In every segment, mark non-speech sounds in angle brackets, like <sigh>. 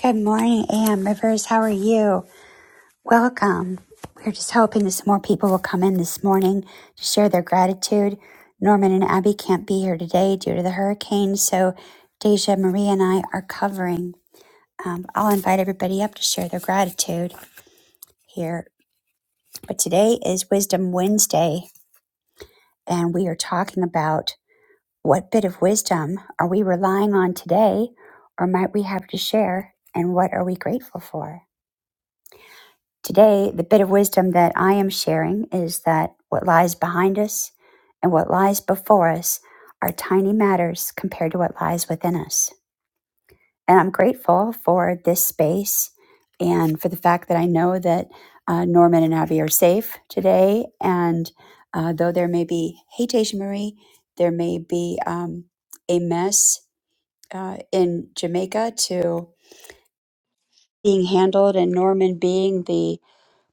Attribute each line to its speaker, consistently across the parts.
Speaker 1: Good morning, AM Rivers. How are you? Welcome. We're just hoping that some more people will come in this morning to share their gratitude. Norman and Abby can't be here today due to the hurricane, so Deja, Marie, and I are covering. Um, I'll invite everybody up to share their gratitude here. But today is Wisdom Wednesday, and we are talking about what bit of wisdom are we relying on today, or might we have to share, and what are we grateful for? Today, the bit of wisdom that I am sharing is that what lies behind us and what lies before us are tiny matters compared to what lies within us. And I'm grateful for this space and for the fact that I know that uh, Norman and Abby are safe today. And uh, though there may be, Haitian Marie, there may be um, a mess uh, in Jamaica to being handled, and Norman being the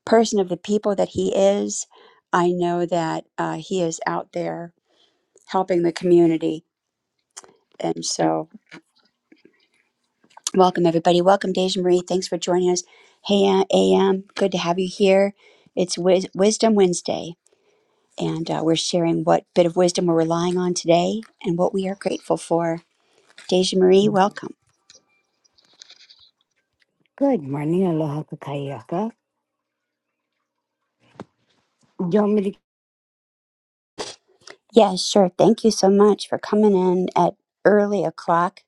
Speaker 1: person of the people that he is, I know that uh, he is out there helping the community. And so, welcome everybody. Welcome, Deja Marie. Thanks for joining us. Hey, uh, AM, good to have you here. It's Wis- Wisdom Wednesday, and uh, we're sharing what bit of wisdom we're relying on today and what we are grateful for. Deja Marie, welcome.
Speaker 2: Good morning, aloha kakayaka. You're really
Speaker 1: Yeah, sure. Thank you so much for coming in at early o'clock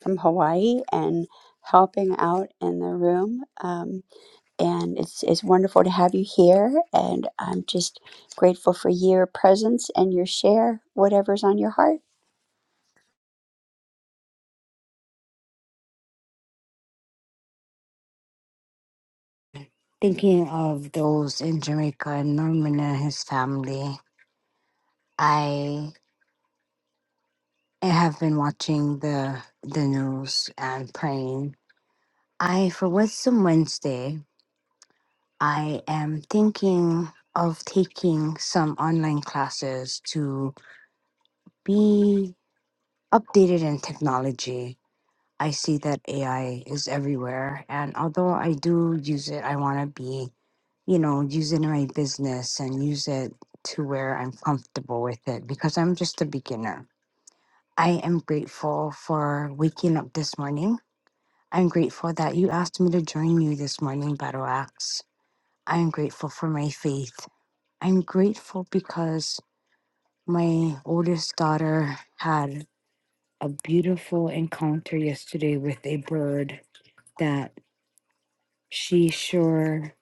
Speaker 1: from Hawaii and helping out in the room. Um, and it's it's wonderful to have you here and i'm just grateful for your presence and your share whatever's on your heart
Speaker 2: thinking of those in Jamaica and Norman and his family. I have been watching the the news and praying. I for Wisdom Wednesday, I am thinking of taking some online classes to be updated in technology. I see that AI is everywhere, and although I do use it, I want to be you know, using my business and use it to where I'm comfortable with it because I'm just a beginner. I am grateful for waking up this morning. I'm grateful that you asked me to join you this morning, Battle Axe. I'm grateful for my faith. I'm grateful because my oldest daughter had a beautiful encounter yesterday with a bird that she sure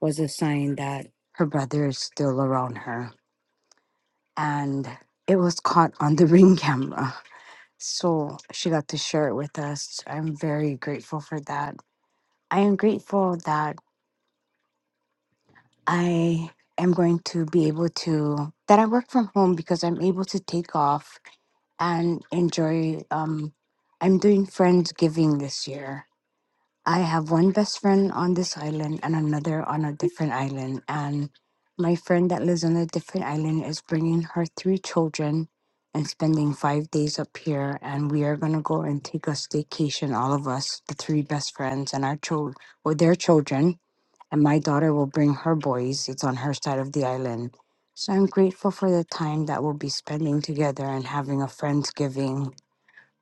Speaker 2: was a sign that her brother is still around her and it was caught on the <laughs> ring camera. So she got to share it with us. I'm very grateful for that. I am grateful that I am going to be able to that I work from home because I'm able to take off and enjoy um I'm doing friendsgiving this year I have one best friend on this island and another on a different island. And my friend that lives on a different island is bringing her three children and spending five days up here. And we are going to go and take a staycation, all of us, the three best friends and our children, well, their children. And my daughter will bring her boys. It's on her side of the island. So I'm grateful for the time that we'll be spending together and having a Friendsgiving.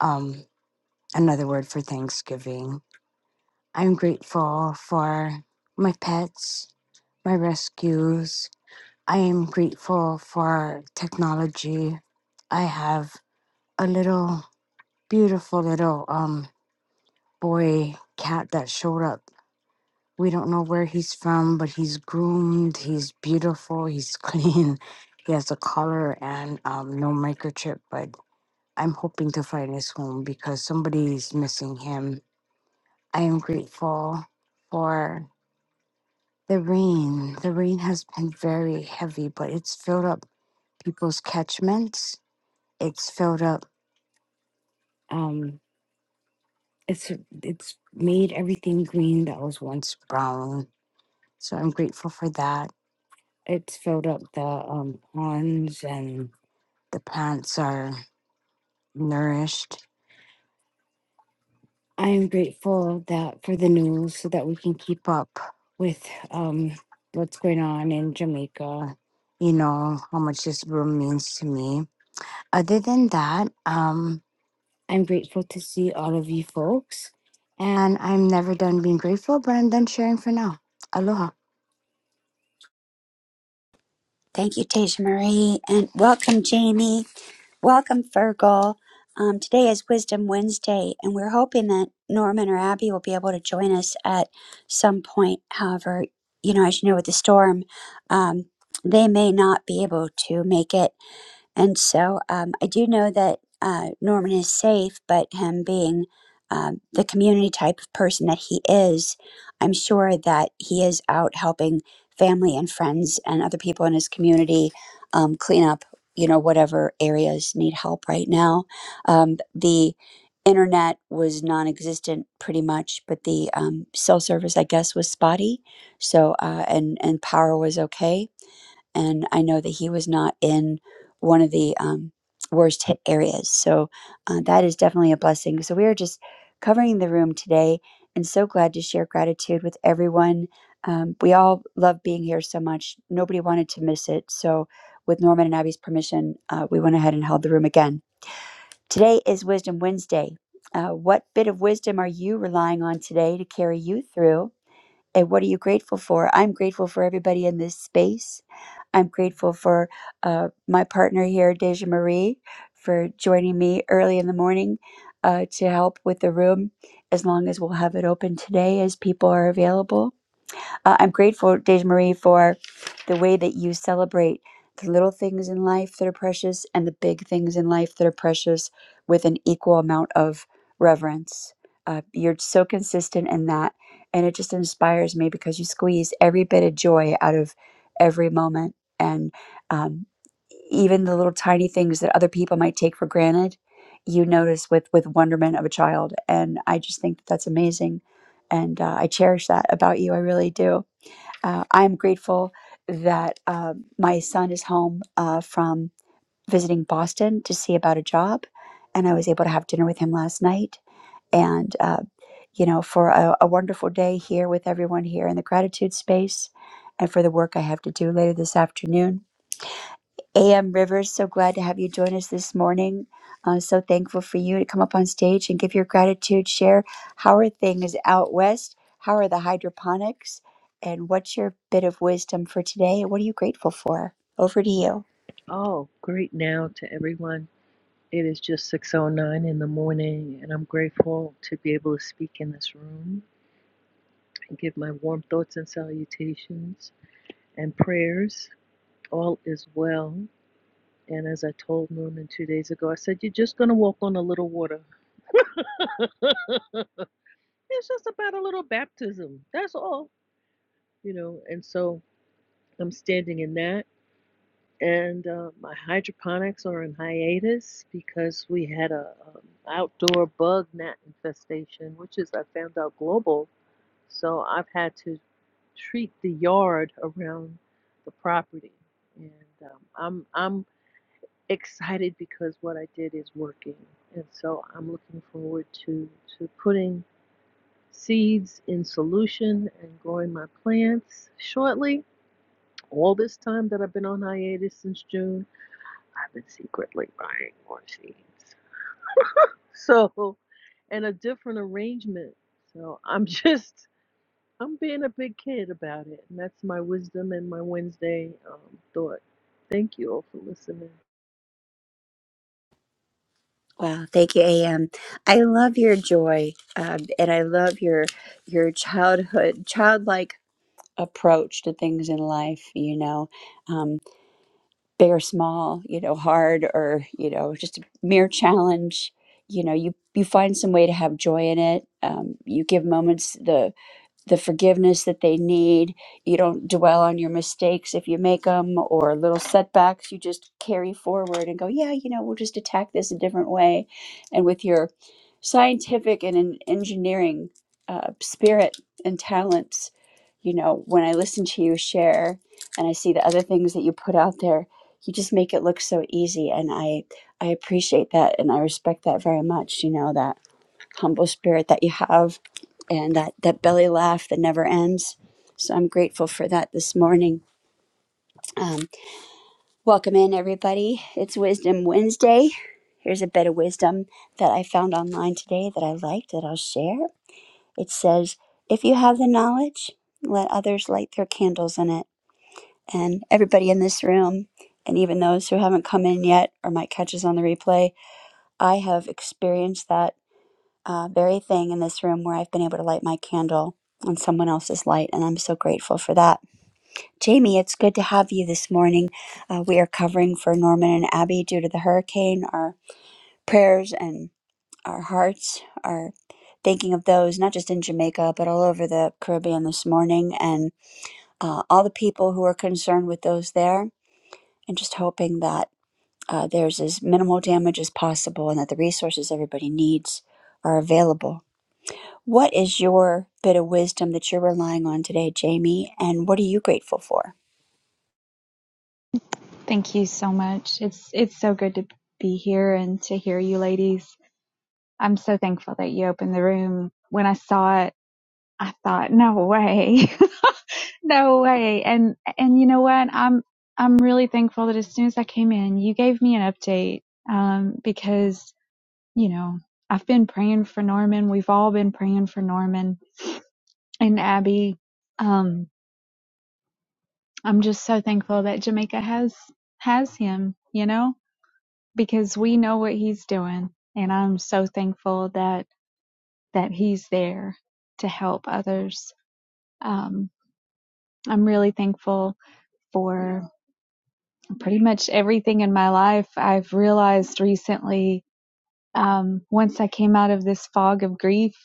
Speaker 2: Um, another word for Thanksgiving I'm grateful for my pets, my rescues. I am grateful for technology. I have a little beautiful little um boy cat that showed up. We don't know where he's from, but he's groomed, he's beautiful, he's clean. <laughs> He has a collar and um, no microchip, but I'm hoping to find his home because somebody's missing him. I am grateful for The rain, the rain has been very heavy, but it's filled up people's catchments. It's filled up. Um, it's it's made everything green that was once brown. So I'm grateful for that. It's filled up the um, ponds and the plants are nourished. I am grateful that for the news so that we can keep up with um, what's going on in Jamaica. You know how much this room means to me other than that, um, I'm grateful to see all of you folks. And I'm never done being grateful, but I'm done sharing for now. Aloha.
Speaker 1: thank you tasha marie and welcome jamie welcome fergal um, today is wisdom wednesday and we're hoping that norman or abby will be able to join us at some point however you know as you know with the storm um, they may not be able to make it And so um, I do know that uh, Norman is safe, but him being um, the community type of person that he is, I'm sure that he is out helping family and friends and other people in his community um, clean up, you know, whatever areas need help right now. Um, the internet was non existent pretty much, but the um, cell service, I guess, was spotty. So, uh, and, and power was okay and I know that he was not in one of the um, worst hit areas. So uh, that is definitely a blessing. So we are just covering the room today and so glad to share gratitude with everyone. Um, we all love being here so much. Nobody wanted to miss it. So, with Norman and Abby's permission, uh, we went ahead and held the room again. Today is Wisdom Wednesday. Uh, what bit of wisdom are you relying on today to carry you through? And what are you grateful for? I'm grateful for everybody in this space I'm grateful for uh, my partner here, Deja Marie, for joining me early in the morning uh, to help with the room as long as we'll have it open today as people are available. Uh, I'm grateful, Deja Marie, for the way that you celebrate the little things in life that are precious and the big things in life that are precious with an equal amount of reverence. Uh, you're so consistent in that, and it just inspires me because you squeeze every bit of joy out of every moment and um, even the little tiny things that other people might take for granted. You notice with with wonderment of a child, and I just think that that's amazing, and uh, I cherish that about you. I really do. Uh, I'm grateful that uh, my son is home uh, from visiting Boston to see about a job, and I was able to have dinner with him last night. And uh, you know, for a, a wonderful day here with everyone here in the gratitude space, and for the work I have to do later this afternoon. A.M. Rivers, so glad to have you join us this morning. Uh, so thankful for you to come up on stage and give your gratitude. Share how are things out west? How are the hydroponics? And what's your bit of wisdom for today? What are you grateful for? Over to you.
Speaker 3: Oh, great now to everyone. It is just 6:09 in the morning and I'm grateful to be able to speak in this room and give my warm thoughts and salutations and prayers. All is well. And as I told Norman 2 days ago, I said you're just going to walk on a little water. <laughs> It's just about a little baptism. That's all, you know. And so I'm standing in that and uh, my hydroponics are in hiatus because we had a um, outdoor bug gnat infestation, which is I found out global. So I've had to treat the yard around the property, and um, I'm I'm excited because what I did is working, and so I'm looking forward to to putting seeds in solution and growing my plants shortly. All this time that I've been on hiatus since June. I've been secretly buying more seeds. <laughs> So, and a different arrangement. So I'm <laughs> just, I'm being a big kid about it. And that's my wisdom and my Wednesday um, thought. Thank you all for listening.
Speaker 1: Wow, thank you, A.M. I love your joy, um, and I love your your childhood, childlike approach to things in life. You know, big or small, you know, hard or, you know, just a mere challenge, you know, you you find some way to have joy in it. Um, you give moments the the forgiveness that they need. You don't dwell on your mistakes if you make them or little setbacks. You just carry forward and go, yeah, you know, we'll just attack this a different way. And with your scientific and en- engineering uh, spirit and talents, you know, when I listen to you share and I see the other things that you put out there, you just make it look so easy. And I, I appreciate that and I respect that very much, you know, that humble spirit that you have and that, that belly laugh that never ends. So I'm grateful for that this morning. Um, welcome in, everybody. It's Wisdom Wednesday. Here's a bit of wisdom that I found online today that I liked that I'll share. It says, If you have the knowledge, let others light their candles in it. And everybody in this room, and even those who haven't come in yet or might catch us on the replay, I have experienced that uh, very thing in this room where I've been able to light my candle on someone else's light, and I'm so grateful for that. Jamie, it's good to have you this morning. Uh, we are covering for Norman and Abby due to the hurricane. Our prayers and our hearts are thinking of those, not just in Jamaica, but all over the Caribbean this morning, and uh, all the people who are concerned with those there, and just hoping that uh, there's as minimal damage as possible and that the resources everybody needs are available What is your bit of wisdom that you're relying on today, Jamie? And what are you grateful for?
Speaker 4: Thank you so much. It's it's so good to be here and to hear you ladies. I'm so thankful that you opened the room. When I saw it, I thought, no way. <laughs> no way. And and you know what? I'm I'm really thankful that as soon as I came in, you gave me an update um because, you know, I've been praying for Norman. We've all been praying for Norman and Abby. Um I'm just so thankful that Jamaica has has him, you know? because we know what he's doing and i'm so thankful that that he's there to help others um, i'm really thankful for pretty much everything in my life i've realized recently um, once i came out of this fog of grief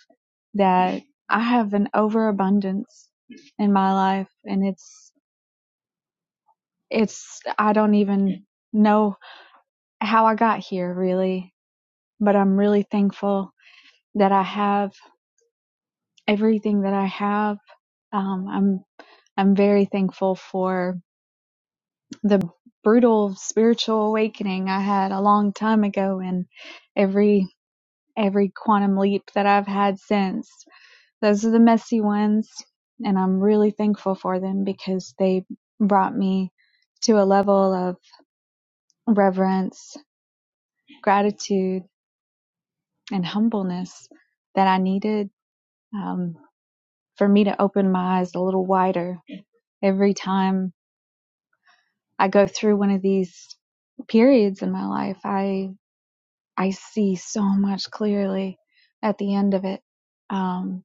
Speaker 4: that i have an overabundance in my life and it's it's i don't even know how i got here really but i'm really thankful that i have everything that I have. Um, I'm I'm very thankful for the brutal spiritual awakening I had a long time ago, and every every quantum leap that I've had since. Those are the messy ones, and I'm really thankful for them because they brought me to a level of reverence, gratitude, and humbleness that I needed um, for me to open my eyes a little wider every time I go through one of these periods in my life, I I see so much clearly at the end of it. Um,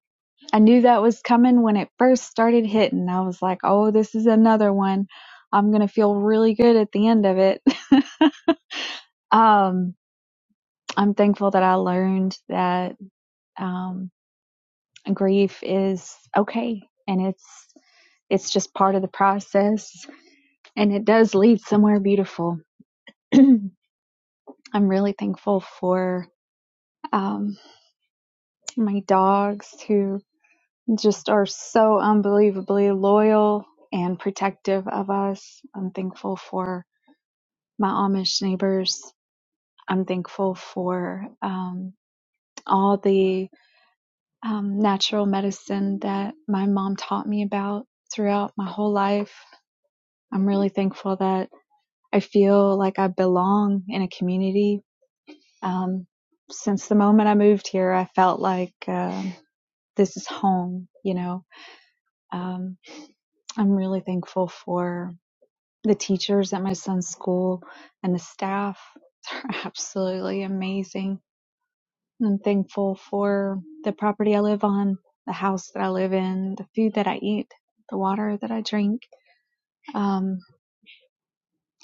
Speaker 4: I knew that was coming when it first started hitting. I was like, "Oh, this is another one. I'm gonna feel really good at the end of it." <laughs> um, I'm thankful that I learned that um, grief is okay and it's it's just part of the process and it does lead somewhere beautiful. <clears throat> I'm really thankful for um, my dogs who just are so unbelievably loyal and protective of us. I'm thankful for my Amish neighbors. I'm thankful for um, all the um, natural medicine that my mom taught me about throughout my whole life. I'm really thankful that I feel like I belong in a community. Um, since the moment I moved here, I felt like um this is home, you know. Um, I'm really thankful for the teachers at my son's school and the staff. <laughs> They're absolutely amazing. I'm thankful for the property I live on, the house that I live in, the food that I eat, the water that I drink. Um,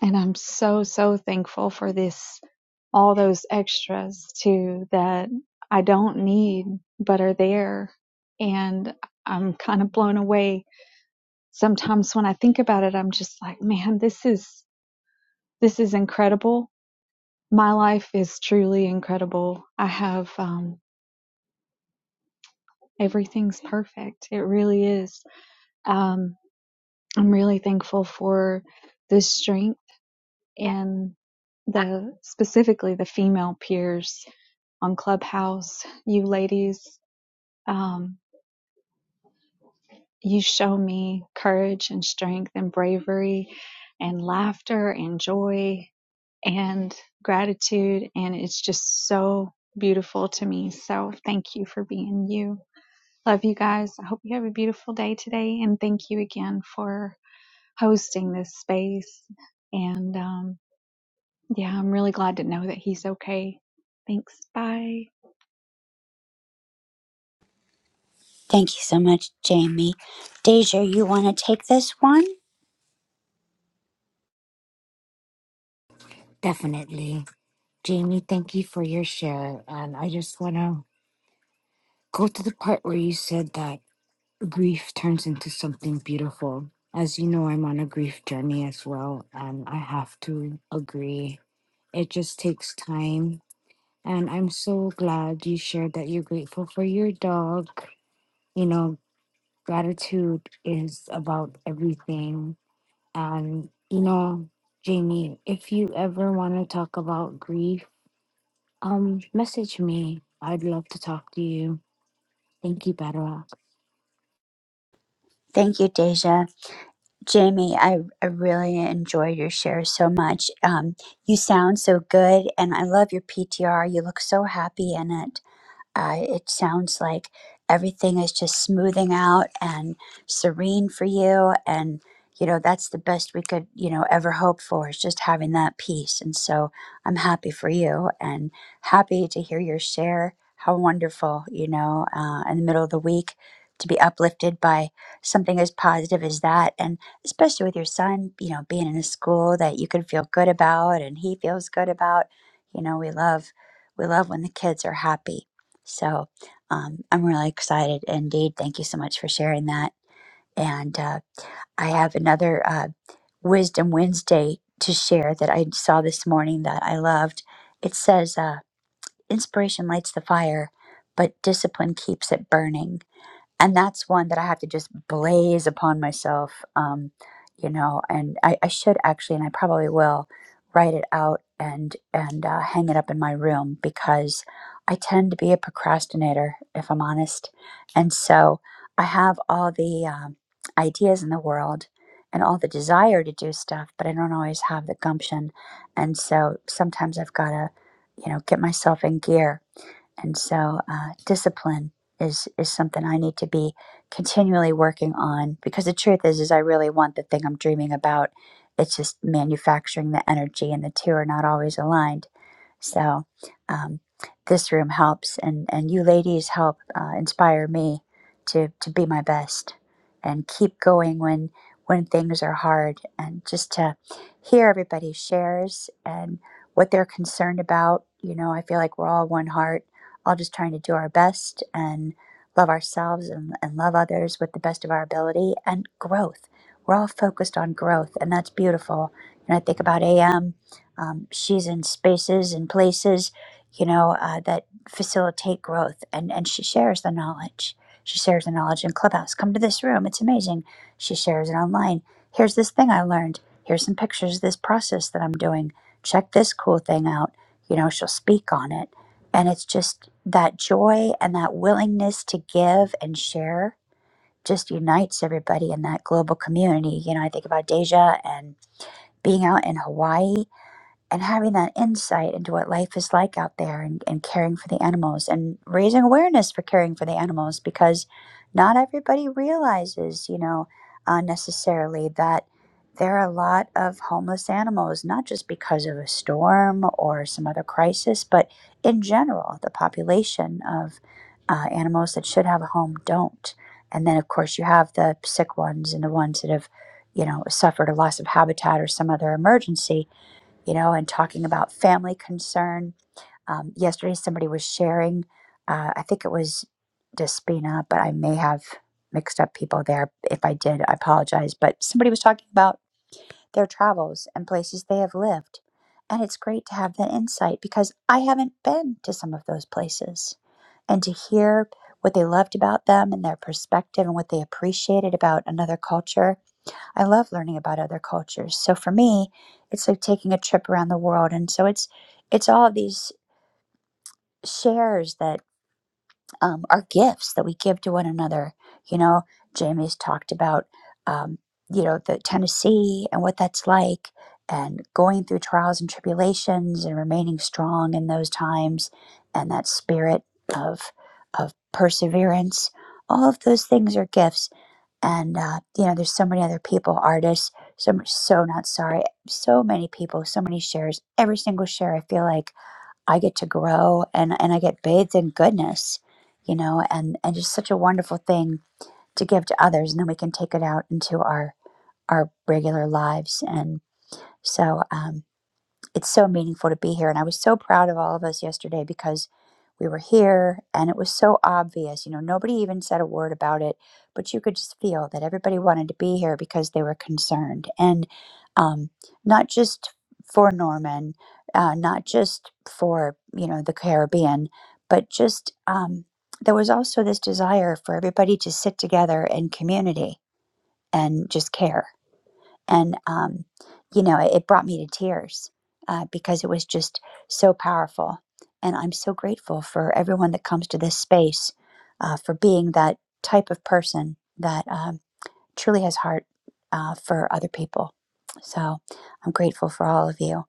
Speaker 4: and I'm so, so thankful for this, all those extras too that I don't need but are there. And I'm kind of blown away. Sometimes when I think about it, I'm just like, man, this is This is incredible. My life is truly incredible. I have um, everything's perfect. It really is. Um, I'm really thankful for the strength and the specifically the female peers on Clubhouse. You ladies, um, you show me courage and strength and bravery and laughter and joy and gratitude. And it's just so beautiful to me. So thank you for being you. Love you guys. I hope you have a beautiful day today. And thank you again for hosting this space. And um, yeah, I'm really glad to know that he's okay. Thanks. Bye.
Speaker 1: Thank you so much, Jamie. Deja, you want to take this one?
Speaker 2: Definitely. Jamie, thank you for your share. And I just want to go to the part where you said that grief turns into something beautiful. As you know, I'm on a grief journey as well. And I have to agree, it just takes time. And I'm so glad you shared that you're grateful for your dog. You know, Gratitude is about everything. And, you know, Jamie, if you ever want to talk about grief, um, message me. I'd love to talk to you. Thank you, Battle Axe.
Speaker 1: Thank you, Deja. Jamie, I, I really enjoyed your share so much. Um, you sound so good, and I love your PTR. You look so happy in it. Uh, it sounds like everything is just smoothing out and serene for you. And, you know, that's the best we could, you know, ever hope for is just having that peace. And so I'm happy for you and happy to hear your share. How wonderful, you know, uh, in the middle of the week to be uplifted by something as positive as that. And especially with your son, you know, being in a school that you can feel good about and he feels good about. You know, we love we love when the kids are happy so um, I'm really excited indeed. Thank you so much for sharing that. And uh, I have another uh, Wisdom Wednesday to share that I saw this morning that I loved. It says, uh, Inspiration lights the fire, but discipline keeps it burning and that's one that I have to just blaze upon myself, um, you know. And I, I should actually, and I probably will, write it out and and uh, hang it up in my room because I tend to be a procrastinator, if I'm honest. And so I have all the um, ideas in the world and all the desire to do stuff, but I don't always have the gumption. And so sometimes I've got to, you know, get myself in gear and so uh, discipline is is something I need to be continually working on because the truth is is I really want the thing I'm dreaming about. It's just manufacturing the energy and the two are not always aligned. So um, this room helps and, and you ladies help uh, inspire me to, to be my best and keep going when when things are hard and just to hear everybody shares and what they're concerned about. You know, I feel like we're all one heart all just trying to do our best and love ourselves and, and love others with the best of our ability and growth. We're all focused on growth, and that's beautiful. And I think about AM, um, she's in spaces and places, you know, uh, that facilitate growth, and, and she shares the knowledge. She shares the knowledge in Clubhouse. Come to this room, it's amazing. She shares it online. Here's this thing I learned. Here's some pictures of this process that I'm doing. Check this cool thing out. You know, she'll speak on it and it's just that joy and that willingness to give and share just unites everybody in that global community. You know, I think about Deja and being out in Hawaii and having that insight into what life is like out there and, and caring for the animals and raising awareness for caring for the animals because not everybody realizes, you know, uh, necessarily that there are a lot of homeless animals, not just because of a storm or some other crisis, but in general, the population of uh, animals that should have a home don't. And then, of course, you have the sick ones and the ones that have, you know, suffered a loss of habitat or some other emergency you know, and talking about family concern. Um, yesterday, somebody was sharing, uh, I think it was Despina, but I may have mixed up people there. If I did, I apologize. But somebody was talking about their travels and places they have lived. And it's great to have that insight because I haven't been to some of those places. And to hear what they loved about them and their perspective and what they appreciated about another culture I love learning about other cultures. So for me, it's like taking a trip around the world, and so it's it's all of these shares that um, are gifts that we give to one another. You know, Jamie's talked about um, you know the Tennessee and what that's like, and going through trials and tribulations, and remaining strong in those times, and that spirit of of perseverance. All of those things are gifts and uh, you know there's so many other people artists so much so not sorry so many people so many shares every single share i feel like i get to grow and and i get bathed in goodness you know and and just such a wonderful thing to give to others and then we can take it out into our our regular lives and so um, it's so meaningful to be here. And I was so proud of all of us yesterday because we were here and it was so obvious. You know, nobody even said a word about it, but you could just feel that everybody wanted to be here because they were concerned. And um, not just for Norman, uh, not just for, you know, the Caribbean, but just um, there was also this desire for everybody to sit together in community and just care and um, you know it, it brought me to tears uh, because it was just so powerful and i'm so grateful for everyone that comes to this space uh, for being that type of person that um, truly has heart uh, for other people so i'm grateful for all of you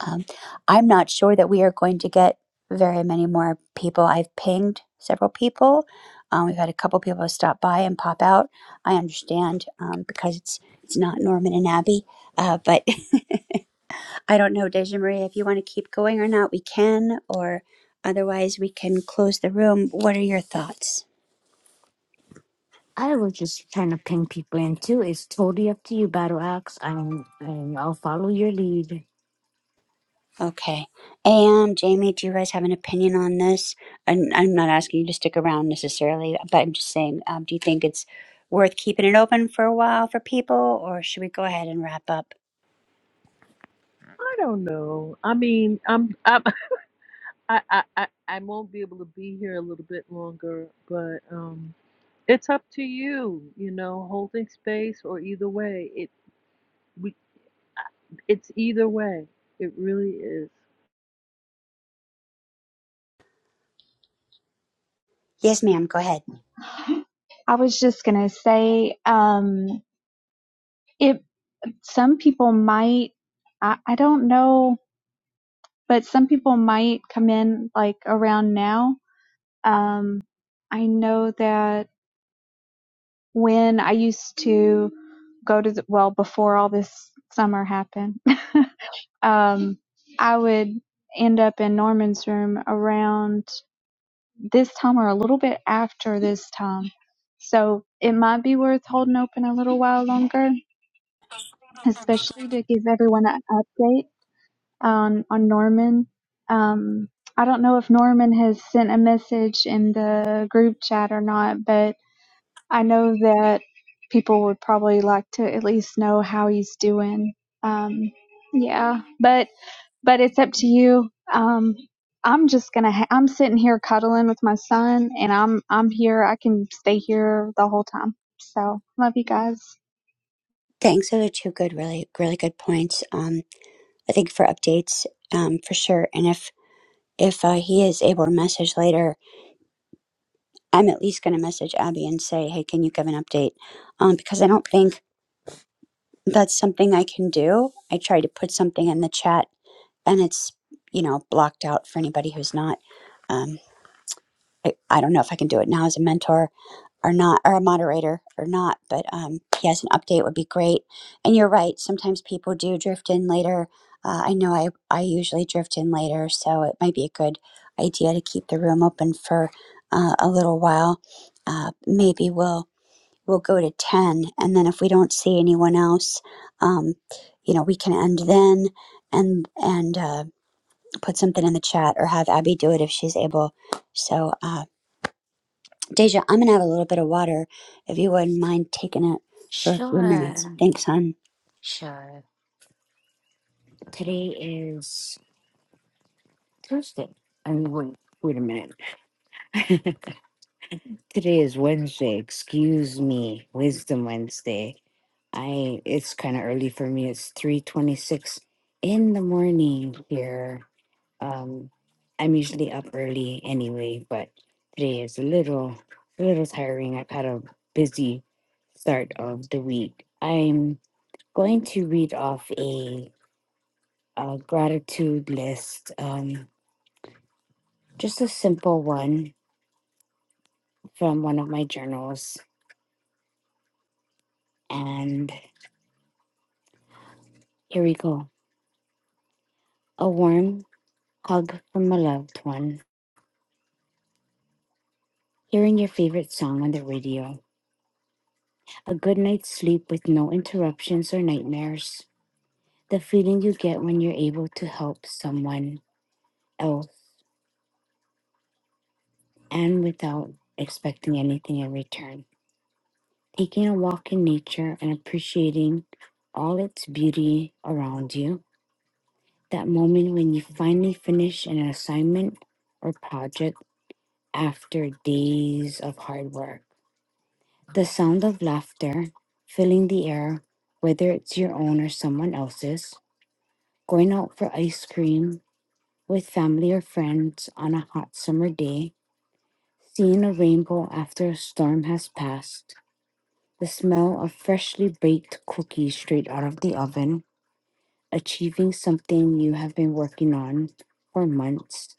Speaker 1: um, I'm not sure that we are going to get very many more people. I've pinged several people. Um, we've had a couple people stop by and pop out. I understand um, because it's it's not Norman and Abby, uh, but <laughs> I don't know, Deja Marie, if you want to keep going or not. We can, or otherwise we can close the room. What are your thoughts?
Speaker 2: I was just trying to ping people in too. It's totally up to you, Battle Axe. I'm, I'm, I'll follow your lead.
Speaker 1: Okay. And Jamie, do you guys have an opinion on this? And I'm not asking you to stick around necessarily, but I'm just saying, um, do you think it's worth keeping it open for a while for people, or should we go ahead and wrap up?
Speaker 3: I don't know. I mean, I'm, I'm <laughs> I, I, I, I won't be able to be here a little bit longer, but um, it's up to you, you know, holding space or either way. It, we, it's either way. It really is.
Speaker 1: Yes, ma'am. Go ahead.
Speaker 4: <laughs> I was just gonna say, um, it. Some people might, I, I don't know, but some people might come in like around now. Um, I know that. when I used to go to the, well, before all this summer happened, <laughs> um, I would end up in Norman's room around this time or a little bit after this time. So it might be worth holding open a little while longer, especially to give everyone an update on, on Norman. Um, I don't know if Norman has sent a message in the group chat or not, but I know that people would probably like to at least know how he's doing. Um, yeah, but but it's up to you. Um, I'm just gonna. Ha- I'm sitting here cuddling with my son, and I'm I'm here. I can stay here the whole time. So love you guys.
Speaker 1: Thanks. Those are two good, really, really good points. Um, I think for updates, um, for sure. And if if uh, he is able to message later, I'm at least going to message Abby and say, hey, can you give an update? Um, because I don't think that's something I can do. I tried to put something in the chat and it's you know blocked out for anybody who's not um I, I don't know if i can do it now as a mentor or not or a moderator or not but um yes an update would be great and you're right sometimes people do drift in later uh, i know i i usually drift in later so it might be a good idea to keep the room open for uh, a little while uh, maybe we'll we'll go to 10 and then if we don't see anyone else um you know we can end then and and uh put something in the chat or have Abby do it if she's able. So, uh, Deja, I'm going to have a little bit of water if you wouldn't mind taking it for a few minutes.
Speaker 2: Sure,
Speaker 1: Thanks, hon.
Speaker 2: sure. Today is Tuesday. And wait, wait a minute. <laughs> Today is Wednesday. Excuse me, Wisdom Wednesday. I it's kind of early for me. It's 3:26 in the morning here. Um I'm usually up early anyway, but today is a little a little tiring. I've had a busy start of the week. I'm going to read off a, a gratitude list, um just a simple one from one of my journals and here we go. a warm hug from a loved one, hearing your favorite song on the radio, a good night's sleep with no interruptions or nightmares, the feeling you get when you're able to help someone else and without expecting anything in return, taking a walk in nature and appreciating all its beauty around you, that moment when you finally finish an assignment or project after days of hard work The sound of laughter filling the air, whether it's your own or someone else's, going out for ice cream with family or friends on a hot summer day, seeing a rainbow after a storm has passed, the smell of freshly baked cookies straight out of the oven, achieving something you have been working on for months,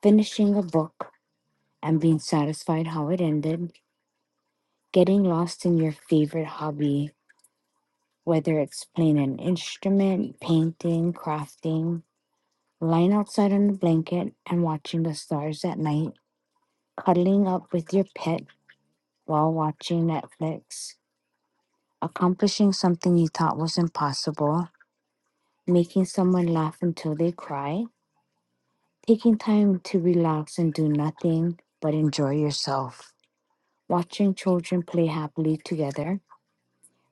Speaker 2: finishing a book and being satisfied how it ended, getting lost in your favorite hobby whether it's playing an instrument, painting, crafting, lying outside on a blanket and watching the stars at night, cuddling up with your pet while watching Netflix, accomplishing something you thought was impossible, making someone laugh until they cry, taking time to relax and do nothing but enjoy yourself, watching children play happily together,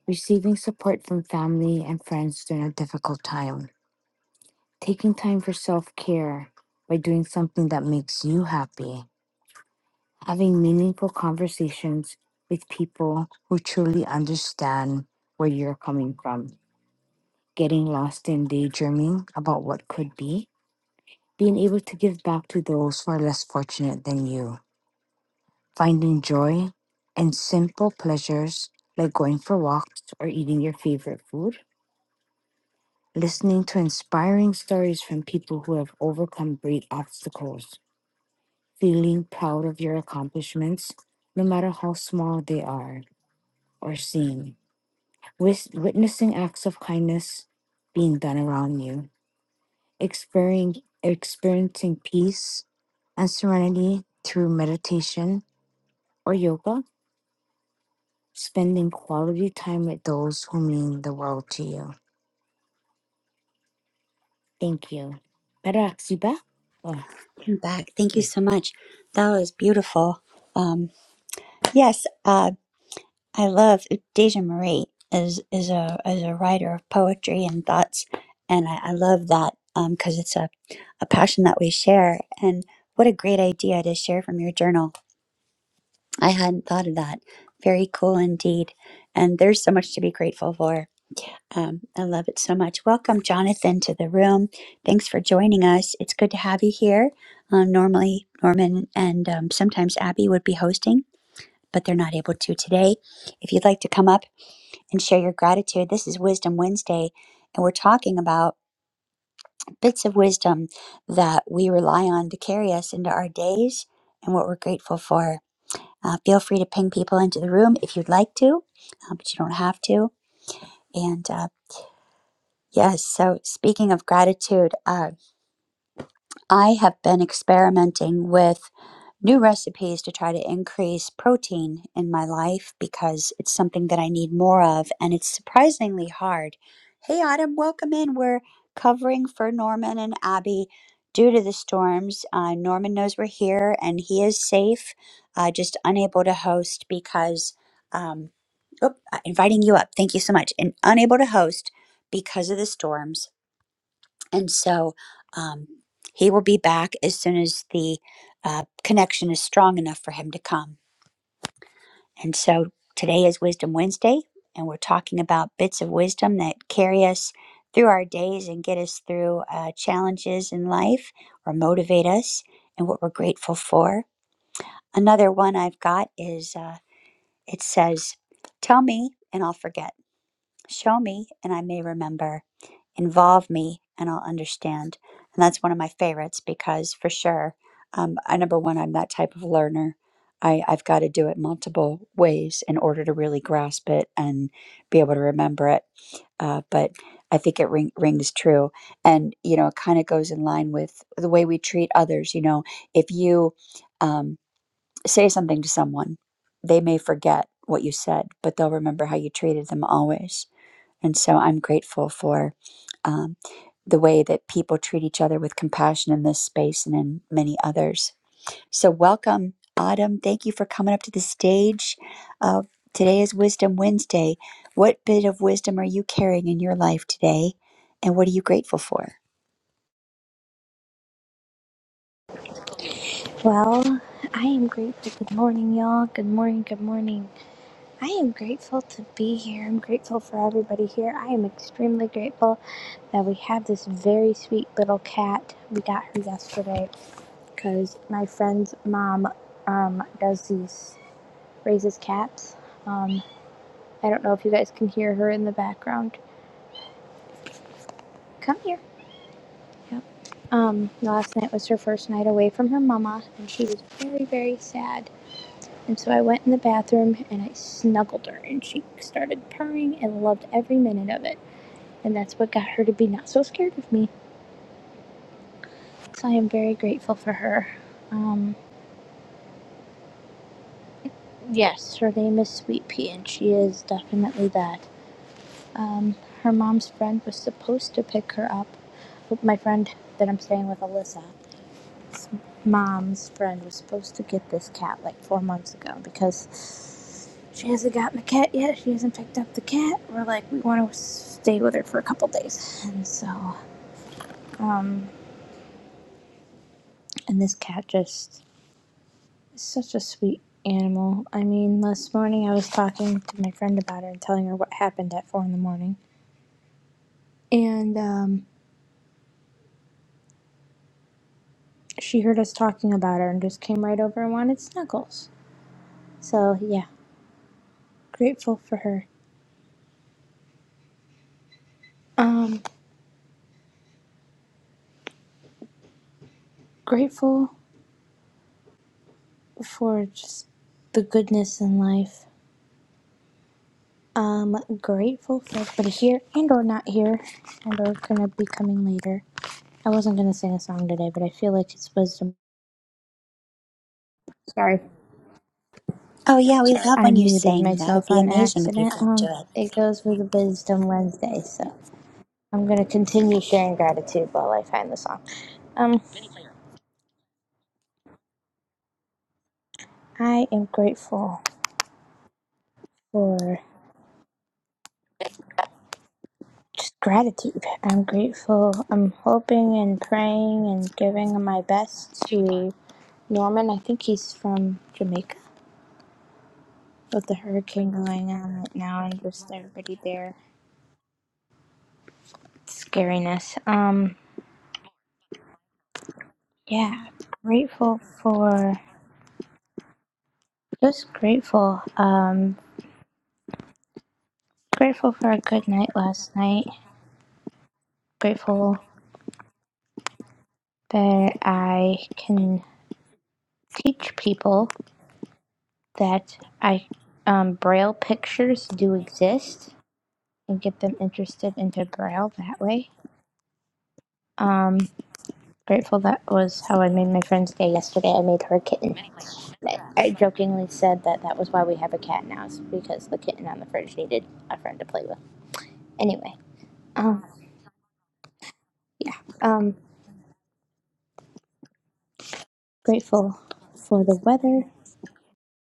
Speaker 2: receiving support from family and friends during a difficult time Taking time for self care by doing something that makes you happy. Having meaningful conversations with people who truly understand where you're coming from. Getting lost in daydreaming about what could be. Being able to give back to those who are less fortunate than you. Finding joy in simple pleasures like going for walks or eating your favorite food listening to inspiring stories from people who have overcome great obstacles, feeling proud of your accomplishments, no matter how small they are or seem, Wis- witnessing acts of kindness being done around you, experiencing, experiencing peace and serenity through meditation or yoga, spending quality time with those who mean the world to you. Thank you. Better si ba? Oh,
Speaker 1: I'm back. Thank you
Speaker 2: yeah.
Speaker 1: so much. That was beautiful. Um, yes, uh, I love Deja Marie is is a is a writer of poetry and thoughts, and I, I love that because it's a a passion that we share. And what a great idea to share from your journal I hadn't thought of that. Very cool indeed. And there's so much to be grateful for. Um, I love it so much. Welcome, Jonathan, to the room. Thanks for joining us. It's good to have you here. Um, normally, Norman and um, sometimes Abby would be hosting, but they're not able to today. If you'd like to come up and share your gratitude, this is Wisdom Wednesday, and we're talking about bits of wisdom that we rely on to carry us into our days and what we're grateful for. Uh, feel free to ping people into the room if you'd like to, uh, but you don't have to. And uh, yes, so speaking of gratitude, uh, I have been experimenting with new recipes to try to increase protein in my life because it's something that I need more of, and it's surprisingly hard. Hey, Autumn, welcome in. We're covering for Norman and Abby due to the storms. Uh, Norman knows we're here and he is safe, uh, just unable to host because. Um, oh, uh, inviting you up. Thank you so much. And unable to host because of the storms. And so um, he will be back as soon as the uh, connection is strong enough for him to come. And so today is Wisdom Wednesday, and we're talking about bits of wisdom that carry us through our days and get us through uh, challenges in life or motivate us and what we're grateful for. Another one I've got is uh, it says, Tell me and I'll forget. Show me and I may remember. Involve me and I'll understand. And that's one of my favorites because for sure, um, I number one, I'm that type of learner. I, I've got to do it multiple ways in order to really grasp it and be able to remember it. Uh, but I think it ring, rings true. And, you know, it kind of goes in line with the way we treat others. You know, if you um, say something to someone, they may forget what you said, but they'll remember how you treated them always and so I'm grateful for um, the way that people treat each other with compassion in this space and in many others. So, welcome, Autumn. Thank you for coming up to the stage. Uh, today is Wisdom Wednesday. What bit of wisdom are you carrying in your life today? And what are you grateful for?
Speaker 5: Well, I am grateful. Good morning, y'all. Good morning, good morning. I am grateful to be here. I'm grateful for everybody here. I am extremely grateful that we have this very sweet little cat. We got her yesterday because my friend's mom um, does these, raises cats. Um, I don't know if you guys can hear her in the background. Come here. Yep. Um, last night was her first night away from her mama, and she was very, very sad And so I went in the bathroom and I snuggled her, and she started purring and loved every minute of it. And that's what got her to be not so scared of me. So I am very grateful for her. Um, yes, her name is Sweet Pea, and she is definitely that. Um, her mom's friend was supposed to pick her up. My friend that I'm staying with, Alyssa, mom's friend was supposed to get this cat like four months ago because she hasn't gotten the cat yet. She hasn't picked up the cat. We're like, we want to stay with her for a couple days. And so, um, and this cat just is such a sweet animal. I mean, last morning I was talking to my friend about her and telling her what happened at four in the morning. And, um, she heard us talking about her and just came right over and wanted snuggles. So, yeah, grateful for her. Um, grateful for just the goodness in life. I'm grateful for everybody here and or not here and or gonna be coming later. I wasn't gonna sing a song today, but I feel like it's wisdom. Sorry,
Speaker 1: Oh, yeah, we love
Speaker 5: I
Speaker 1: when you
Speaker 5: muted
Speaker 1: sing. That would
Speaker 5: myself
Speaker 1: be
Speaker 5: on
Speaker 1: amazing if you
Speaker 5: accident.
Speaker 1: could do
Speaker 5: Um,
Speaker 1: it.
Speaker 5: it goes with Wisdom Wednesday, so I'm gonna continue sharing gratitude while I find the song. Um, I am grateful for just gratitude. I'm grateful. I'm hoping and praying and giving my best to Norman, I think he's from Jamaica with the hurricane going on right now and just everybody there. It's scariness. Um, yeah, grateful for just grateful. Um, grateful for a good night last night. Grateful that I can teach people that I um, braille pictures do exist and get them interested into braille that way. Um, grateful that was how I made my friend's day yesterday. I made her a kitten. I I jokingly said that that was why we have a cat now, is because the kitten on the fridge needed a friend to play with. Anyway, um, um, grateful for the weather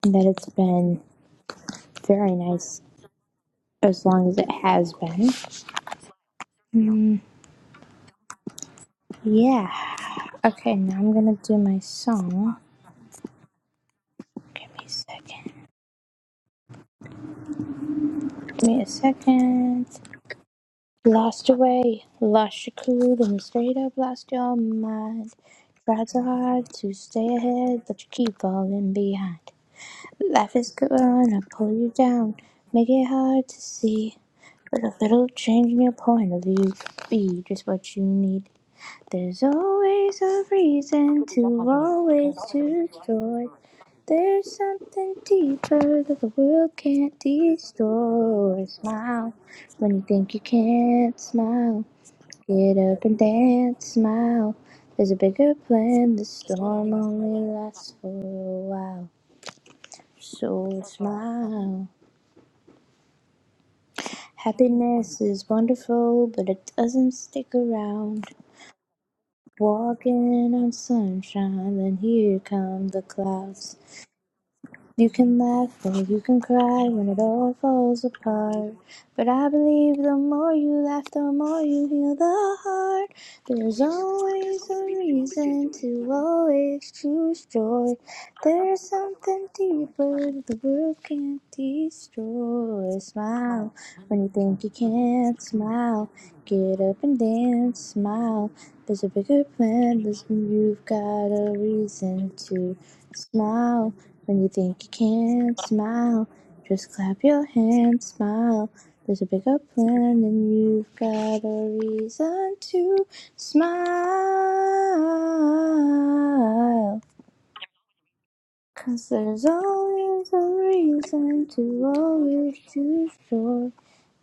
Speaker 5: and that it's been very nice as long as it has been. Mm, yeah. Okay, now I'm gonna do my song. Give me a second. Give me a second. Lost away, lost your cool, then straight up lost your mind. Tried so hard to stay ahead, but you keep falling behind. Life is gonna pull you down, make it hard to see. But a little change in your point of view could be just what you need. There's always a reason to always choose joy. There's something deeper that the world can't destroy. Smile when you think you can't smile. Get up and dance, smile. There's a bigger plan, the storm only lasts for a while. So smile. Happiness is wonderful, but it doesn't stick around. Walking on sunshine, then here come the clouds. You can laugh or you can cry when it all falls apart. But I believe the more you laugh, the more you heal the heart. There's always a reason to always choose joy. There's something deeper the world can't destroy. Smile when you think you can't smile. Get up and dance, smile. There's a bigger plan, there's, you've got a reason to smile. When you think you can't smile, just clap your hands, smile. There's a bigger plan, and you've got a reason to smile. Cause there's always a reason to always choose joy.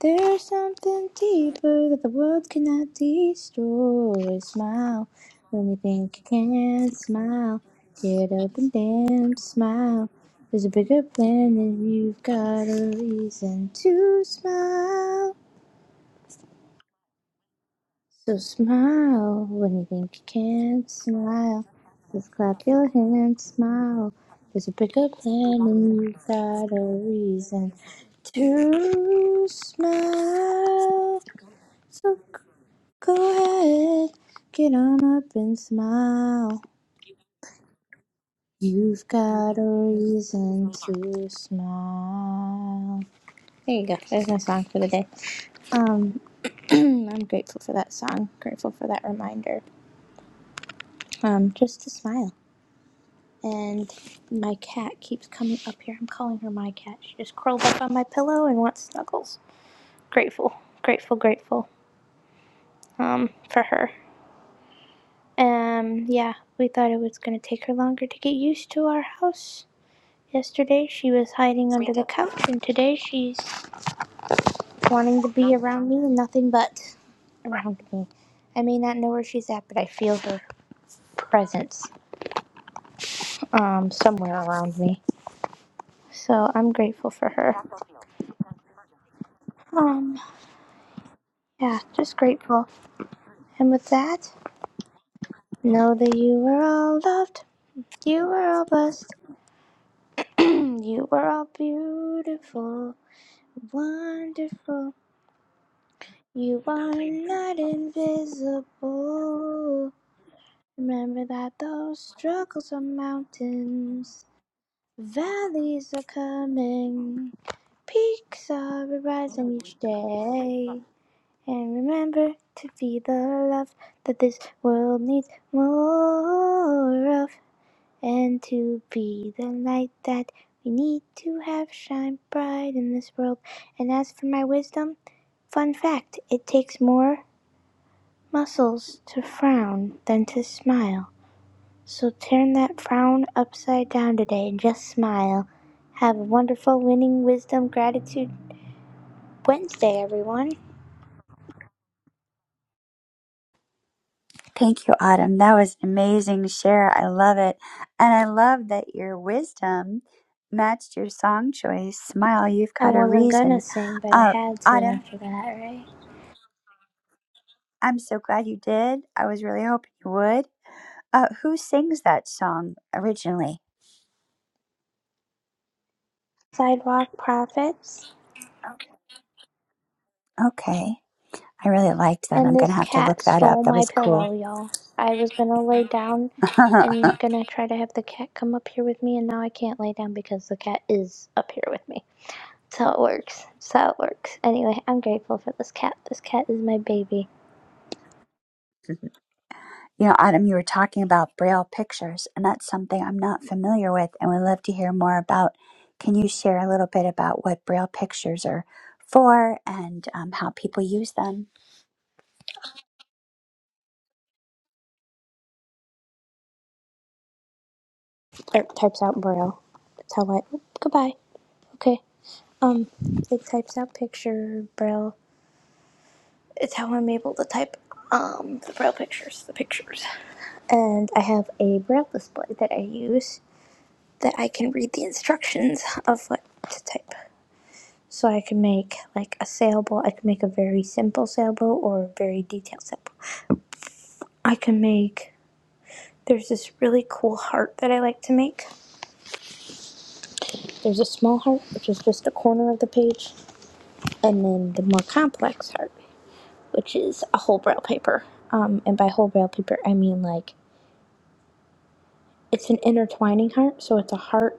Speaker 5: There's something deeper that the world cannot destroy. Smile when you think you can't smile. Get up and dance, smile. There's a bigger plan and you've got a reason to smile. So smile when you think you can't smile. Just clap your hands, smile. There's a bigger plan and you've got a reason to smile. So g- go ahead, get on up and smile. You've got a reason to smile. There you go. There's my song for the day. Um, <clears throat> I'm grateful for that song. Grateful for that reminder. Um, just to smile and my cat keeps coming up here. I'm calling her my cat. She just curled up on my pillow and wants snuggles. Grateful, grateful, grateful um, for her. Um, yeah, we thought it was going to take her longer to get used to our house. Yesterday she was hiding under the couch, and today she's wanting to be around me and nothing but around me. I may not know where she's at, but I feel her presence um, somewhere around me. So I'm grateful for her. Um, yeah, just grateful. And with that, know that you were all loved, you were all blessed, <clears throat> you were all beautiful, wonderful. You are not invisible. Remember that those struggles are mountains, valleys are coming, peaks are rising each day. And remember to be the love that this world needs more of. and to be the light that we need to have shine bright in this world. And as for my wisdom, fun fact it takes more muscles to frown than to smile. So turn that frown upside down today and just smile. Have a wonderful winning wisdom gratitude Wednesday, everyone.
Speaker 1: Thank you, Autumn. That was an amazing share. I love it. And I love that your wisdom matched your song choice. Smile, you've
Speaker 5: I
Speaker 1: got a
Speaker 5: wasn't gonna
Speaker 1: reason.
Speaker 5: sing, but I
Speaker 1: Uh,
Speaker 5: had to
Speaker 1: Autumn,
Speaker 5: after that, right?
Speaker 1: I'm so glad you did. I was really hoping you would. Uh, who sings that song originally?
Speaker 5: Sidewalk Prophets.
Speaker 1: Okay. I really liked that.
Speaker 5: And
Speaker 1: I'm going to
Speaker 5: this
Speaker 1: have to
Speaker 5: cat
Speaker 1: look that
Speaker 5: stole
Speaker 1: up. That
Speaker 5: my
Speaker 1: was cool.
Speaker 5: pillow, y'all. I was gonna lay down
Speaker 1: <laughs>
Speaker 5: and gonna try to have the cat come up here with me, and now I can't lay down because the cat is up here with me. That's how it works. That's how it works. Anyway, I'm grateful for this cat. This cat is my baby.
Speaker 1: You know, Adam, you were talking about Braille pictures, and that's something I'm not familiar with and would love to hear more about. Can you share a little bit about what Braille pictures are for and um, how people use them?
Speaker 5: It types out braille. That's how I. Oh, Goodbye. Okay. Um, it types out picture braille. It's how I'm able to type um the braille pictures, the pictures. And I have a braille display that I use that I can read the instructions of what to type. So I can make like a sailboat. I can make a very simple sailboat or a very detailed sailboat. I can make. There's this really cool heart that I like to make. There's a small heart, which is just a corner of the page, and then the more complex heart, which is a whole braille paper. Um, and by whole braille paper, I mean like it's an intertwining heart, so it's a heart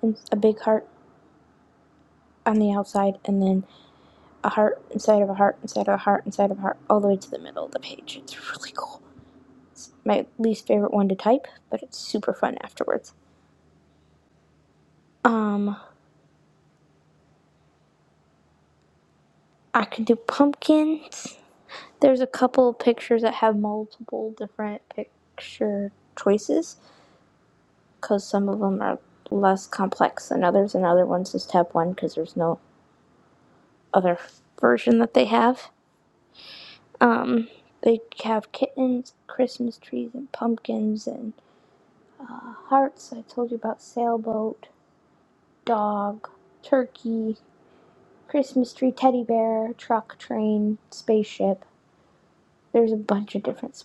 Speaker 5: and a big heart on the outside, and then a heart inside of a heart inside of a heart inside of a heart all the way to the middle of the page. It's really cool. It's my least favorite one to type, but it's super fun afterwards. Um, I can do pumpkins. There's a couple of pictures that have multiple different picture choices because some of them are less complex than others, and other ones just have one because there's no other version that they have. Um, they have kittens, Christmas trees, and pumpkins and hearts. I told you about sailboat. dog, turkey, Christmas tree, teddy bear, truck, train, spaceship. There's a bunch of different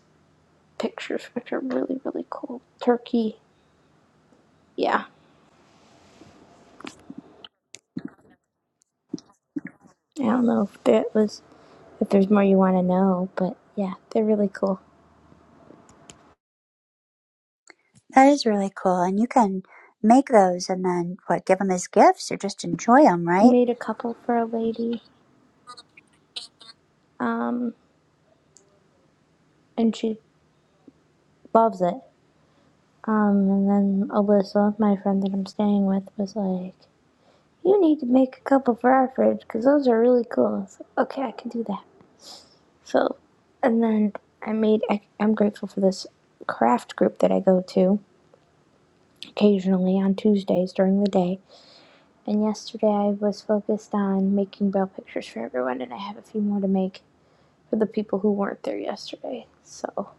Speaker 5: pictures <laughs> which are really really cool. Turkey, yeah. I don't know if that was if there's more you want to know, but yeah, they're really cool.
Speaker 1: That is really cool. And you can make those and then, what, give them as gifts or just enjoy them,
Speaker 5: I
Speaker 1: right?
Speaker 5: made a couple for a lady, um, and she loves it. Um, and then Alyssa, my friend that I'm staying with, was like, "You need to make a couple for our fridge because those are really cool." I was like, "Okay, I can do that." So, and then I made, I, I'm grateful for this craft group that I go to occasionally on Tuesdays during the day. And yesterday I was focused on making bell pictures for everyone, and I have a few more to make for the people who weren't there yesterday. So,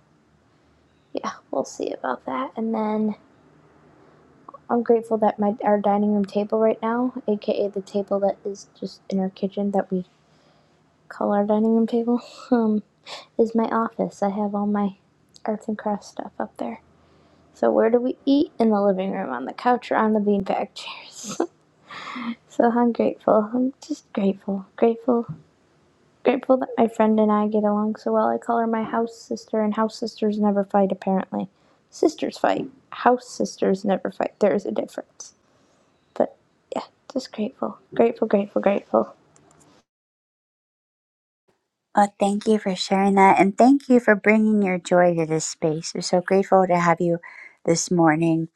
Speaker 5: yeah, we'll see about that. And then I'm grateful that my our dining room table right now, aka the table that is just in our kitchen that we call our dining room table, <laughs> um, is my office. I have all my arts and crafts stuff up there. So where do we eat? In the living room, on the couch, or on the beanbag chairs. <laughs> so I'm grateful. I'm just grateful. Grateful. Grateful that my friend and I get along so well. I call her my house sister, and house sisters never fight, apparently. Sisters fight. House sisters never fight. There is a difference. But yeah, just grateful. Grateful, grateful, grateful.
Speaker 1: Well, thank you for sharing that. And thank you for bringing your joy to this space. We're so grateful to have you this morning.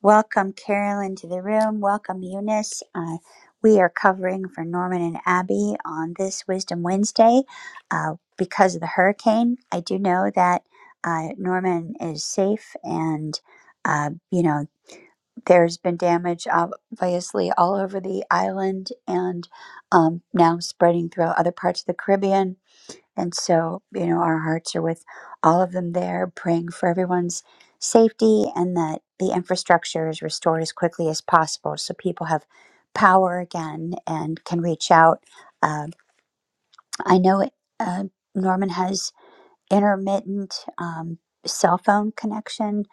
Speaker 1: Welcome, Carolyn, to the room. Welcome, Eunice. Uh, we are covering for Norman and Abby on this Wisdom Wednesday uh, because of the hurricane. I do know that uh, Norman is safe and, uh, you know, there's been damage obviously all over the island and um, now spreading throughout other parts of the Caribbean and so, you know, our hearts are with all of them there, praying for everyone's safety and that the infrastructure is restored as quickly as possible so people have power again and can reach out. Um I know it, uh, Norman has intermittent um, cell phone connection,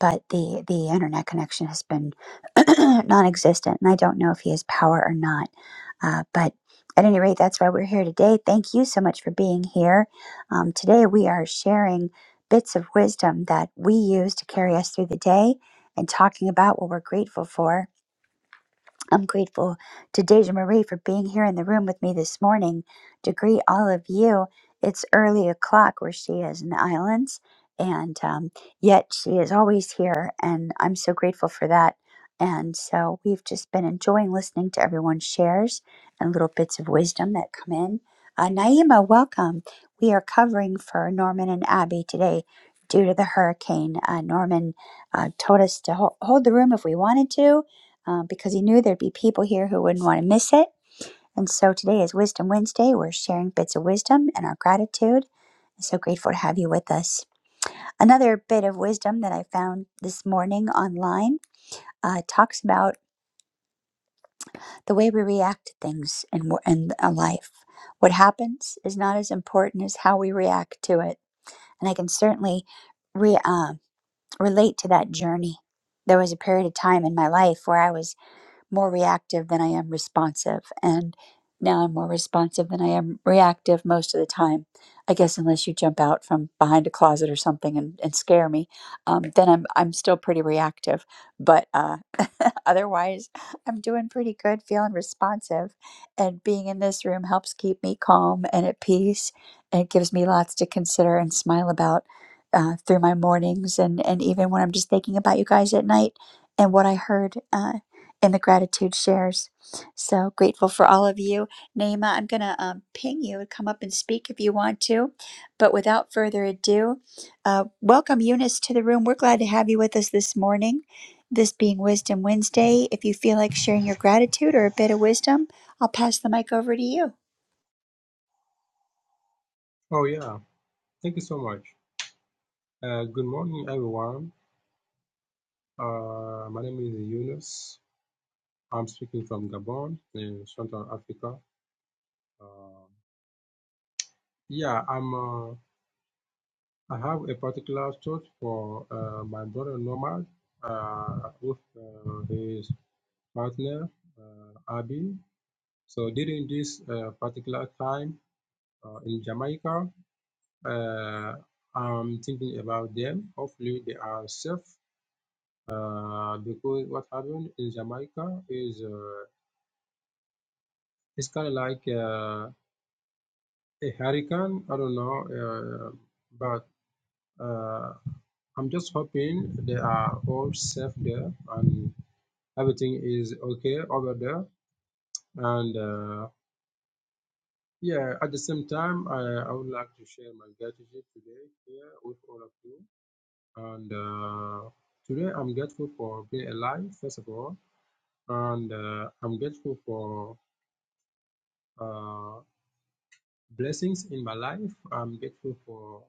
Speaker 1: but the the internet connection has been <clears throat> non-existent, and I don't know if he has power or not. Uh, but at any rate, that's why we're here today. Thank you so much for being here. Um, today we are sharing bits of wisdom that we use to carry us through the day and talking about what we're grateful for. I'm grateful to Deja Marie for being here in the room with me this morning. To greet all of you, it's early o'clock where she is in the islands, and um, yet she is always here, and I'm so grateful for that. And so we've just been enjoying listening to everyone's shares and little bits of wisdom that come in. Uh, Naima, welcome. We are covering for Norman and Abby today due to the hurricane. Uh, Norman uh, told us to ho- hold the room if we wanted to, uh, because he knew there'd be people here who wouldn't want to miss it. And so today is Wisdom Wednesday. We're sharing bits of wisdom and our gratitude. I'm so grateful to have you with us. Another bit of wisdom that I found this morning online uh, talks about the way we react to things in, in a life. What happens is not as important as how we react to it. And I can certainly re, uh, relate to that journey. There was a period of time in my life where I was more reactive than I am responsive. And now I'm more responsive than I am reactive most of the time. I guess unless you jump out from behind a closet or something and, and scare me, um, then I'm I'm still pretty reactive. But uh, <laughs> otherwise, I'm doing pretty good, feeling responsive, and being in this room helps keep me calm and at peace, and it gives me lots to consider and smile about uh, through my mornings and and even when I'm just thinking about you guys at night and what I heard. Uh, in the gratitude shares. So grateful for all of you. Naima, I'm going to um, ping you and come up and speak if you want to. But without further ado, uh, welcome Eunice to the room. We're glad to have you with us this morning. This being Wisdom Wednesday, if you feel like sharing your gratitude or a bit of wisdom, I'll pass the mic over to you.
Speaker 6: Oh, yeah. Thank you so much. Uh, good morning, everyone. Uh, my name is Yunus. I'm speaking from Gabon in Central Africa. Uh, yeah, I'm. Uh, I have a particular thought for uh, my brother Nomad uh, with uh, his partner uh, Abi. So during this uh, particular time uh, in Jamaica, uh, I'm thinking about them. Hopefully, they are safe uh, because what happened in Jamaica is uh, it's kind of like uh, a hurricane. I don't know, uh, but uh, I'm just hoping they are all safe there and everything is okay over there. And uh, yeah, at the same time, I, I would like to share my gratitude today here with all of you. And uh, today, I'm grateful for being alive, first of all, and uh, I'm grateful for. Uh, blessings in my life. I'm grateful for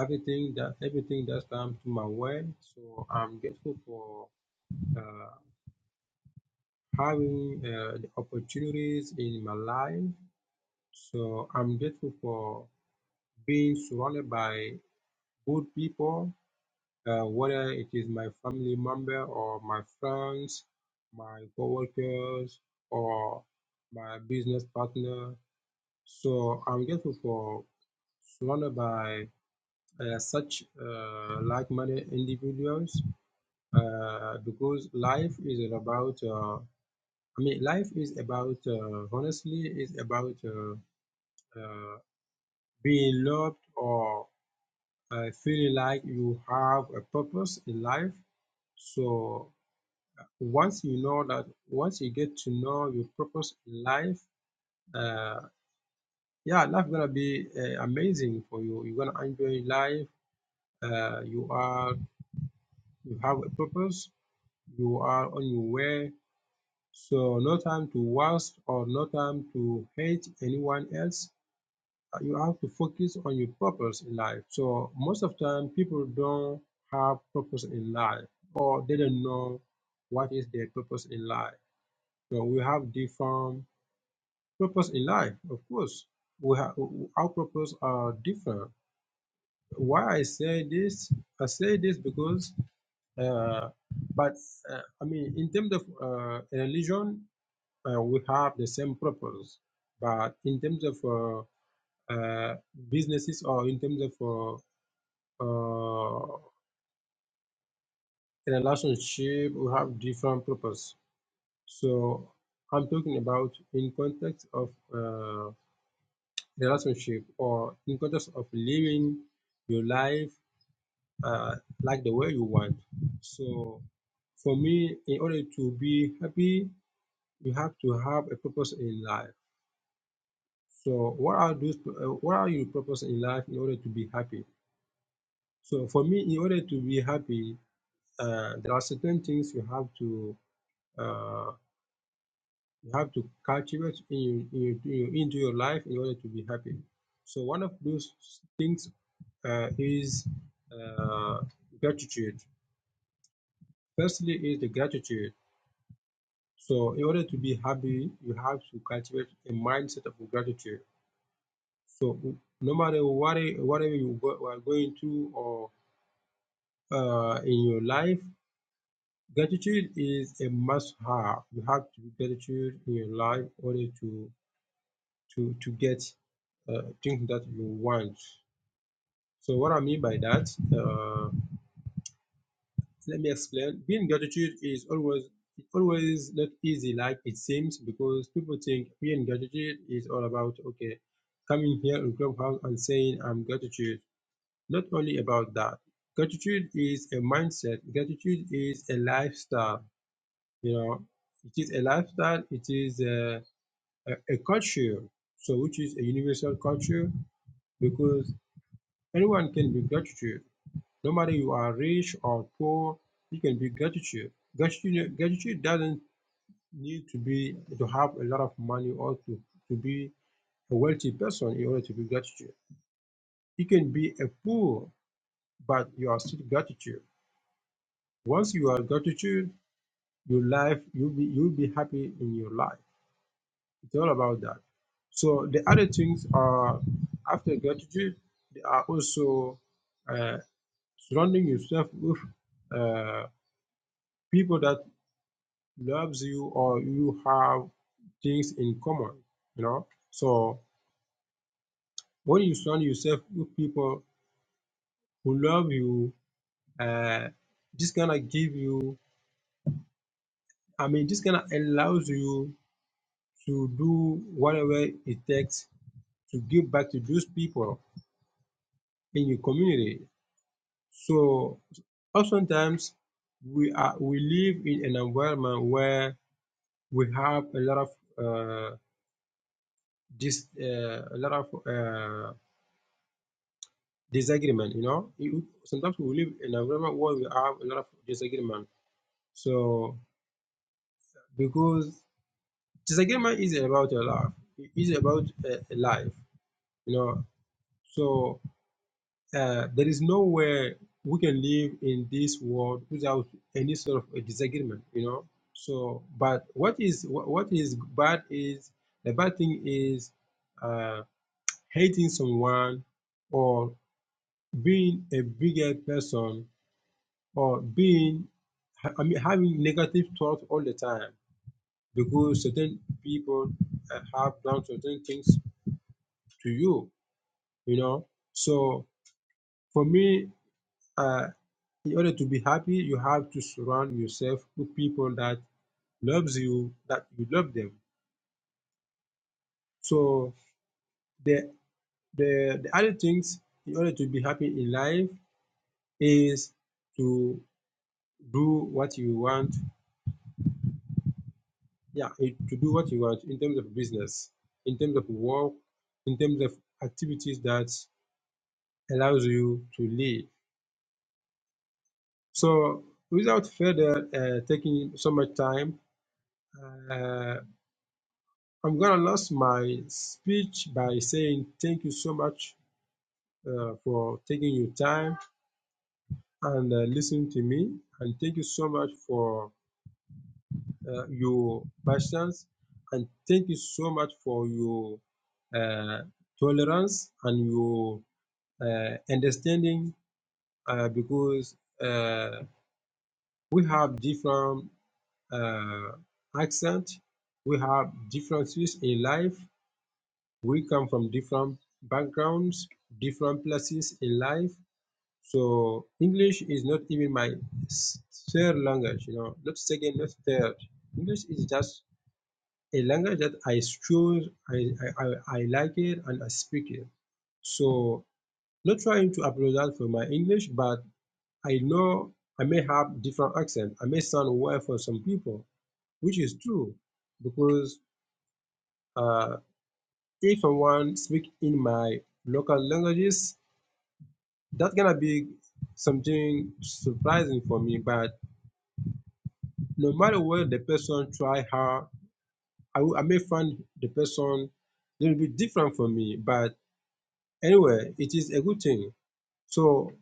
Speaker 6: everything that everything that's come to my way. So I'm grateful for uh, having uh, the opportunities in my life. So I'm grateful for being surrounded by good people, uh, whether it is my family member or my friends, my coworkers, or my business partner. So I'm grateful for surrounded by uh, such uh, like-minded individuals uh, because life is about uh, i mean life is about uh, honestly is about uh, uh, being loved or uh, feeling like you have a purpose in life so once you know that once you get to know your purpose in life uh, yeah life gonna be uh, amazing for you you're gonna enjoy life uh, you are you have a purpose you are on your way. So no time to waste or no time to hate anyone else. Uh, You have to focus on your purpose in life. So most of time people don't have purpose in life or they don't know what is their purpose in life. So we have different purpose in life, of course. We have our purpose are different. Why I say this? I say this because uh, but uh, I mean, in terms of uh, religion, uh, we have the same purpose. But in terms of uh, uh, businesses or in terms of uh, uh, relationship, we have different purpose. So I'm talking about in context of uh, relationship or in context of living your life uh, like the way you want. So for me, in order to be happy, you have to have a purpose in life. So what are those? Uh, what are your purpose in life in order to be happy? So for me, in order to be happy, uh, there are certain things you have to uh, you have to cultivate in your, in your, in your- into your life in order to be happy. So one of those things uh, is uh, gratitude. Firstly, is the gratitude. So in order to be happy, you have to cultivate a mindset of gratitude. So no matter what whatever you go, are going through or uh, in your life, gratitude is a must-have. You have to be gratitude in your life in order to to to get uh, things that you want. So what I mean by that, uh, let me explain. Being gratitude is always it's always not easy like it seems because people think being gratitude is all about okay coming here in clubhouse and saying I'm gratitude. Not only about that. Gratitude is a mindset. Gratitude is a lifestyle You know, it is a lifestyle, it is a, a, a culture, so which is a universal culture because anyone can be gratitude. No matter you are rich or poor, you can be gratitude. Gratitude, gratitude doesn't need to be to have a lot of money or to, to be a wealthy person in order to be gratitude. You can be a poor, but you are still gratitude. Once you are gratitude, your life you'll be you'll be happy in your life. It's all about that. So the other things are after gratitude, they are also uh, surrounding yourself with uh, people that loves you or you have things in common. You know, so when you surround yourself with people who love you, uh, this gonna give you. I mean, this gonna allows you to do whatever it takes to give back to those people in your community So oftentimes we are we live in an environment where we have a lot of uh, dis, uh, a lot of uh, disagreement. You know, You- sometimes we live in an environment where we have a lot of disagreement. So because disagreement is about a life, it is about a, a life. You know, so Uh, there is nowhere we can live in this world without any sort of a disagreement, you know. So, but what is what, what is bad is the bad thing is uh, hating someone or being a bigger person or being I mean having negative thoughts all the time because certain people uh, have done certain things to you, you know. So for me. Uh, In order to be happy, you have to surround yourself with people that loves you, that you love them. So the the, the other things in order to be happy in life is to do what you want. Yeah, it- to do what you want in terms of business, in terms of work, in terms of activities that allows you to live. So without further uh, taking so much time, uh, I'm going to lose my speech by saying thank you so much uh, for taking your time and uh, listening to me. And thank you so much for uh, your patience. And thank you so much for your uh, tolerance and your uh, understanding uh, because uh, we have different uh, accent, we have differences in life, we come from different backgrounds, different places in life. So English is not even my third language, you know, not second, not third. English is just a language that I choose, I, I, I I like it and I speak it. So not trying to apologize for my English, but I know I may have different accent. I may sound weird for some people, which is true, because uh, if someone speak in my local languages, That's gonna be something surprising for me. But no matter what the person try hard, I, will- I may find the person a little bit different for me. But anyway, it is a good thing. So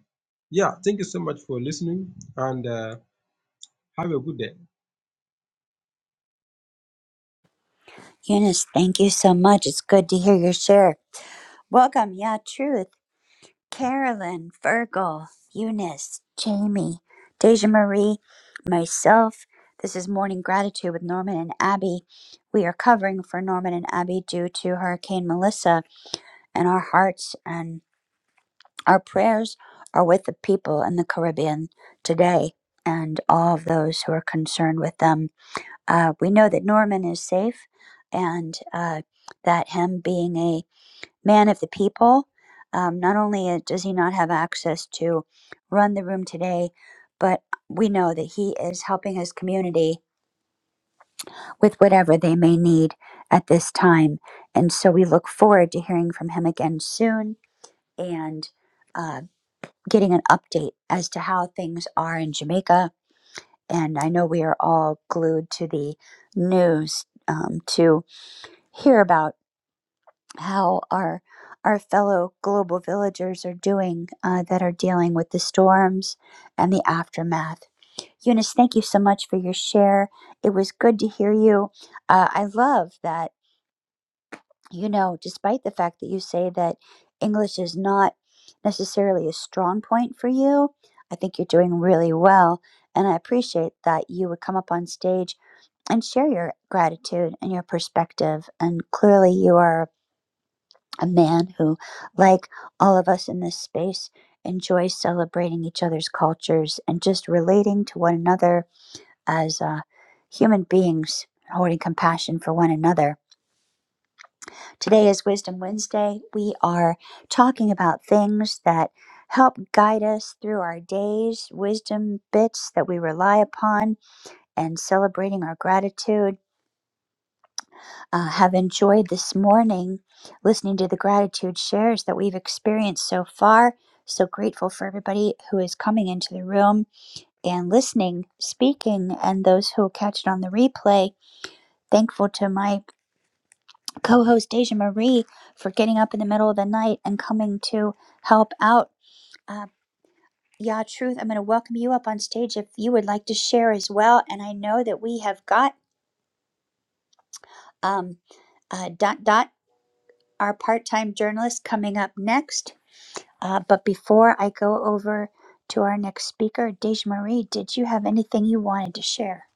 Speaker 6: yeah, thank you so much for listening and uh, have a good day.
Speaker 1: Eunice, thank you so much. It's good to hear your share. Welcome. Yeah, true. Carolyn, Virgil, Eunice, Jamie, Deja Marie, myself. This is Morning Gratitude with Norman and Abby. We are covering for Norman and Abby due to Hurricane Melissa, and our hearts and our prayers are with the people in the Caribbean today and all of those who are concerned with them. Uh, we know that Norman is safe and uh, that him being a man of the people. Um, not only uh, does he not have access to run the room today, but we know that he is helping his community with whatever they may need at this time. And so we look forward to hearing from him again soon and uh, getting an update as to how things are in Jamaica. And I know we are all glued to the news um, to hear about how our our fellow global villagers are doing uh, that are dealing with the storms and the aftermath. Eunice, thank you so much for your share. It was good to hear you. Uh, I love that you know, despite the fact that you say that English is not necessarily a strong point for you, I think you're doing really well, and I appreciate that you would come up on stage and share your gratitude and your perspective. And clearly, you are a man who, like all of us in this space, enjoys celebrating each other's cultures and just relating to one another as uh, human beings, holding compassion for one another. Today is Wisdom Wednesday. We are talking about things that help guide us through our days, wisdom bits that we rely upon, and celebrating our gratitude. uh, have enjoyed this morning listening to the gratitude shares that we've experienced so far. So grateful for everybody who is coming into the room and listening, speaking, and those who will catch it on the replay. Thankful to my co host, Deja Marie, for getting up in the middle of the night and coming to help out. Uh, yeah, Truth, I'm going to welcome you up on stage if you would like to share as well. And I know that we have got um, uh, Dot Dot, our part time journalist, coming up next. Uh, but before I go over to our next speaker, Dej Marie, did you have anything you wanted to share?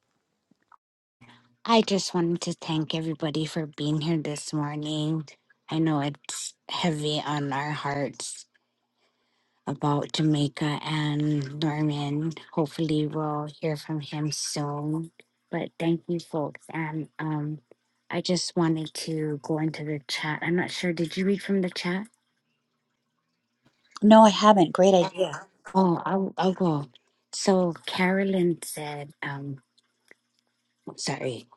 Speaker 2: I just wanted to thank everybody for being here this morning. I know it's heavy on our hearts about Jamaica and Norman. Hopefully, we'll hear from him soon. But thank you, folks. And um, I just wanted to go into the chat. I'm not sure. Did you read from the chat?
Speaker 1: No, I haven't. Great idea.
Speaker 2: Oh, I'll, I'll go. So, Carolyn said, um, sorry,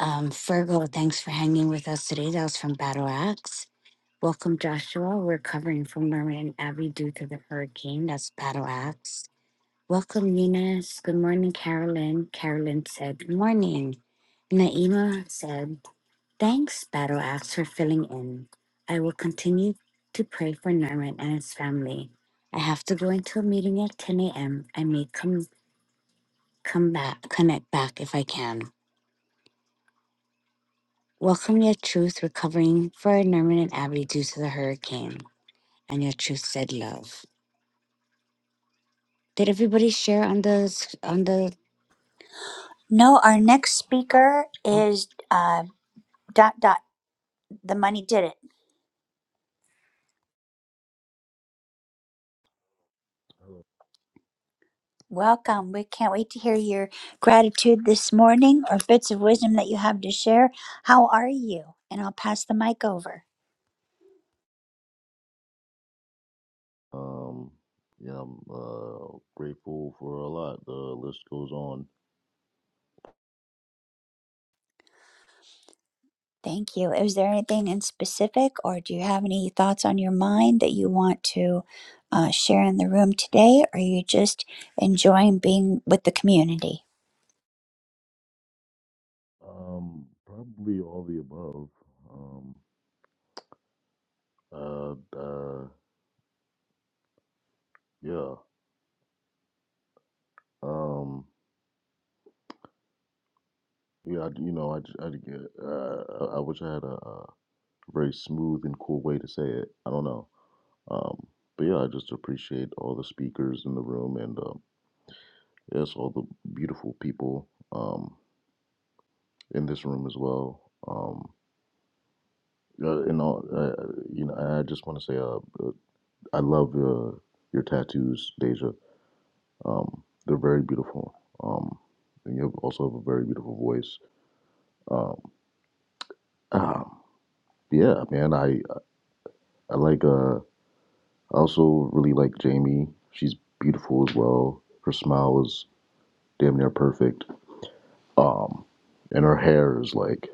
Speaker 2: um, Fergal, thanks for hanging with us today. That was from Battle Axe. Welcome, Joshua. We're covering from Marin Abbey due to the hurricane. That's Battle Axe. Welcome, Eunice. Good morning, Carolyn. Carolyn said, Good morning. Naima said, Thanks, Battle Axe, for filling in. I will continue to pray for Norman and his family. I have to go into a meeting at 10 a.m. I may come, come back, connect back if I can. Welcome, Your Truth, recovering for Norman and Abby due to the hurricane. And Your Truth said, Love. Did everybody share on the s- on the?
Speaker 1: No, our next speaker
Speaker 2: Oh,
Speaker 1: is uh, dot dot. The money did it. Welcome. We can't wait to hear your gratitude this morning or bits of wisdom that you have to share. How are you? And I'll pass the mic over.
Speaker 7: Um, yeah, I'm uh, grateful for a lot. The list goes on.
Speaker 1: Thank you. Is there anything in specific, or do you have any thoughts on your mind that you want to uh, share in the room today? Or are you just enjoying being with the community?
Speaker 7: Um, probably all the above. Um, uh, uh yeah. Um, yeah, I, you know, I, j- I, d- yeah, uh, I I wish I had a, uh very smooth and cool way to say it. I don't know. Um, but yeah, I just appreciate all the speakers in the room and, um, yes, all the beautiful people, um, in this room as well. Um, Uh, and all, uh, you know, and I just want to say, uh, uh, I love your your tattoos, Deja. Um, they're very beautiful. Um, and you have- also have a very beautiful voice. Um, um, yeah, man, I I like. Uh, I also really like Jamie. She's beautiful as well. Her smile is damn near perfect. Um, and her hair is like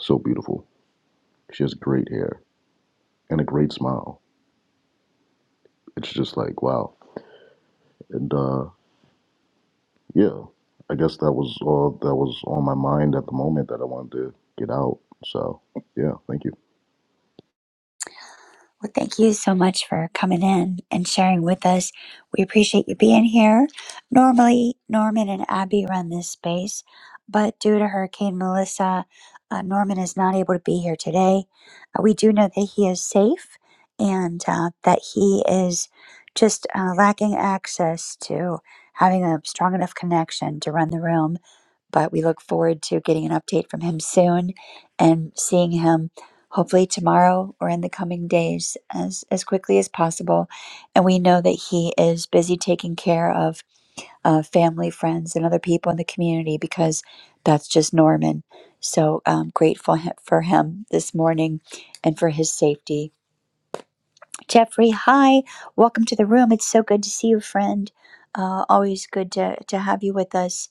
Speaker 7: so beautiful. She has great hair and a great smile. It's just like wow. And uh, yeah, I guess that was all that was on my mind at the moment that I wanted to get out. So yeah, thank you.
Speaker 1: Well, thank you so much for coming in and sharing with us. We appreciate you being here. Normally, Norman and Abby run this space, but due to Hurricane Melissa, uh, Norman is not able to be here today. Uh, we do know that he is safe and uh, that he is just uh, lacking access to having a strong enough connection to run the room. But we look forward to getting an update from him soon and seeing him hopefully tomorrow or in the coming days as, as quickly as possible. And we know that he is busy taking care of uh, family, friends, and other people in the community because that's just Norman. So um, grateful he- for him this morning and for his safety. Jeffrey, hi. Welcome to the room. It's so good to see you, friend. Uh, always good to, to have you with us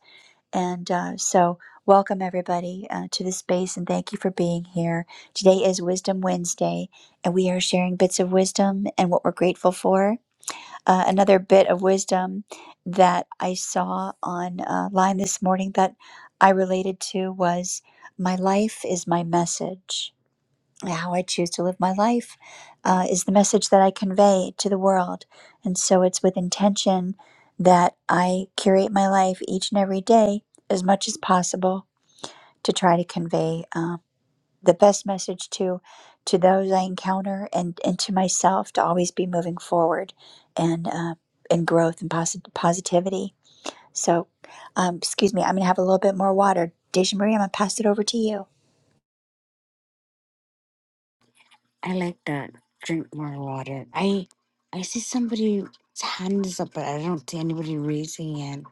Speaker 1: and uh, so, welcome everybody uh, to the space and thank you for being here. Today is Wisdom Wednesday, and we are sharing bits of wisdom and what we're grateful for. Uh, another bit of wisdom that I saw online uh, this morning that I related to was My life is my message how I choose to live my life uh, is the message that I convey to the world. And so it's with intention that I curate my life each and every day as much as possible to try to convey uh, the best message to to those I encounter and, and to myself to always be moving forward and uh, and growth and posit- positivity. So, um, excuse me, I'm going to have a little bit more water. Deja Marie, I'm going to pass it over to you.
Speaker 2: I like that. Drink more water. I I see somebody's hand is up, but I don't see anybody raising it.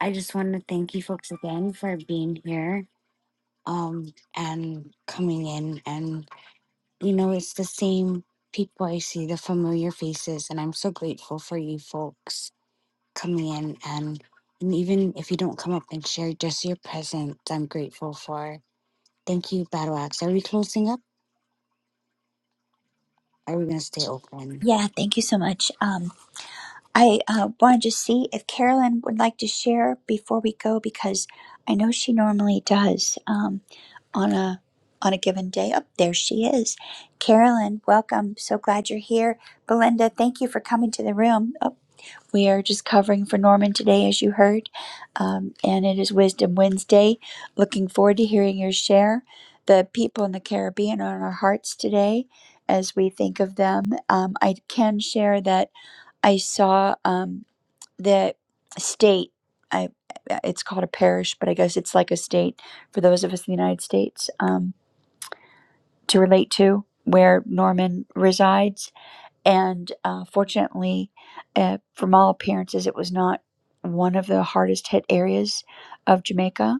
Speaker 2: I just want to thank you folks again for being here, um, and coming in. And you know, it's the same people I see, the familiar faces, and I'm so grateful for you folks coming in. And and even if you don't come up and share, just your presence, I'm grateful for. Thank you, Battle Axe. Are we closing up? Are we gonna stay open?
Speaker 1: Yeah, thank you so much. Um, I uh, wanted to see if Carolyn would like to share before we go because I know she normally does um, on a on a given day. Up there she is, Carolyn. Welcome. So glad you're here, Belinda. Thank you for coming to the room. Oh, we are just covering for Norman today, as you heard, um, and it is Wisdom Wednesday. Looking forward to hearing your share. The people in the Caribbean are on our hearts today as we think of them. Um, I can share that I saw. Um, the state I, it's called a parish but i guess it's like a state for those of us in the united states um, to relate to where norman resides and uh, fortunately uh, from all appearances it was not one of the hardest hit areas of jamaica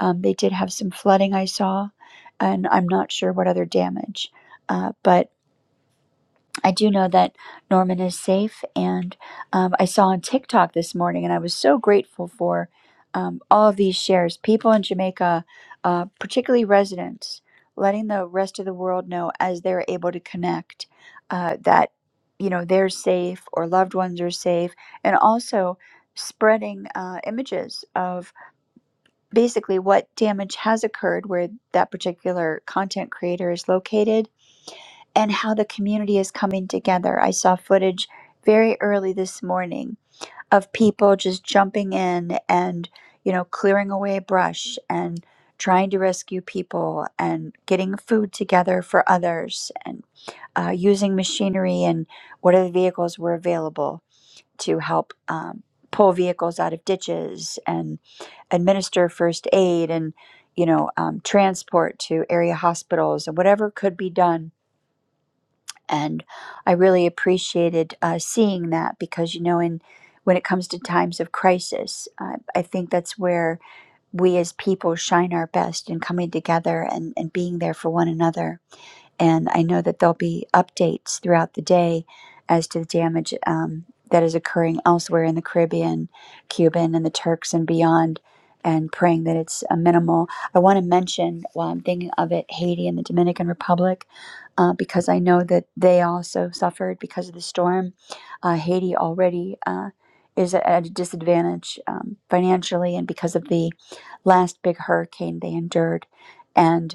Speaker 1: um, they did have some flooding i saw and i'm not sure what other damage uh, but I do know that Norman is safe, and um, I saw on TikTok this morning, and I was so grateful for um, all of these shares. People in Jamaica, uh, particularly residents, letting the rest of the world know as they're able to connect uh, that you know they're safe or loved ones are safe, and also spreading uh, images of basically what damage has occurred where that particular content creator is located and how the community is coming together. I saw footage very early this morning of people just jumping in and, you know, clearing away brush and trying to rescue people and getting food together for others and uh, using machinery and whatever vehicles were available to help um, pull vehicles out of ditches and administer first aid and you know um, transport to area hospitals and whatever could be done and i really appreciated uh, seeing that because you know in when it comes to times of crisis uh, i think that's where we as people shine our best in coming together and, and being there for one another and I know that there'll be updates throughout the day as to the damage um, that is occurring elsewhere in the Caribbean, Cuban, and the Turks and beyond, and praying that it's uh, minimal. I want to mention, while I'm thinking of it, Haiti and the Dominican Republic, uh, because I know that they also suffered because of the storm. Uh, Haiti already. Uh, is at a disadvantage um, financially, and because of the last big hurricane they endured. And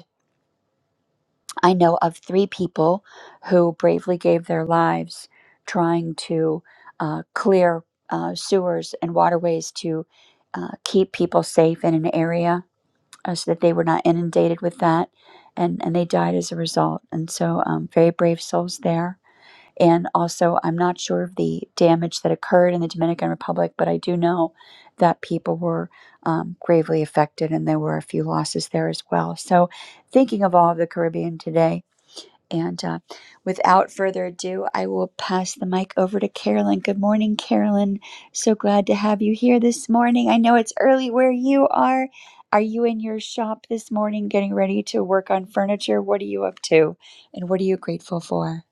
Speaker 1: I know of three people who bravely gave their lives trying to uh, clear uh, sewers and waterways to uh, keep people safe in an area uh, so that they were not inundated with that. And, and they died as a result. And so, um, very brave souls there. And also, I'm not sure of the damage that occurred in the Dominican Republic, but I do know that people were um, gravely affected and there were a few losses there as well. So, thinking of all of the Caribbean today, and uh, without further ado, I will pass the mic over to Carolyn. Good morning, Carolyn. So glad to have you here this morning. I know it's early where you are. Are you in your shop this morning getting ready to work on furniture? What are you up to? And what are you grateful for?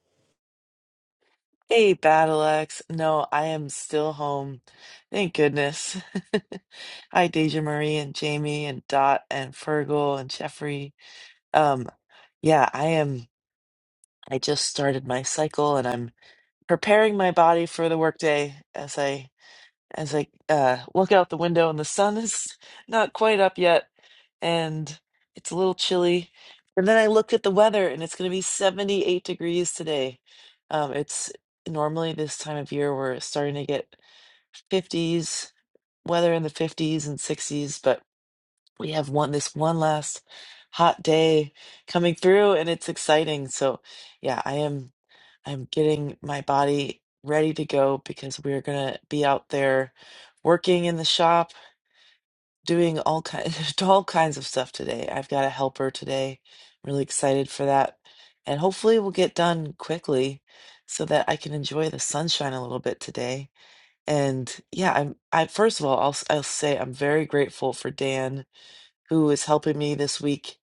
Speaker 8: Hey, Battle Axe. No, I am still home. Thank goodness. <laughs> Hi, Deja Marie and Jamie and Dot and Fergal and Jeffrey. Um, yeah, I am. I just started my cycle and I'm preparing my body for the workday as I as I uh, look out the window, and the sun <laughs> is not quite up yet, and it's a little chilly. And then I looked at the weather, and it's going to be 78 degrees today. Um, it's normally this time of year we're starting to get 50s weather in the 50s and 60s, but we have one this one last hot day coming through, and it's exciting. So, yeah, I am. I'm getting my body ready to go because we're gonna be out there working in the shop, doing all kinds <laughs> all kinds of stuff today. I've got a helper today. I'm really excited for that. And hopefully we'll get done quickly so that I can enjoy the sunshine a little bit today. And yeah, I'm I first of all, I'll s- I'll say I'm very grateful for Dan who is helping me this week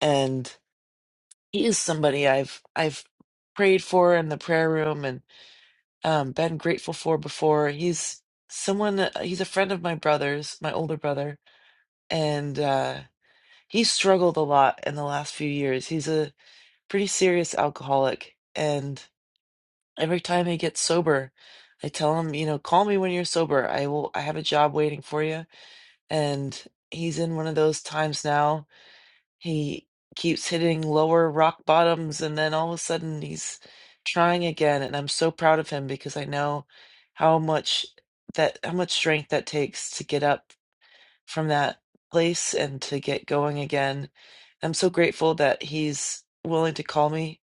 Speaker 8: and he is somebody I've I've prayed for in the prayer room um, been grateful for before. He's someone, that- uh, he's a friend of my brother's, my older brother, and uh, he struggled a lot in the last few years. He's a pretty serious alcoholic, and every time he gets sober, I tell him, you know, call me when you're sober. I will, I have a job waiting for you. And he's in one of those times now he keeps hitting lower rock bottoms, and then all of a sudden he's trying again. And I'm so proud of him because I know how much that how much strength that takes to get up from that place and to get going again. I'm so grateful that he's willing to call me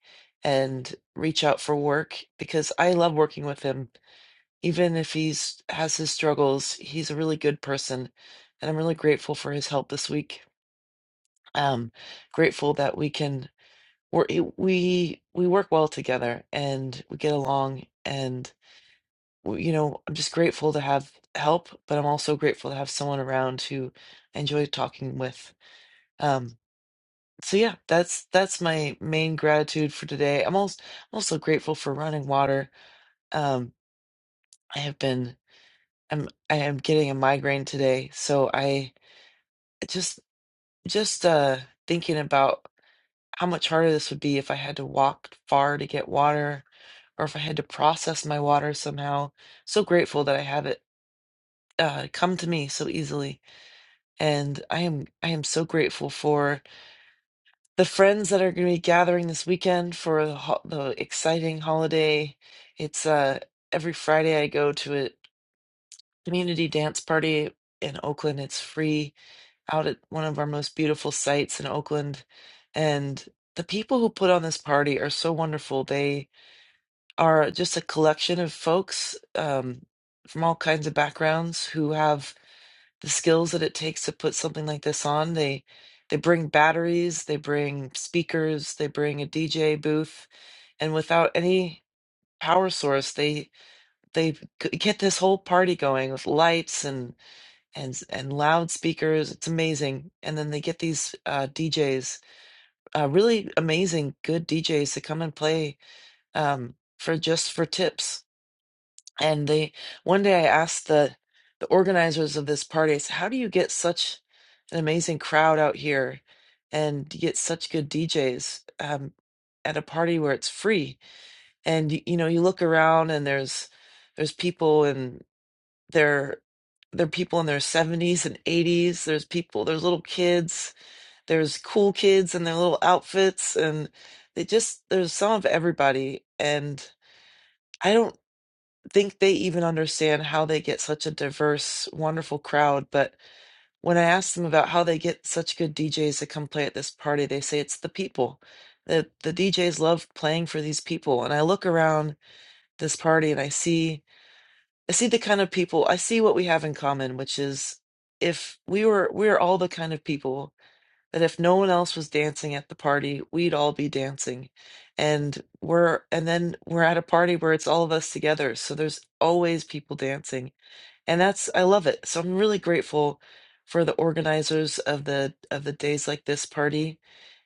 Speaker 8: and reach out for work because I love working with him. Even if he's has his struggles, he's a really good person, and I'm really grateful for his help this week. Um, grateful that we can we're it- we we work well together and we get along and w- you know i'm just grateful to have help but i'm also grateful to have someone around who i enjoy talking with um so yeah that's that's my main gratitude for today i'm also I'm also grateful for running water um i have been i'm i am getting a migraine today so i just just uh thinking about how much harder this would be if i had to walk far to get water or if I had to process my water somehow. So grateful that I have it uh, come to me so easily, and I am I am so grateful for the friends that are going to be gathering this weekend for the, ho- the exciting holiday. It's uh, every Friday I go to a community dance party in Oakland. It's free out at one of our most beautiful sites in Oakland, and the people who put on this party are so wonderful. They are just a collection of folks um, from all kinds of backgrounds who have the skills that it takes to put something like this on. They they bring batteries, they bring speakers, they bring a DJ booth, and without any power source, they they g- get this whole party going with lights and and and loudspeakers. It's amazing, and then they get these uh, DJs, uh, really amazing, good DJs to come and play um, for just for tips And they one day I asked the the organizers of this party, I said, How do you get such an amazing crowd out here and you get such good DJs um, at a party where it's free? And you, you know, you look around and there's there's people and they're there are people in their 70s and 80s. There's people, there's little kids, there's cool kids in their little outfits, and they just, there's some of everybody. And I don't think they even understand how they get such a diverse, wonderful crowd. But when I ask them about how they get such good DJs to come play at this party, they say it's the people. That the DJs love playing for these people. And I look around this party and I see I see the kind of people I see what we have in common, which is if we were we're all the kind of people that if no one else was dancing at the party, we'd all be dancing. And we're and then we're at a party where it's all of us together. So there's always people dancing. And that's I love it. So I'm really grateful for the organizers of the of the days like this party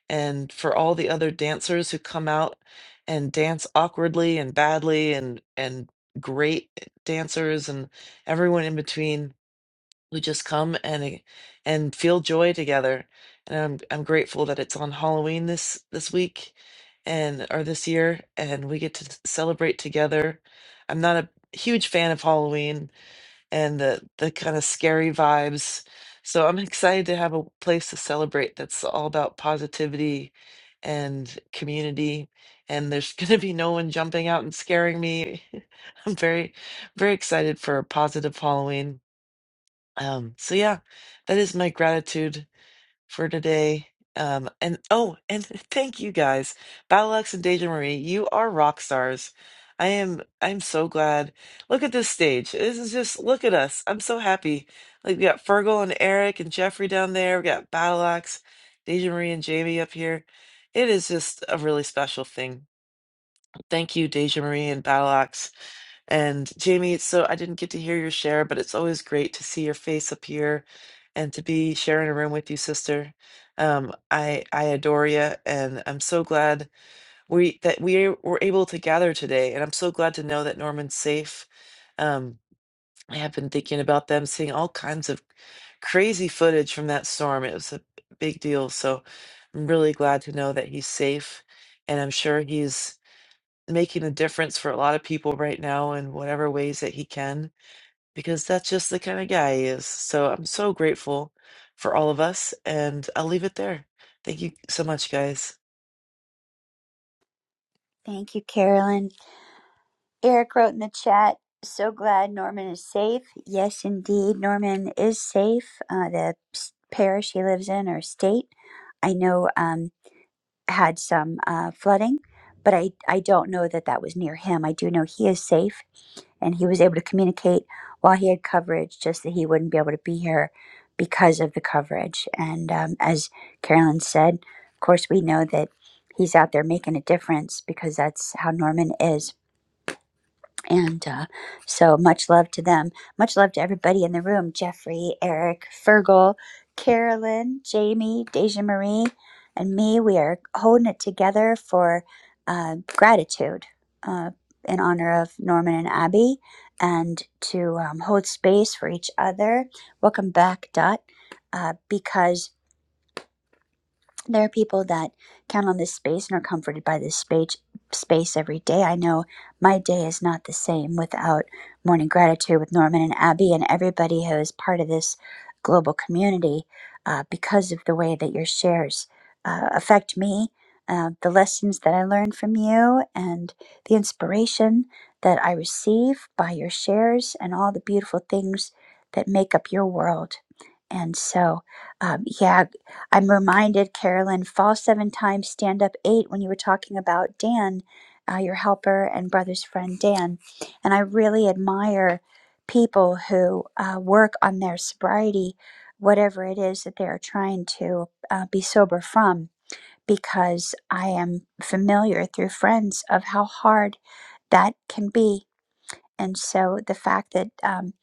Speaker 8: and for all the other dancers who come out and dance awkwardly and badly and and great dancers and everyone in between we just come and e, and feel joy together and i'm i'm grateful that it's on halloween this this week and or this year and we get to celebrate together i'm not a huge fan of halloween and the the kind of scary vibes so i'm excited to have a place to celebrate that's all about positivity and community and there's <laughs> going to be no one jumping out and scaring me <laughs> i'm very very excited for a positive halloween um, so yeah, that is my gratitude for today. Um, and oh, and <laughs> thank you guys, Battlex and Deja Marie. You are rock stars. I am. I'm so glad. Look at this stage. This is just look at us. I'm so happy. Like we got Fergal and Eric and Jeffrey down there. We got Battlex, Deja Marie and Jamie up here. It is just a really special thing Thank you, Deja Marie and Balax. And Jamie, so I didn't get to hear your share, but it's always great to see your face up here and to be sharing a room with you, sister. Um, I I adore you, and I'm so glad we that we were able to gather today. And I'm so glad to know that Norman's safe. Um, I have been thinking about them, seeing all kinds of crazy footage from that storm. It was a big deal, so I'm really glad to know that he's safe, and I'm sure he's making a difference for a lot of people right now in whatever ways that he can, because that's just the kind of guy he is. So I'm so grateful for all of us, and I'll leave it there. Thank you so much, guys.
Speaker 1: Thank you, Carolyn. Eric wrote in the chat, so glad Norman is safe. Yes, indeed, Norman is safe. Uh, the parish he lives in or state. I know. Um, had some uh, flooding, but I, I don't know that that was near him. I do know he is safe and he was able to communicate while he had coverage, just that he wouldn't be able to be here because of the coverage. And um, as Carolyn said, of course, we know that he's out there making a difference because that's how Norman is and uh, so much love to them. Much love to everybody in the room Jeffrey, Eric, Fergal, Carolyn, Jamie, Deja Marie, and me. We are holding it together for uh, gratitude uh, in honor of Norman and Abby and to um, hold space for each other. Welcome back, Dot, uh, because there are people that count on this space and are comforted by this space space every day. I know my day is not the same without morning gratitude with Norman and Abby and everybody who is part of this global community uh, because of the way that your shares uh, affect me, uh, the lessons that I learn from you, and the inspiration that I receive by your shares and all the beautiful things that make up your world. And so, um, yeah, I'm reminded, Carolyn, fall seven times, stand up eight, when you were talking about Dan, uh, your helper and brother's friend Dan. And I really admire people who uh, work on their sobriety, whatever it is that they are trying to uh, be sober from, because I am familiar through friends of how hard that can be and so the fact that um,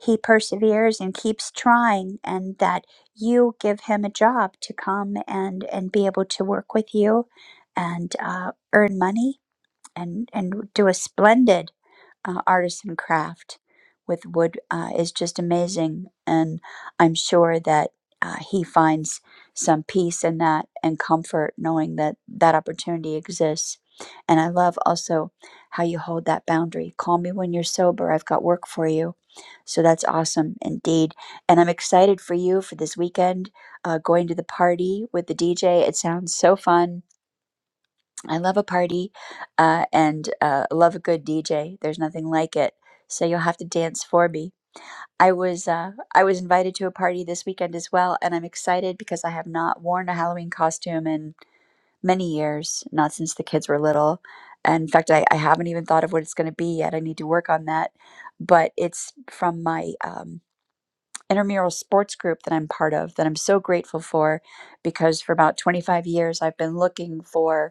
Speaker 1: he perseveres and keeps trying, and that you give him a job to come and and be able to work with you, and uh, earn money and and do a splendid uh, artisan craft with wood uh, is just amazing. And I'm sure that uh, he finds some peace in that and comfort knowing that that opportunity exists. And I love also how you hold that boundary. Call me when you're sober. I've got work for you. So that's awesome indeed. And I'm excited for you for this weekend, uh, going to the party with the DJ. It sounds so fun I love a party uh, and uh, love a good DJ. There's nothing like it. So you'll have to dance for me. I was uh, I was invited to a party this weekend as well, and I'm excited because I have not worn a Halloween costume in many years, not since the kids were little. And in fact, I, I haven't even thought of what it's going to be yet. I need to work on that. But it's from my um, intramural sports group that I'm part of that I'm so grateful for because for about 25 years I've been looking for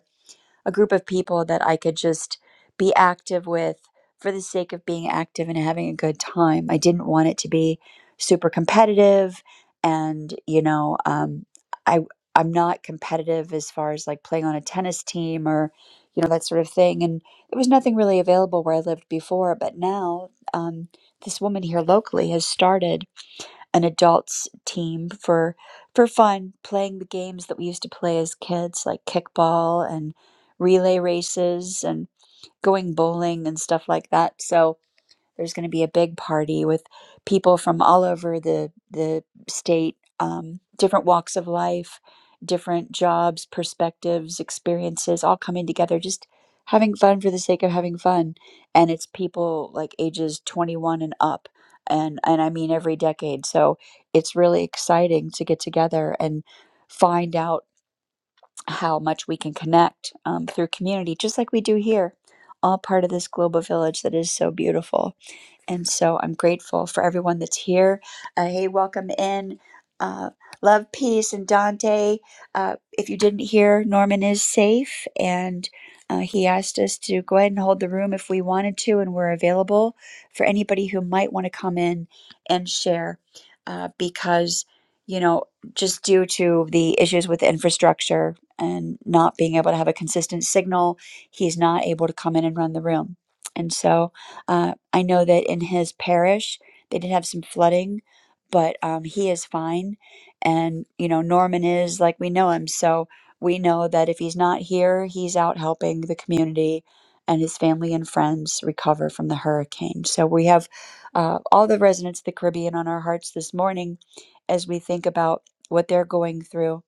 Speaker 1: a group of people that I could just be active with for the sake of being active and having a good time. I didn't want it to be super competitive, and you know, um, I I'm not competitive as far as like playing on a tennis team or you know that sort of thing. And there was nothing really available where I lived before, but now um, this woman here locally has started an adults team for for fun playing the games that we used to play as kids like kickball and relay races and going bowling and stuff like that so there's going to be a big party with people from all over the the state, um, different walks of life, different jobs, perspectives, experiences, all coming together, just having fun for the sake of having fun. And it's people like ages 21 and up, and and I mean every decade. So it's really exciting to get together and find out how much we can connect um, through community, just like we do here all part of this global village that is so beautiful. And so I'm grateful for everyone that's here. Uh, hey, welcome in. Uh, love, peace, and Dante. Uh, if you didn't hear, Norman is safe, and uh, he asked us to go ahead and hold the room if we wanted to, and we're available for anybody who might want to come in and share uh, because, you know, just due to the issues with infrastructure and not being able to have a consistent signal, he's not able to come in and run the room. And so, uh, I know that in his parish, they did have some flooding, but um, he is fine. And, you know, Norman is like we know him. So we know that if he's not here, he's out helping the community and his family and friends recover from the hurricane. So we have uh, all the residents of the Caribbean on our hearts this morning as we think about what they're going through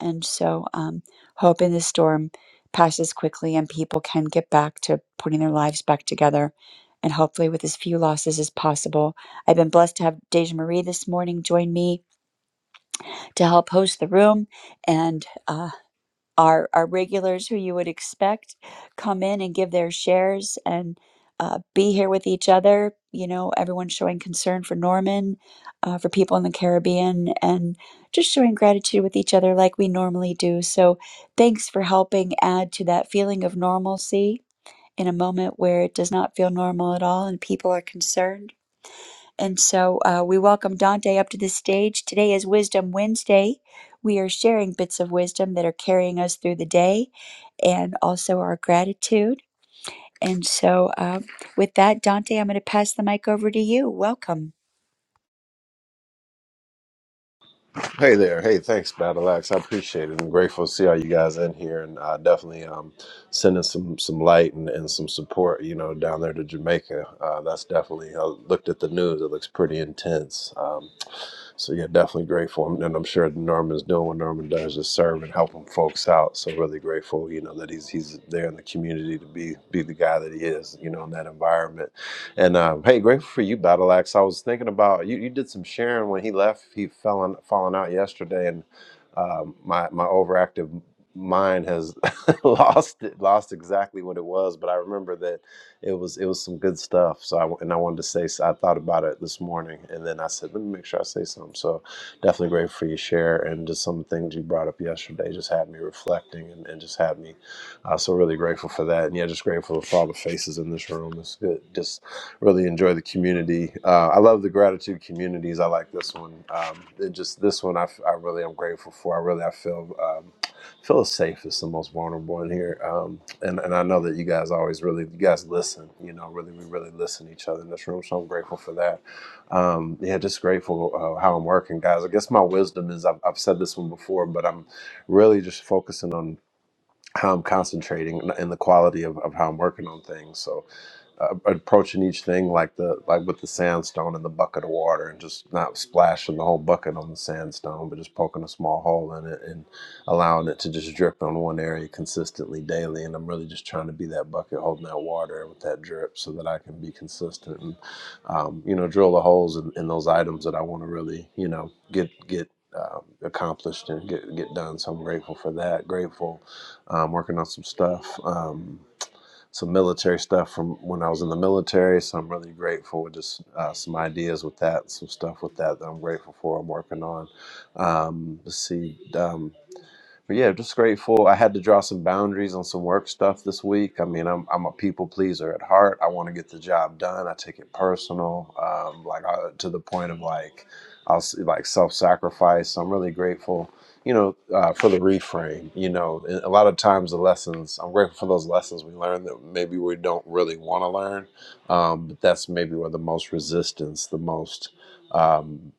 Speaker 1: and so, um, hope in the storm passes quickly and people can get back to putting their lives back together and hopefully with as few losses as possible. I've been blessed to have Deja Marie this morning join me to help host the room. And uh, our our regulars who you would expect come in and give their shares and uh, be here with each other. You know, everyone showing concern for Norman, uh, for people in the Caribbean, and just showing gratitude with each other like we normally do. So, thanks for helping add to that feeling of normalcy in a moment where it does not feel normal at all and people are concerned. And so, uh, we welcome Dante up to the stage. Today is Wisdom Wednesday. We are sharing bits of wisdom that are carrying us through the day and also our gratitude. And so, um, with that, Dante, I'm going to pass the mic over to you. Welcome.
Speaker 9: Hey there. Hey, thanks, Battle Axe. I appreciate it. I'm grateful to see all you guys in here and uh, definitely um, sending some, some light and, and some support, you know, down there to Jamaica. Uh, that's definitely, I looked at the news, it looks pretty intense. Um, so, yeah, definitely grateful. And and I'm sure Norman's doing what Norman does, just serving, helping folks out. So, really grateful, you know, that he's he's there in the community to be be the guy that he is, you know, in that environment and um, hey, grateful for you, Battle Axe. I was thinking about you. You did some sharing when he left. He fell on, falling out yesterday, and um, my my overactive mind has <laughs> lost it, lost exactly what it was. But I remember that it was it was some good stuff. So I and I wanted to say I thought about it this morning, and then I said, let me make sure I say something. So definitely grateful for your share and just some things you brought up yesterday. Just had me reflecting and, and just had me uh, so really grateful for that, and yeah, just grateful for all the faces in this room. It's good. Just really enjoy the community. Uh, I love the gratitude communities. I like this one. Um, it just this one, I, f- I really am grateful for. I really I feel um, feel safe is the most vulnerable in here. Um, and and I know that you guys always really you guys listen. You know, really we really listen to each other in this room. So I'm grateful for that. Um, yeah, just grateful uh, how I'm working, guys. I guess my wisdom is I've, I've said this one before, but I'm really just focusing on how I'm concentrating and the quality of, of how I'm working on things. So uh, approaching each thing like the like with the sandstone and the bucket of water and just not splashing the whole bucket on the sandstone but just poking a small hole in it and allowing it to just drip on one area consistently daily and i'm really just trying to be that bucket holding that water with that drip so that i can be consistent and um, you know drill the holes in, in those items that i want to really you know get get uh, accomplished and get get done so i'm grateful for that grateful um, working on some stuff. Um, some military stuff from when I was in the military. So I'm really grateful with just uh, some ideas with that, some stuff with that that I'm grateful for. I'm working on. Um, let's see. Um, but yeah, just grateful. I had to draw some boundaries on some work stuff this week. I mean, I'm I'm a people pleaser at heart. I want to get the job done. I take it personal, um, like I, to the point of like I'll s- like self sacrifice. So I'm really grateful, you know, uh, for the reframe. You know, And a lot of times the lessons. I'm grateful for those lessons we learn that maybe we don't really want to learn, um, but that's maybe where the most resistance, the most. Um,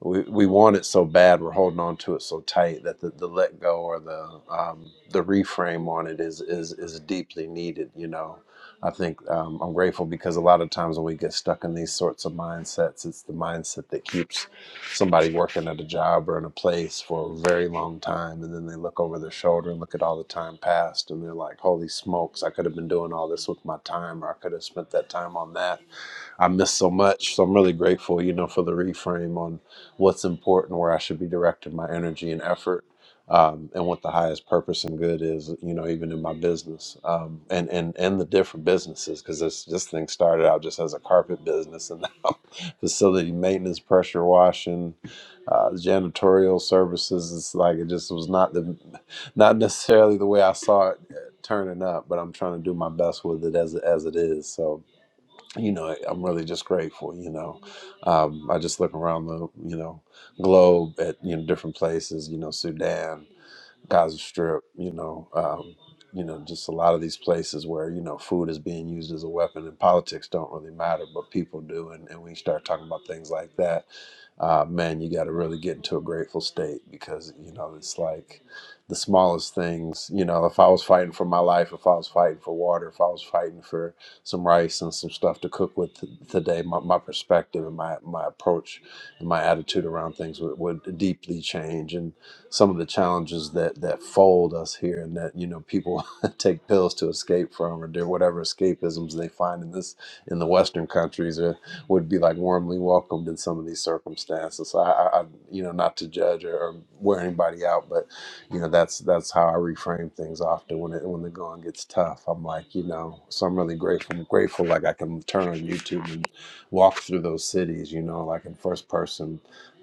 Speaker 9: we, we want it so bad we're holding on to it so tight that the, the let go or the um, the reframe on it is is is deeply needed you know i think um, i'm grateful because a lot of times when we get stuck in these sorts of mindsets it's the mindset that keeps somebody working at a job or in a place for a very long time and then they look over their shoulder and look at all the time past and they're like holy smokes i could have been doing all this with my time or i could have spent that time on that I missed so much. So I'm really grateful, you know, for the reframe on what's important, where I should be directing my energy and effort, um, and what the highest purpose and good is, you know, even in my business um, and and and the different businesses, because this this thing started out just as a carpet business, and now <laughs> facility maintenance, pressure washing, uh, janitorial services. It's like it just was not the not necessarily the way I saw it uh, turning up, but I'm trying to do my best with it as as it is. So you know, I'm really just grateful. You know, um, I just look around the you know globe at you know different places. You know, Sudan, Gaza Strip, you know, um, you know, just a lot of these places where you know food is being used as a weapon, and politics don't really matter, but people do, and, and when you start talking about things like that, uh, man, you got to really get into a grateful state because you know it's like the smallest things. You know, if I was fighting for my life, if I was fighting for water, if I was fighting for some rice and some stuff to cook with t- today, my, my perspective and my my approach and my attitude around things would, would deeply change, and some of the challenges that that fold us here and that you know people <laughs> take pills to escape from or do whatever escapisms they find in this in the western countries or would be like warmly welcomed in some of these circumstances so i, I I- you know not to judge or, or wear anybody out but you know that's that's how i reframe things often when it when the going gets tough i'm like you know so i'm really grateful grateful like i can turn on youtube and walk through those cities you know like in first person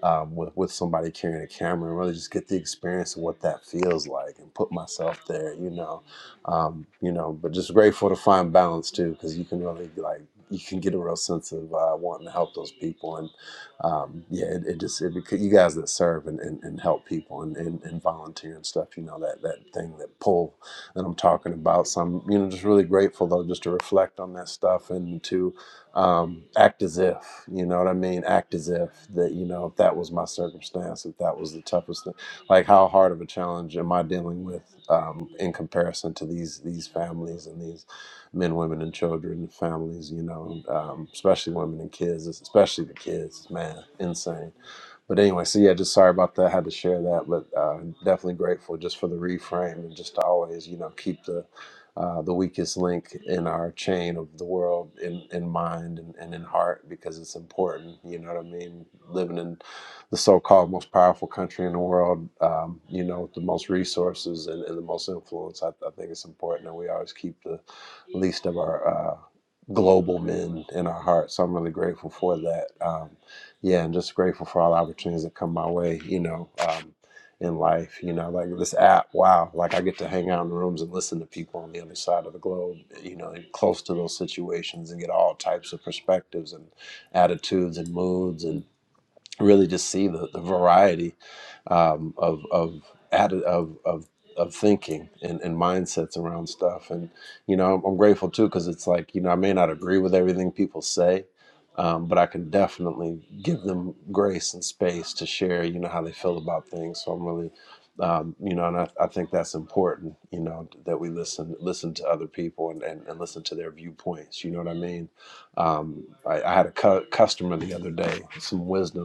Speaker 9: um, with with somebody carrying a camera and really just get the experience of what that feels like and put myself there, you know, um, you know. But just grateful to find balance too, because you can really like you can get a real sense of uh, wanting to help those people and um, yeah, it, it just it, you guys that serve and, and, and help people and, and, and volunteer and stuff, you know that that thing that pull that I'm talking about. So I'm you know just really grateful though just to reflect on that stuff and to um, act as if. You know what I mean? Act as if that, you know, if that was my circumstance, if that was the toughest thing, like how hard of a challenge am I dealing with um, in comparison to these these families and these men, women, and children, and families, you know, um, especially women and kids, especially the kids, man, insane. But anyway, so yeah, just sorry about that. I had to share that, but uh, definitely grateful just for the reframe and just to always, you know, keep the uh, the weakest link in our chain of the world in, in mind and, and in heart because it's important. You know what I mean? Living in the so called most powerful country in the world, um, you know, with the most resources and, and the most influence, I, I think it's important that we always keep the least of our. Uh, global men in our hearts so i'm really grateful for that um yeah and just grateful for all the opportunities that come my way you know um in life. You know, like this app, wow, like I get to hang out in rooms and listen to people on the other side of the globe, you know, close to those situations and get all types of perspectives and attitudes and moods. and really just see the, the variety um, of of, atti- of of of thinking and, and mindsets around stuff. And you know, I'm, I'm grateful too because it's like you know I may not agree with everything people say, um, but I can definitely give them grace and space to share. You know how they feel about things. So I'm really um, you know, and I, I think that's important, you know, that we listen, listen to other people and, and, and listen to their viewpoints. You know what I mean? Um, I, I had a cu- customer the other day, some wisdom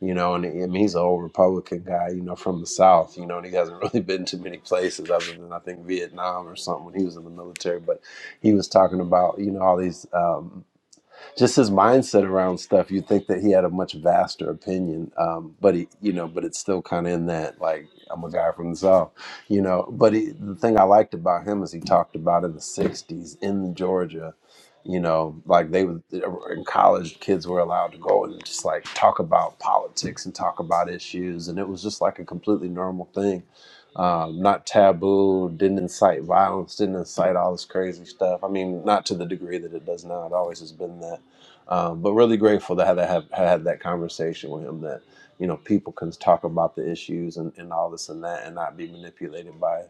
Speaker 9: you know, and I mean, he's an old Republican guy, you know, from the South, you know, and he hasn't <laughs> really been to many places other than I think Vietnam or something when he was in the military. But he was talking about, you know, all these. Um, just his mindset around stuff. You'd think that he had a much vaster opinion, um, but he, you know, but it's still kind of in that like I'm a guy from the south, you know. But he, the thing I liked about him is he talked about in the '60s in Georgia, you know, like they would in college, kids were allowed to go and just like talk about politics and talk about issues, and it was just like a completely normal thing. Um, not taboo, didn't incite violence, didn't incite all this crazy stuff. I mean, not to the degree that it does now. It always has been that um, but really grateful that I to have, had that conversation with him that, you know, people can talk about the issues and, and all this and that and not be manipulated by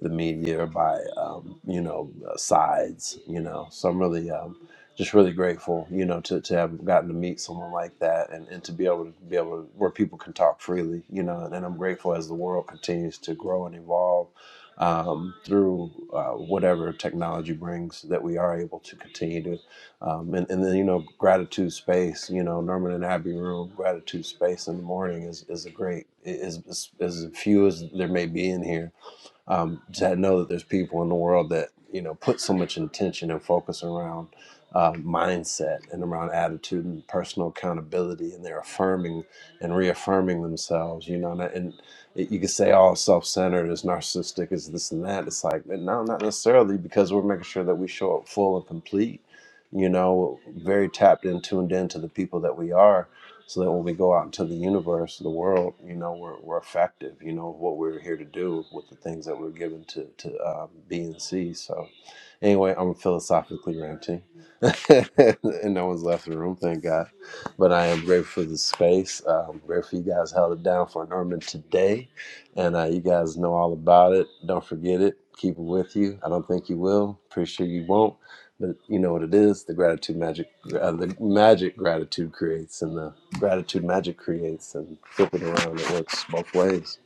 Speaker 9: the media or by, um, you know, uh, sides, you know. So I'm really um, just really grateful, you know, to, to have gotten to meet someone like that and, and to be able to be able to, where people can talk freely, you know, and, and I'm grateful as the world continues to grow and evolve um, through uh, whatever technology brings that we are able to continue to um, and, and then you know gratitude space you know norman and abbey room gratitude space in the morning is, is a great is, is is as few as there may be in here um, to know that there's people in the world that you know put so much intention and focus around uh, mindset and around attitude and personal accountability, and they're affirming and reaffirming themselves. You know, and, and it, you could say all self-centered is narcissistic, is this and that. It's like no, not necessarily, because we're making sure that we show up full and complete. You know, very tapped into and into the people that we are so that when we go out into the universe, the world, you know, we're, we're effective, you know, what we're here to do with the things that we're given to, to um, B and see. So, anyway, I'm philosophically ranting. <laughs> and no one's left the room, thank God. But I am grateful for the space. Uh, I'm grateful you guys held it down for Norman today. And uh, you guys know all about it. Don't forget it. Keep it with you. I don't think you will. Pretty sure you won't. But you know what it is? The gratitude magic, uh, the magic gratitude creates, and the gratitude magic creates, and flip it around. It works both ways.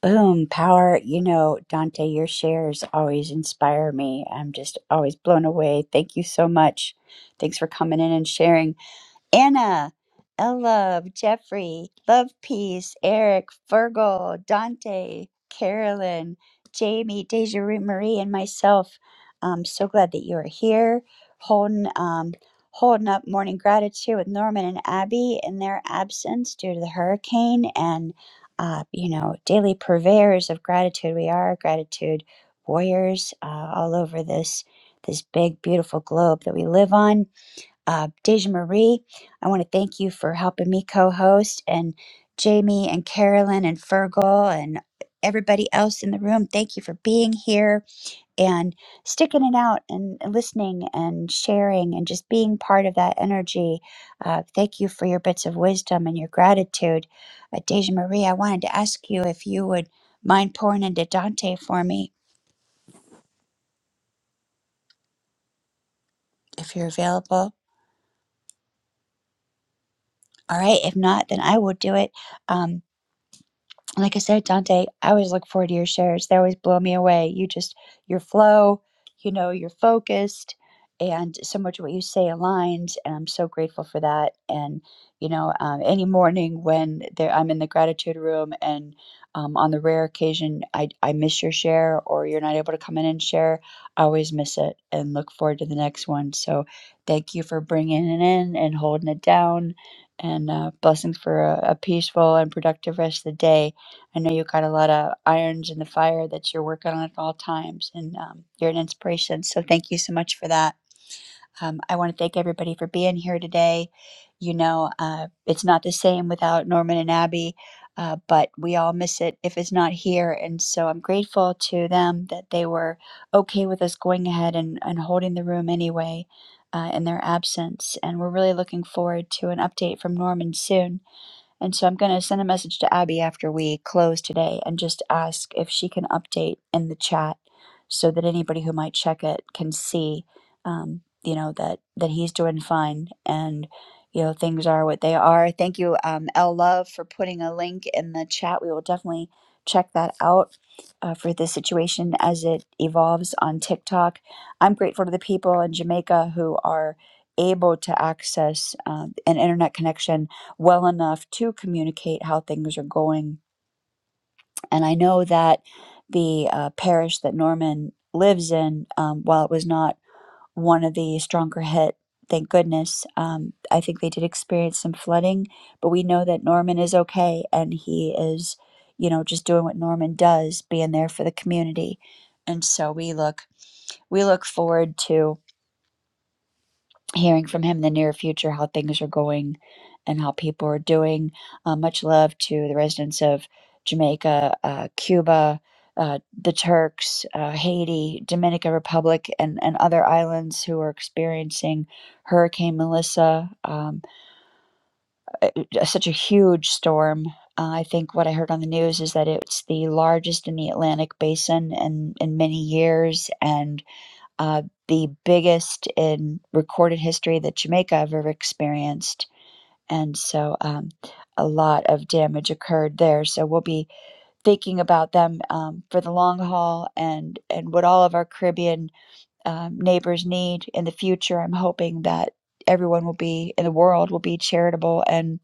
Speaker 1: Boom, power. You know, Dante, your shares always inspire me. I'm just always blown away. Thank you so much. Thanks for coming in and sharing. Anna, L Jeffrey, Love Peace, Eric, Virgo, Dante, Carolyn, Jamie, Deja Ru- Marie, and myself. I'm so glad that you are here holding um, holding up morning gratitude with Norman and Abby in their absence due to the hurricane and uh, you know daily purveyors of gratitude we are gratitude warriors uh, all over this this big beautiful globe that we live on uh, Deja Marie, I want to thank you for helping me co host, and Jamie and Carolyn and Fergal and everybody else in the room. Thank you for being here and sticking it out and listening and sharing and just being part of that energy. Uh, thank you for your bits of wisdom and your gratitude. Uh, Deja Marie, I wanted to ask you if you would mind pouring into Dante for me if you're available. All right. If not, then I will do it. Um, like I said, Dante, I always look forward to your shares. They always blow me away. You just your flow, you know, you're focused and so much of what you say aligns and I'm so grateful for that. And, you know, um, any morning when there I'm in the gratitude room and um, on the rare occasion I, I miss your share or you're not able to come in and share, I always miss it and look forward to the next one. So thank you for bringing it in and holding it down and uh, blessings for a, a peaceful and productive rest of the day I know you have got a lot of irons in the fire that you're working on at all times, and um, you're an inspiration. So thank you so much for that. Um, I want to thank everybody for being here today. You know, uh, it's not the same without Norman and Abby, uh, but we all miss it if it's not here. And so I'm grateful to them that they were okay with us going ahead and, and holding the room anyway uh, in their absence. And we're really looking forward to an update from Norman soon and so I'm going to send a message to Abby after we close today and just ask if she can update in the chat so that anybody who might check it can see, um, you know, that, that he's doing fine and, you know, things are what they are. Thank you, um, L Love, for putting a link in the chat. We will definitely check that out uh, for this situation as it evolves on TikTok. I'm grateful to the people in Jamaica who are able to access um an internet connection well enough to communicate how things are going. And I know that the uh, parish that Norman lives in, um, while it was not one of the stronger hit, thank goodness, um, I think they did experience some flooding, but we know that Norman is okay and he is, you know, just doing what Norman does, being there for the community. And so we look we look forward to hearing from him in the near future how things are going and how people are doing. Uh, much love to the residents of Jamaica, uh, Cuba, uh, the Turks, uh, Haiti, Dominican Republic, and, and other islands who are experiencing Hurricane Melissa, um, j- such a huge storm. Uh, I think what I heard on the news is that it's the largest in the Atlantic basin in, in many years. And uh, the biggest in recorded history that Jamaica have ever experienced. And so um, a lot of damage occurred there. So we'll be thinking about them um, for the long haul and, and what all of our Caribbean um, neighbors need in the future. I'm hoping that everyone will be in the world will be charitable and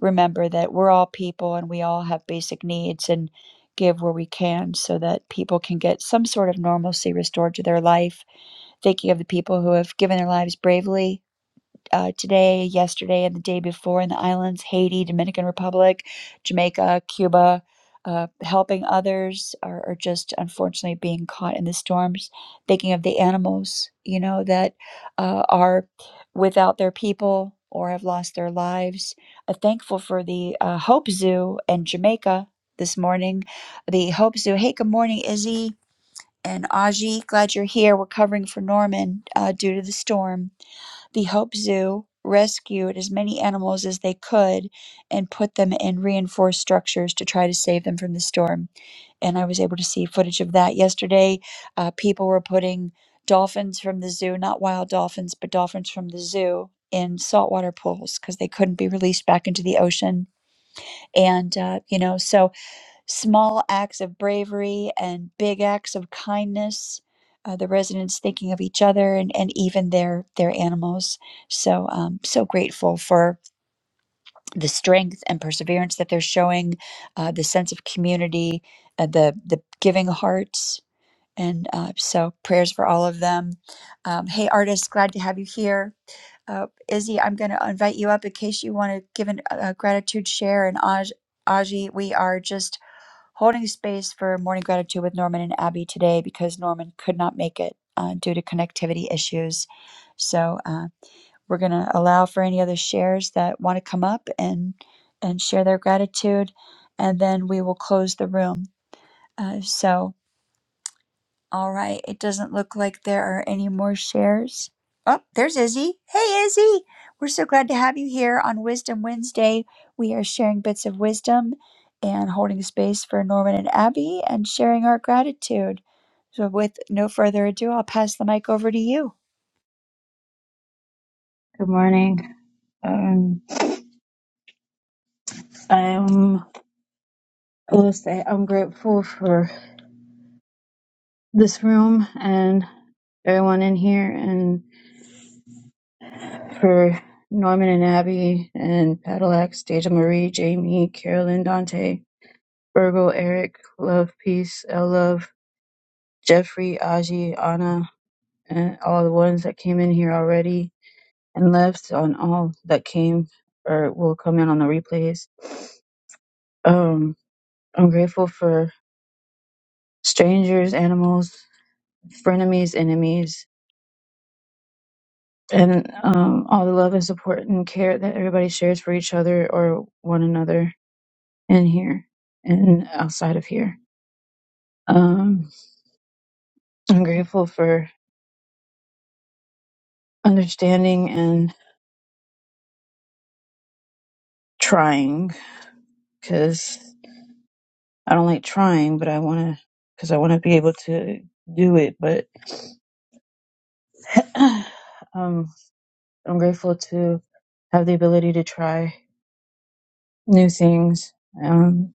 Speaker 1: remember that we're all people and we all have basic needs and give where we can so that people can get some sort of normalcy restored to their life thinking of the people who have given their lives bravely uh, today, yesterday, and the day before in the islands Haiti, Dominican Republic, Jamaica, Cuba, uh, helping others, or, or just unfortunately being caught in the storms. Thinking of the animals, you know, that uh, are without their people or have lost their lives. Uh, thankful for the uh, Hope Zoo in Jamaica this morning. The Hope Zoo. Hey, good morning, Izzy and Aji, glad you're here. We're covering for Norman uh, due to the storm. The Hope Zoo rescued as many animals as they could and put them in reinforced structures to try to save them from the storm. And I was able to see footage of that yesterday. Uh, people were putting dolphins from the zoo, not wild dolphins, but dolphins from the zoo. In saltwater pools because they couldn't be released back into the ocean. And, uh, you know, so small acts of bravery and big acts of kindness. Uh, the residents thinking of each other and, and even their their animals. So um, so grateful for the strength and perseverance that they're showing, uh, the sense of community, uh, the the giving hearts, and uh, so prayers for all of them. Um, hey, artist, glad to have you here. Uh, Izzy, I'm going to invite you up in case you want to give an- a gratitude share. And Aj, Aji, we are just holding space for morning gratitude with Norman and Abby today because Norman could not make it uh, due to connectivity issues. So uh, we're going to allow for any other shares that want to come up and and share their gratitude, and then we will close the room. Uh, so. All right, it doesn't look like there are any more shares. Oh, there's Izzy. Hey, Izzy! We're so glad to have you here on Wisdom Wednesday. We are sharing bits of wisdom and holding space for Norman and Abby and sharing our gratitude. So, with no further ado, I'll pass the mic over to you.
Speaker 10: Good morning. Um, I'm, I will say I'm grateful for this room and everyone in here and for Norman and Abby and Padillac, Deja Marie, Jamie, Carolyn, Dante, Virgo, Eric, Love, Peace, L Love, Jeffrey, Aji, Anna, and all the ones that came in here already and left on all that came or will come in on the replays. Um, I'm grateful for strangers, animals, frenemies, enemies, and um, all the love and support and care that everybody shares for each other or one another in here and outside of here. Um, I'm grateful for understanding and trying because I don't like trying, but I want to because I want to be able to do it. But <sighs> <clears throat> um, I'm grateful to have the ability to try new things. Um,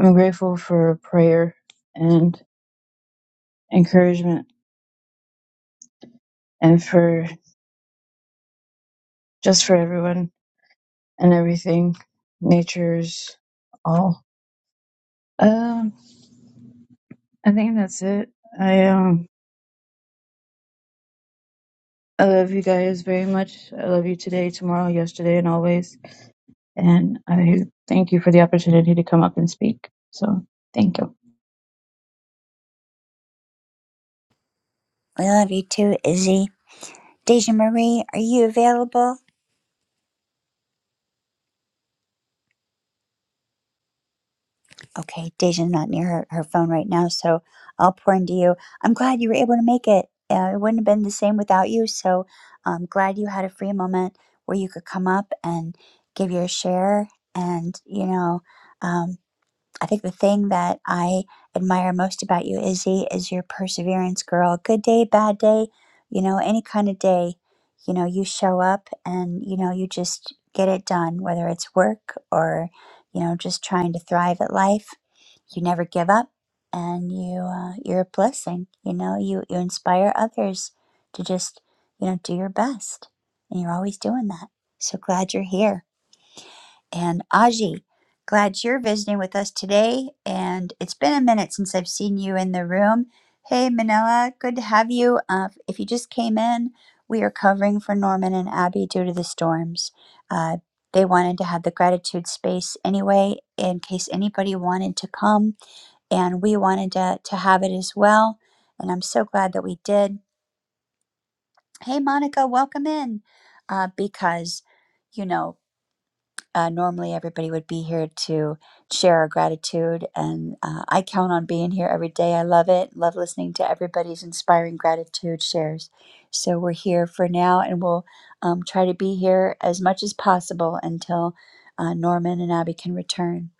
Speaker 10: I'm grateful for prayer and encouragement and for just for everyone and everything. Nature's all. Um, I think that's it. I um, I love you guys very much. I love you today, tomorrow, yesterday, and always. And I thank you for the opportunity to come up and speak. So thank you.
Speaker 1: We love you too, Izzy. Deja Marie, are you available? Okay, Deja's not near her, her phone right now, so I'll pour into you. I'm glad you were able to make it. Uh, it wouldn't have been the same without you, so I'm glad you had a free moment where you could come up and give your share. And, you know, um, I think the thing that I admire most about you, Izzy, is your perseverance, girl. Good day, bad day, you know, any kind of day, you know, you show up and, you know, you just get it done, whether it's work or, you know, just trying to thrive at life. You never give up and you, uh, you're a blessing. You know, you, you inspire others to just, you know, do your best. And you're always doing that. So glad you're here and Aji. Glad you're visiting with us today, and it's been a minute since I've seen you in the room. Hey, Manila, good to have you. Uh, if you just came in, we are covering for Norman and Abby due to the storms. Uh, they wanted to have the gratitude space anyway, in case anybody wanted to come, and we wanted to, to have it as well. And I'm so glad that we did. Hey, Monica, welcome in, uh, because you know uh, normally, everybody would be here to share our gratitude, and uh, I count on being here every day. I love it. Love listening to everybody's inspiring gratitude shares. So we're here for now, and we'll um, try to be here as much as possible until uh, Norman and Abby can return.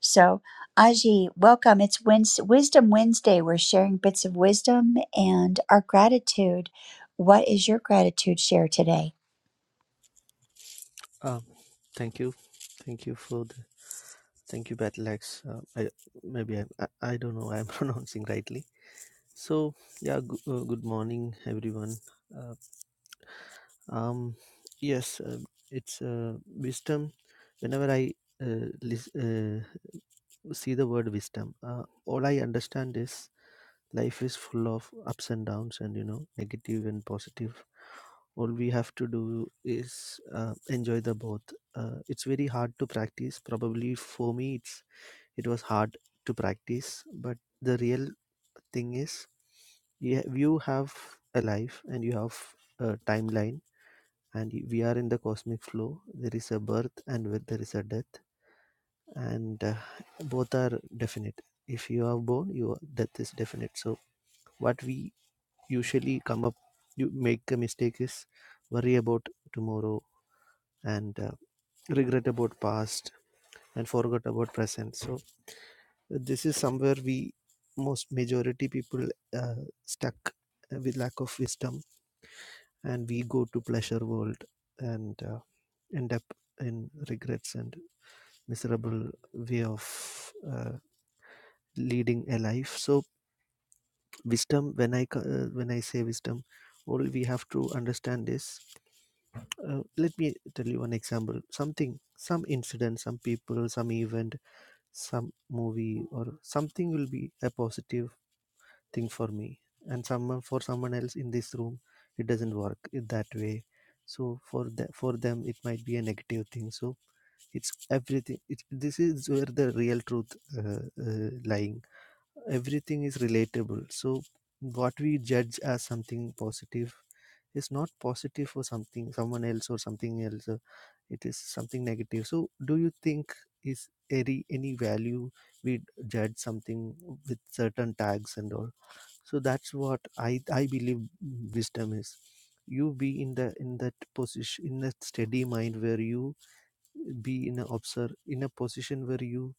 Speaker 1: So, Aji, welcome. It's Wednes Wisdom Wednesday. We're sharing bits of wisdom and our gratitude. What is your gratitude share today?
Speaker 11: Um, thank you, thank you for the thank you, Battleaxe. Uh, I maybe I, I I don't know I'm <laughs> pronouncing rightly. So yeah, g- uh, good morning, everyone. Uh, um, yes, uh, it's uh, wisdom. Whenever I uh, lis- uh, see the word wisdom, uh, all I understand is life is full of ups and downs, and you know, negative and positive all we have to do is uh, enjoy the both uh, it's very hard to practice probably for me it's it was hard to practice but the real thing is yeah, you have a life and you have a timeline and y- we are in the cosmic flow there is a birth and with- there is a death and uh, both are definite if you are born your death is definite so what we usually come up you make a mistake is worry about tomorrow and uh, regret about past and forgot about present so this is somewhere we most majority people uh, stuck uh, with lack of wisdom and we go to pleasure world and uh, end up in regrets and miserable way of uh, leading a life so wisdom when i co- uh, when i say wisdom all we have to understand is uh, let me tell you one example something some incident some people some event some movie or something will be a positive thing for me and someone for someone else in this room it doesn't work it that way so for the, for them it might be a negative thing so it's everything it's this is where the real truth uh, uh, lying everything is relatable so what we judge as something positive is not positive for something someone else or something else uh, it is something negative so do you think is any any value we judge something with certain tags and all so that's what i i believe wisdom is you be in the in that position in that steady mind where you be in a observe in a position where you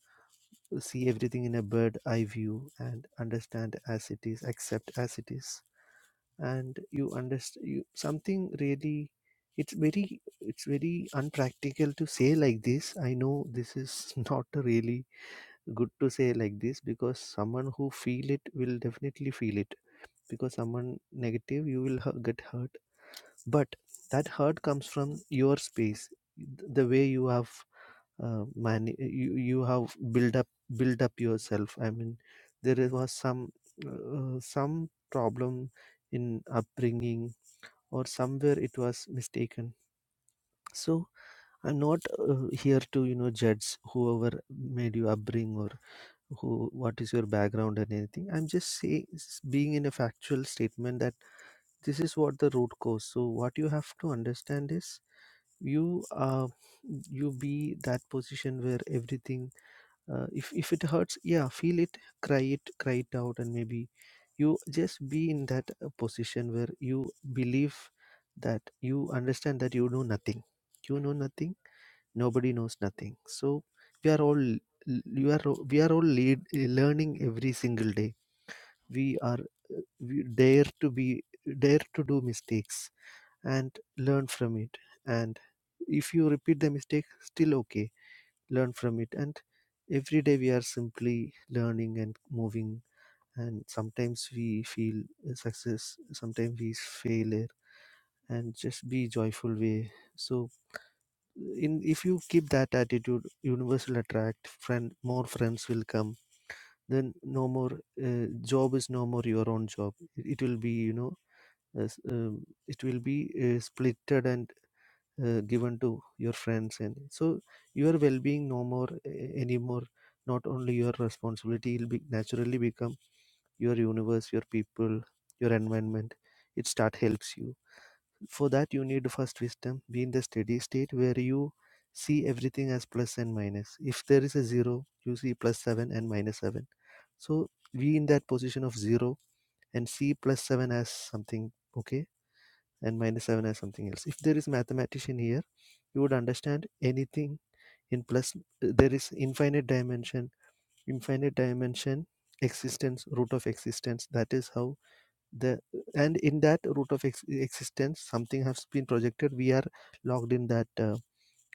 Speaker 11: see everything in a bird eye view and understand as it is accept as it is and you understand you, something really it's very it's very unpractical to say like this i know this is <laughs> not really good to say like this because someone who feel it will definitely feel it because someone negative you will hu- get hurt but that hurt comes from your space th- the way you have uh, man you, you have build up build up yourself i mean there is- was some uh, some problem in upbringing or somewhere it was mistaken so i'm not uh, here to you know judge whoever made you upbring or who what is your background and anything i'm just saying being in a factual statement that this is what the root cause so what you have to understand is you uh, you be that position where everything uh, if if it hurts yeah feel it cry it cry it out and maybe you just be in that uh, position where you believe that you understand that you know nothing you know nothing nobody knows nothing so we are all you are all- we are all lead, learning every single day we are uh, we dare to be dare to do mistakes and learn from it and if you repeat the mistake still okay learn from it and every day we are simply learning and moving and sometimes we feel success sometimes we failure and just be joyful way so in if you keep that attitude universe will attract friend more friends will come then no more uh, job is no more your own job it will be you know as, um, it will be uh, splitted and uh, given to your friends and so your well-being no more uh, anymore not only your responsibility will be naturally become your universe your people your environment it start helps you for that you need first wisdom be in the steady state where you see everything as plus and minus if there is a zero you see plus seven and minus seven so be in that position of zero and see plus seven as something okay and minus seven as something else if there is mathematician here you would understand anything in plus there is infinite dimension infinite dimension existence root of existence that is how the and in that root of ex- existence something has been projected we are locked in that uh,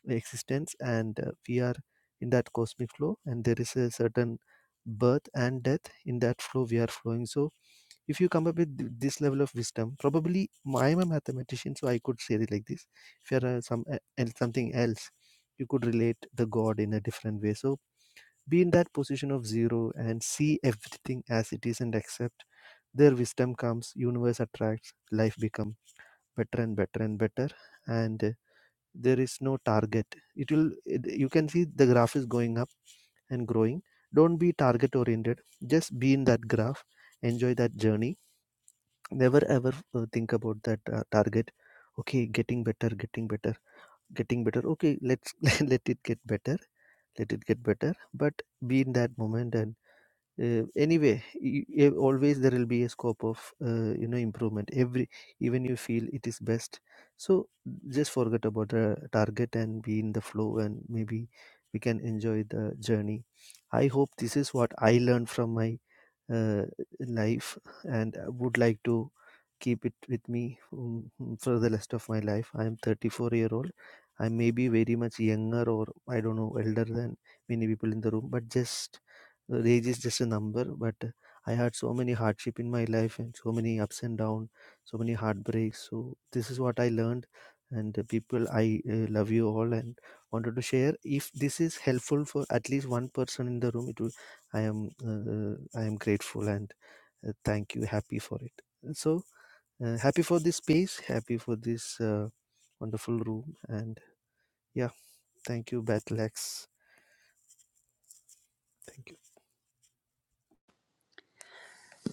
Speaker 11: existence and uh, we are in that cosmic flow and there is a certain birth and death in that flow we are flowing so if you come up with th- this level of wisdom probably i'm a mathematician so i could say it like this if you're uh, some uh, and something else you could relate the god in a different way so be in that position of zero and see everything as it is and accept their wisdom comes universe attracts life become better and better and better and uh, there is no target it will it, you can see the graph is going up and growing don't be target oriented just be in that graph enjoy that journey never ever uh, think about that uh, target okay getting better getting better getting better okay let's <laughs> let it get better let it get better but be in that moment and uh, anyway y- y- always there will be a scope of uh, you know improvement every even you feel it is best so just forget about the target and be in the flow and maybe we can enjoy the journey i hope this is what i learned from my uh, life and I would like to keep it with me um, mm, for the rest of my life. I am 34 year old. I may be very much younger or I don't know elder than many people in the room, but just Age is just a number, but I had so many hardship in my life and so many ups and down, so many heartbreaks. So this is what I learned, and uh, people, I uh, love you all and wanted to share. If this is helpful for at least one person in the room, it will. I am uh, I am grateful and uh, thank you, happy for it. So uh, happy for this space, happy for this uh, wonderful room, and yeah, thank you, Battleaxe. Thank you.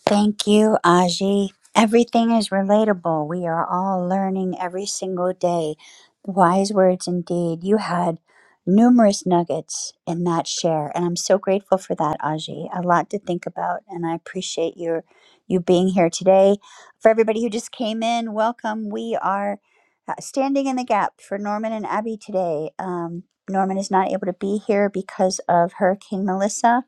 Speaker 1: Thank you, Aji. Everything is relatable. We are all learning every single day. Wise words indeed. You had numerous nuggets in that share, and I'm so grateful for that, Aji. A lot to think about, and I appreciate your you being here today. For everybody who just came in, welcome. We are uh, standing in the gap for Norman and Abby today. Um, Norman is not able to be here because of Hurricane Melissa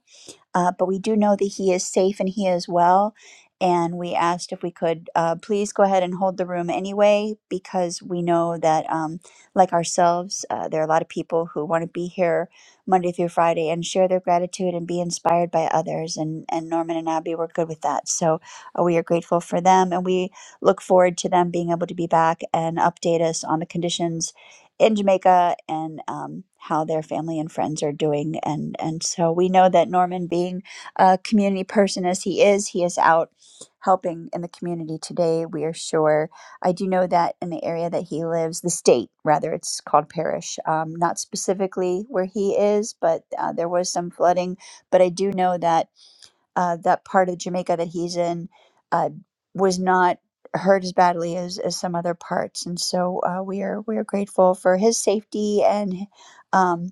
Speaker 1: uh, but we do know that he is safe and he is well. And we asked if we could uh, please go ahead and hold the room anyway, because we know that, um, like ourselves, uh, there are a lot of people who want to be here Monday through Friday and share their gratitude and be inspired by others. And, and Norman and Abby were good with that. So uh, we are grateful for them. And we look forward to them being able to be back and update us on the conditions in Jamaica and um, how their family and friends are doing. And, and so we know that Norman, being a community person as he is, he is out helping in the community today. We are sure. I do know that in the area that he lives, the state, rather, it's called Parish, um, not specifically where he is, but uh, there was some flooding. But I do know that uh, that part of Jamaica that he's in uh, was not hurt as badly as, as some other parts. And so uh, we are we are grateful for his safety and um,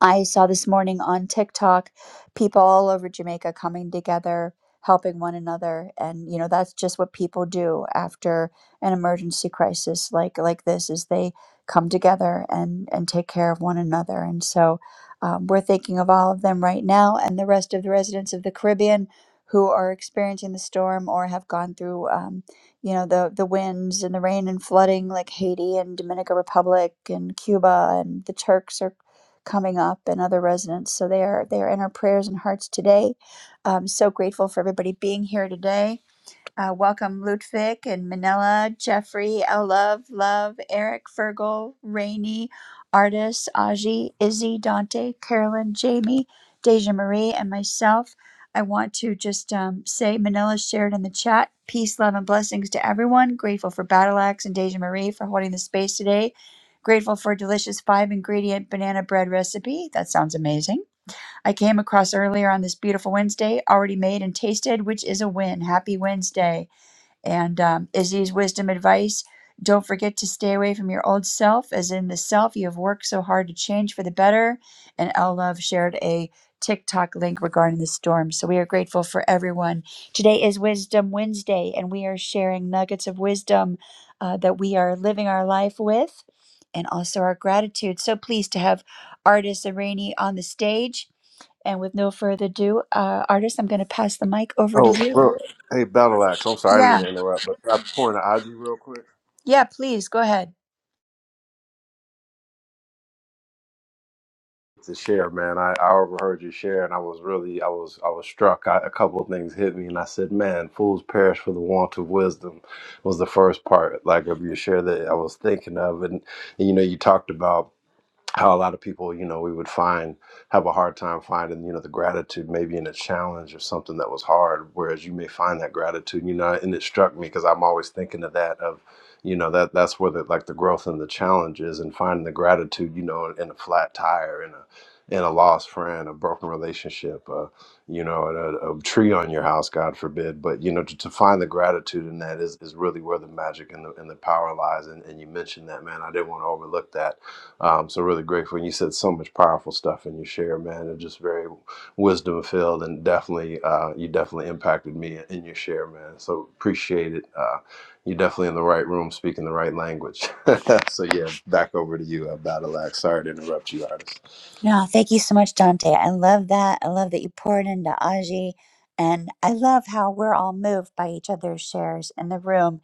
Speaker 1: I saw this morning on TikTok people all over Jamaica coming together, helping one another, and you know that's just what people do after an emergency crisis like like this is they come together and and take care of one another. And so um, we're thinking of all of them right now, and the rest of the residents of the Caribbean who are experiencing the storm or have gone through um, you know the the winds and the rain and flooding like Haiti and Dominican Republic and Cuba and the Turks are coming up and other residents. So they are they are in our prayers and hearts today. I'm so grateful for everybody being here today. Uh, welcome Ludwig and Manila, Jeffrey, L Love, Love, Eric, Fergal, Rainey, Artis, Aji, Izzy, Dante, Carolyn, Jamie, Deja Marie, and myself. I want to just um, say Manila shared in the chat. Peace, love, and blessings to everyone. Grateful for Battle Axe and Deja Marie for holding the space today. Grateful for a delicious five ingredient banana bread recipe. That sounds amazing. I came across earlier on this beautiful Wednesday, already made and tasted, which is a win. Happy Wednesday. And um, Izzy's wisdom advice don't forget to stay away from your old self, as in the self you have worked so hard to change for the better. And L Love shared a TikTok link regarding the storm. So we are grateful for everyone. Today is Wisdom Wednesday, and we are sharing nuggets of wisdom uh, that we are living our life with and also our gratitude. So pleased to have artist Irani on the stage. And with no further ado, uh, artist, I'm going to pass the mic over to
Speaker 9: Oh,
Speaker 1: you.
Speaker 9: bro. hey, Battle Axe. I'm sorry, I didn't mean
Speaker 1: Yeah,
Speaker 9: to interrupt, but can I point to Ozzy real quick
Speaker 1: yeah, please go ahead.
Speaker 9: to share, man. I, I overheard you share, and I was really, I was, I was struck. I, a couple of things hit me, and I said, man, fools perish for the want of wisdom. Was the first part like of your share that I was thinking of, and, and you know, you talked about. how a lot of people, you know, we would find have a hard time finding, you know, the gratitude maybe in a challenge or something that was hard, whereas you may find that gratitude, you know, and it struck me because I'm always thinking of that of, you know, that that's where the like the growth and the challenge is and finding the gratitude, you know, in, in a flat tire, in a in a lost friend, a broken relationship, uh, you know, a, a tree on your house, God forbid. But you know, to, to find the gratitude in that is, is really where the magic and the and the power lies. And, and you mentioned that, man. I didn't want to overlook that um, so really grateful. And you said so much powerful stuff in your share, man. And just very wisdom filled, and definitely uh, you definitely impacted me in your share, man. So appreciate it. Uh, you're definitely in the right room, speaking the right language. <laughs> so yeah, back over to you, uh, Battle Axe. Sorry to interrupt you, artist.
Speaker 1: No, thank you so much, Dante. I love that. I love that you poured into Aji. And I love how we're all moved by each other's shares in the room.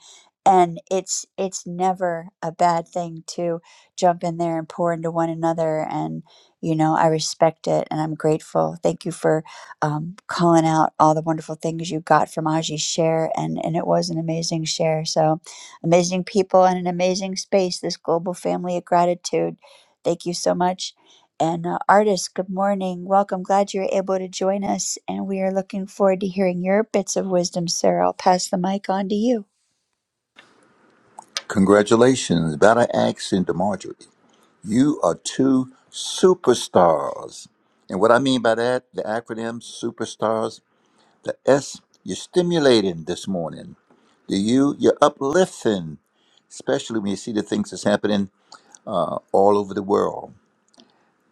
Speaker 1: And it's it's never a bad thing to jump in there and pour into one another. And, you know, I respect it and I'm grateful. Thank you for um, calling out all the wonderful things you got from Aji's share. And, and it was an amazing share. So amazing people and an amazing space, this global family of gratitude. Thank you so much. And uh, artist, good morning. Welcome. Glad you're able to join us. And we are looking forward to hearing your bits of wisdom, sir. I'll pass the mic on to you.
Speaker 12: Congratulations, Battle Axe and DeMarjorie. You are two superstars. And what I mean by that, the acronym superstars, the S, you're stimulating this morning. The U, you're uplifting, especially when you see the things that's happening uh, all over the world.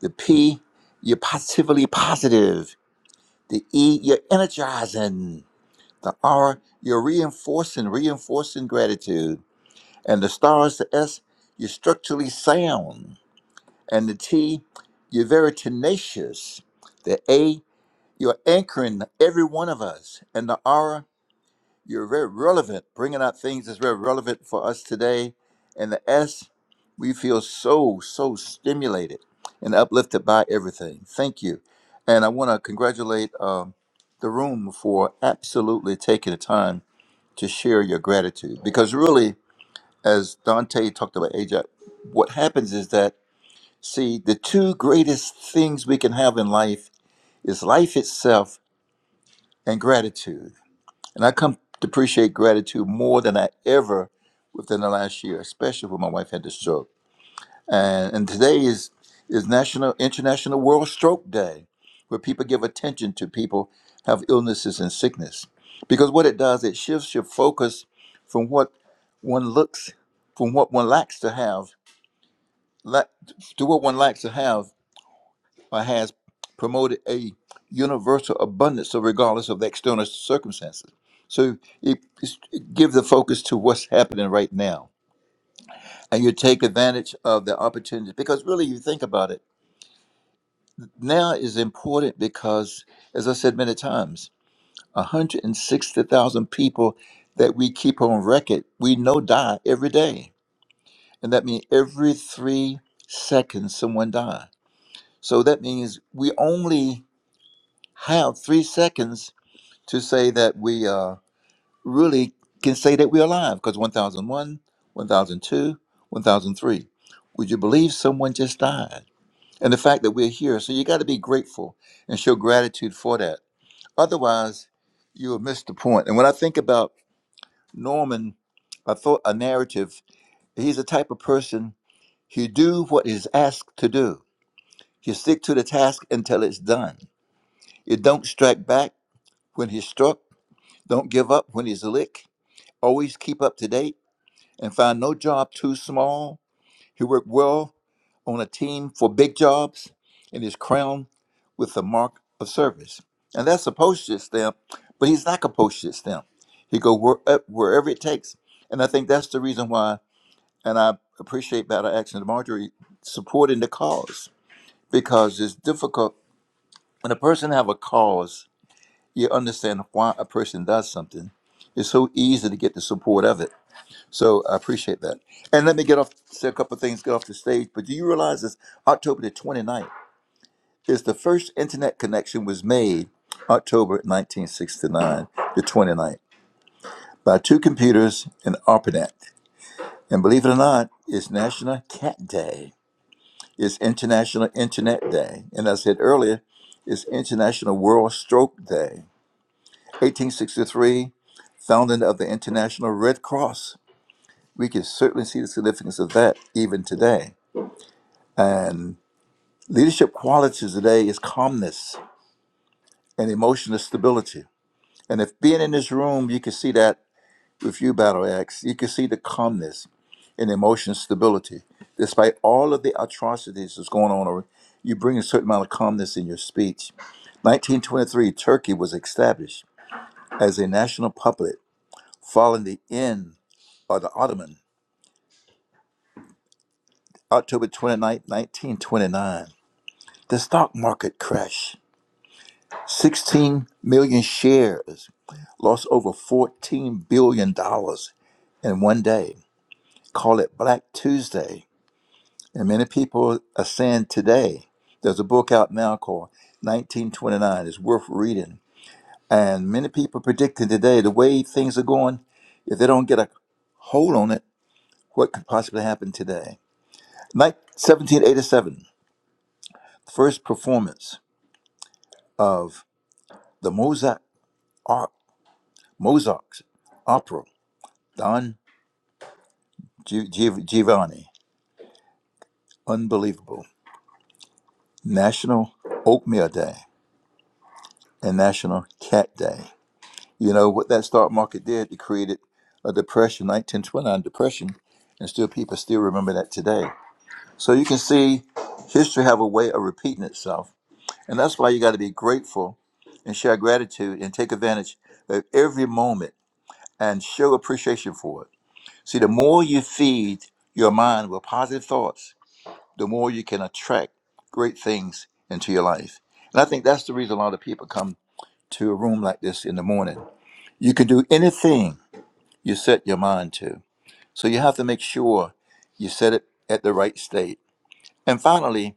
Speaker 12: The P, you're positively positive. The E, you're energizing. The R, you're reinforcing, reinforcing gratitude. And the stars, the S, you're structurally sound. And the T, you're very tenacious. The A, you're anchoring every one of us. And the R, you're very relevant, bringing out things that's very relevant for us today. And the S, we feel so, so stimulated and uplifted by everything. Thank you. And I want to congratulate um, the room for absolutely taking the time to share your gratitude. Because really, as Dante talked about Ajax, what happens is that See, the two greatest things we can have in life is life itself and gratitude. And I come to appreciate gratitude more than I ever within the last year, especially when my wife had the stroke. And, and today is is National International World Stroke Day, where people give attention to people have illnesses and sickness. Because what it does, it shifts your focus from what one looks, from what one lacks to have, lack, to what one lacks to have or has promoted a universal abundance, so regardless of the external circumstances. So it, it's- give the focus to what's happening right now, and you take advantage of the opportunities. Because really, you think about it, now is important because, as I said many times, 160,000 people that we keep on record, we know die every day, and that means every three seconds someone dies. So that means we only have three seconds to say that we uh, really can say that we're alive because 1001, 1002, 1003. Would you believe someone just died? And the fact that we're here. So you got to be grateful and show gratitude for that. Otherwise, you will miss the point. And when I think about Norman, I thought a narrative, he's the type of person, he do what is asked to do. He stick to the task until it's done. It don't strike back when he's struck. Don't give up when he's licked always keep up to date and find no job too small. He worked well on a team for big jobs and is crowned with the mark of service. And that's a postage stamp, but he's like a postage stamp. He go where, up wherever it takes. And I think that's the reason why, and I appreciate Battle Action to Marjorie supporting the cause because it's difficult when a person have a cause, you understand why a person does something. It's so easy to get the support of it so I appreciate that. And let me get off, say a couple of things, get off the stage. But do you realize this? October the 29th is the first internet connection was made October 1969, the 29th, by two computers in ARPANET. And believe it or not, it's National Cat Day. It's International Internet Day. And as I said earlier, it's International World Stroke Day. 1863, founding of the International Red Cross. We can certainly see the significance of that even today. and. Leadership qualities today is calmness and emotional stability. And if being in this room, you can see that with you, Battle Axe, you can see the calmness and emotional stability. Despite all of the atrocities that's going on, or you bring a certain amount of calmness in your speech. 1923, Turkey was established as a national puppet following the end of the Ottoman, October 29, 1929. The stock market crash, 16 million shares lost over $14 billion dollars in one day. Call it Black Tuesday. And many people are saying today, there's a book out now called 1929. It's worth reading. And many people predicting today, the way things are going, if they don't get a hold on it, what could possibly happen today? Like 1787, first performance of the Mozart, Ar- Mozart's opera, Don Gi- Gi- Giovanni. Unbelievable. National Oatmeal Day and National Cat Day. You know what that stock market did? It created a depression, 1929 depression, and still people still remember that today. So you can see history have a way of repeating itself, and that's why you got to be grateful and share gratitude and take advantage of every moment and show appreciation for it. See, the more you feed your mind with positive thoughts, the more you can attract great things into your life. And I think that's the reason a lot of people come to a room like this in the morning. You can do anything you set your mind to. So you have to make sure you set it at the right state. And finally,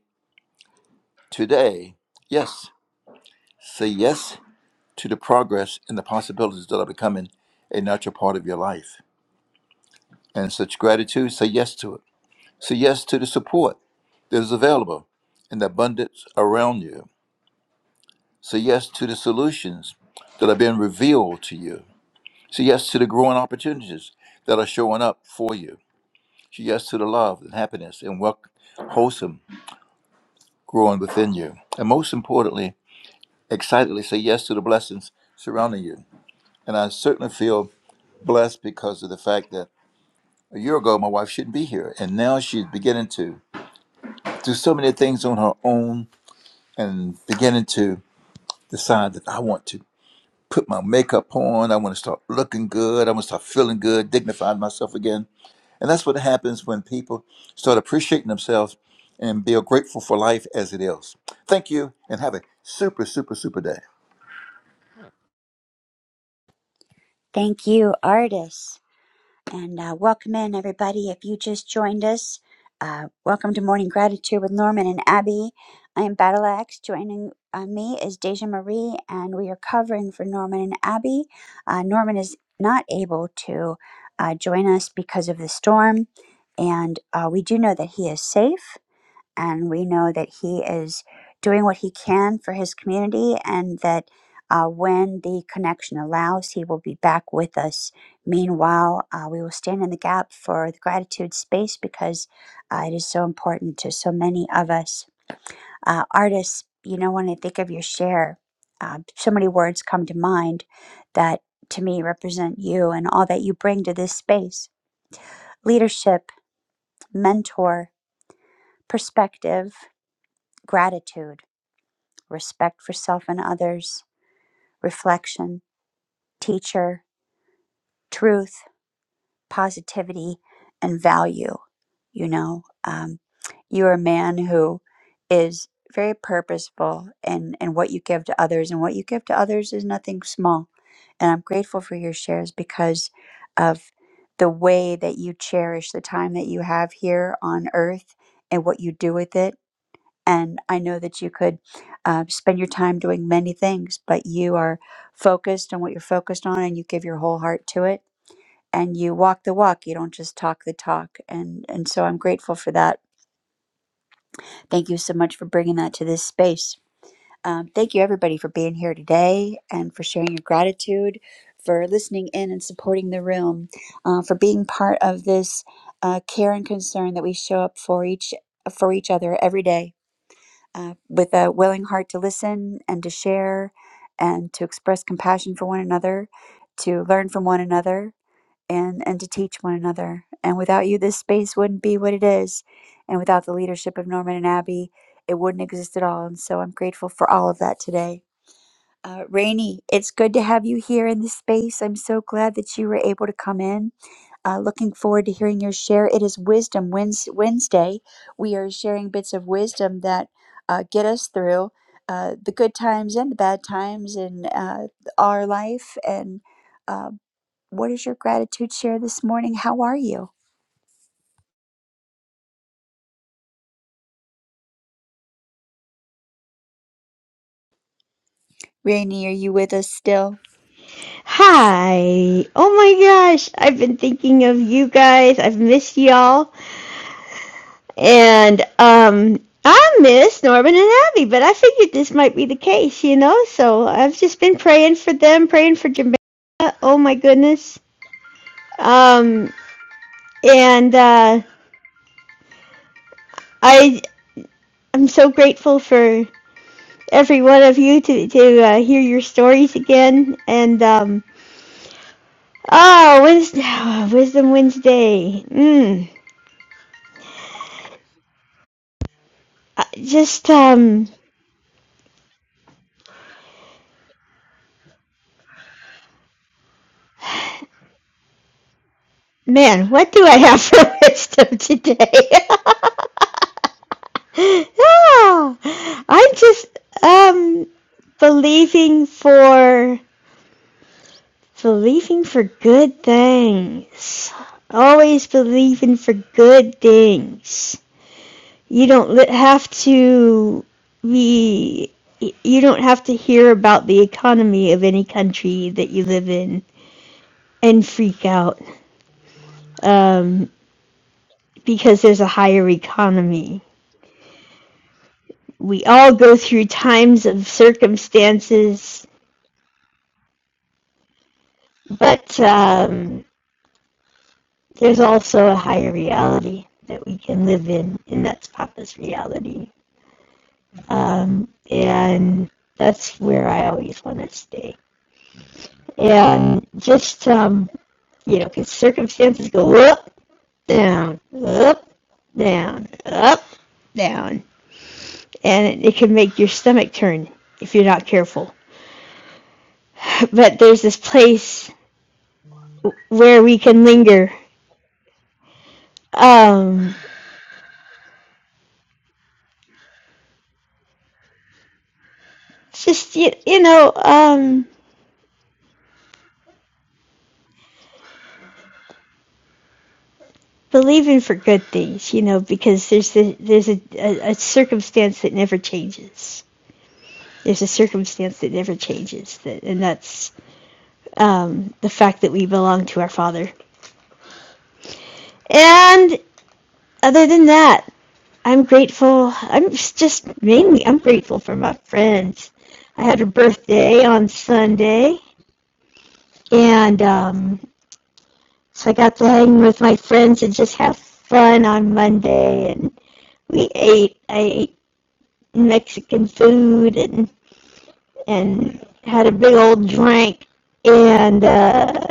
Speaker 12: today, yes, say yes to the progress and the possibilities that are becoming a natural part of your life. And such gratitude, say yes to it. Say yes to the support that is available and the abundance around you. Say yes to the solutions that are being revealed to you. Say yes to the growing opportunities that are showing up for you. Say yes to the love and happiness and work wholesome growing within you. And most importantly, excitedly say yes to the blessings surrounding you. And I certainly feel blessed because of the fact that a year ago my wife shouldn't be here. And now she's beginning to do so many things on her own and beginning to decide that I want to put my makeup on. I want to start looking good. I want to start feeling good, dignifying myself again And that's what happens when people start appreciating themselves and be grateful for life as it is. Thank you and have a super, super, super day.
Speaker 1: Thank you, artists. And uh, welcome in, everybody. If you just joined us, uh, welcome to Morning Gratitude with Norman and Abby. I am Battle Axe. Joining uh, me is Deja Marie, and we are covering for Norman and Abby. Uh, Norman is not able to uh, join us because of the storm, and uh, we do know that he is safe. and we know that he is doing what he can for his community and that uh, when the connection allows, he will be back with us. Meanwhile, uh, we will stand in the gap for the gratitude space because uh, it is so important to so many of us. Uh, artists, you know, when I think of your share, uh, so many words come to mind that to me represent you and all that you bring to this space leadership, mentor, perspective, gratitude respect for self and others, reflection, teacher, truth, positivity, and value. You know, um, you're a man who is very purposeful and and what you give to others, and what you give to others is nothing small. And I'm grateful for your shares because of the way that you cherish the time that you have here on earth and what you do with it And I know that you could uh, spend your time doing many things, but you are focused on what you're focused on and you give your whole heart to it and you walk the walk. You don't just talk the talk. And, and so I'm grateful for that. Thank you so much for bringing that to this space. Um, thank you, everybody, for being here today and for sharing your gratitude, for listening in and supporting the room, uh, for being part of this uh, care and concern that we show up for each for each other every day uh, with a willing heart to listen and to share and to express compassion for one another, to learn from one another, and, and to teach one another. And without you, this space wouldn't be what it is. And without the leadership of Norman and Abby, it wouldn't exist at all. And so I'm grateful for all of that today. Uh, Rainey, it's good to have you here in this space. I'm so glad that you were able to come in uh, looking forward to hearing your share. It is Wisdom Wednes- Wednesday. We are sharing bits of wisdom that uh, get us through uh, the good times and the bad times in uh, our life. And uh, what is your gratitude share this morning? How are you? Rainy, are you with us still?
Speaker 13: Hi. Oh my gosh. I've been thinking of you guys. I've missed y'all. And um I miss Norman and Abby, but I figured this might be the case, you know? So I've just been praying for them, praying for Jamaica. Oh my goodness. Um and uh I I'm so grateful for every one of you to to uh, hear your stories again and um oh, Wednesday, <sighs> Wisdom Wednesday. Mm. I- Just um Man, what do I have <laughs> for wisdom today? <laughs> Yeah, I'm just um believing for believing for good things. Always believing for good things. You don't have to be you don't have to hear about the economy of any country that you live in and freak out um, because there's a higher economy we all go through times of circumstances, but um, there's also a higher reality that we can live in, and that's Papa's reality. Um, and that's where I always want to stay. And just, um, you know, because circumstances go up, down, up, down, up, down. And it, it can make your stomach turn if you're not careful. But there's this place where we can linger um just you, you know um believing for good things you know because there's the, there's a, a, a circumstance that never changes there's a circumstance that never changes that and that's um the fact that we belong to our father and other than that i'm grateful i'm just mainly i'm grateful for my friends i had a birthday on sunday and um so i got to hang with my friends and just have fun on monday and we ate. I ate Mexican food and and had a big old drink, and uh,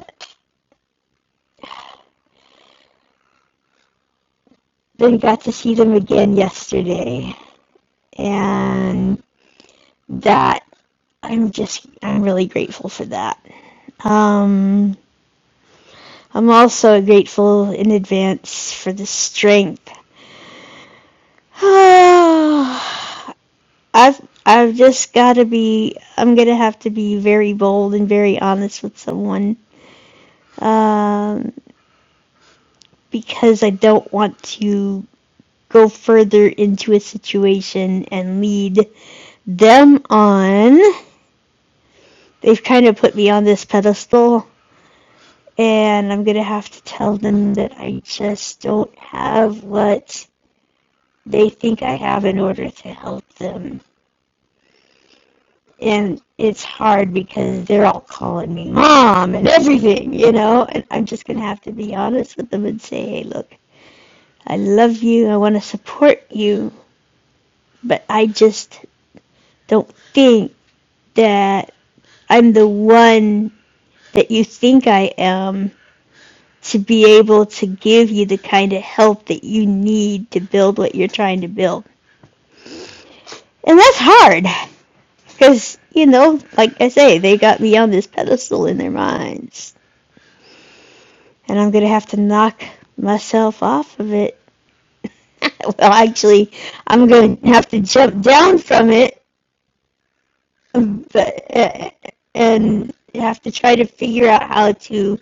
Speaker 13: then got to see them again yesterday, and that I'm just I'm really grateful for that. Um, I'm also grateful in advance for the strength. <sighs> I've I've just got to be I'm gonna have to be very bold and very honest with someone. Um, because I don't want to go further into a situation and lead them on. They've kind of put me on this pedestal, and I'm gonna have to tell them that I just don't have what they think I have in order to help them. And it's hard because they're all calling me mom and everything, you know, and I'm just gonna have to be honest with them and say, hey, look, I love you, I wanna support you, but I just don't think that I'm the one that you think I am to be able to give you the kind of help that you need to build what you're trying to build. And that's hard because, you know, like I say, they got me on this pedestal in their minds. And I'm going to have to knock myself off of it. <laughs> well, actually, I'm going to have to jump down from it, but, uh, and have to try to figure out how to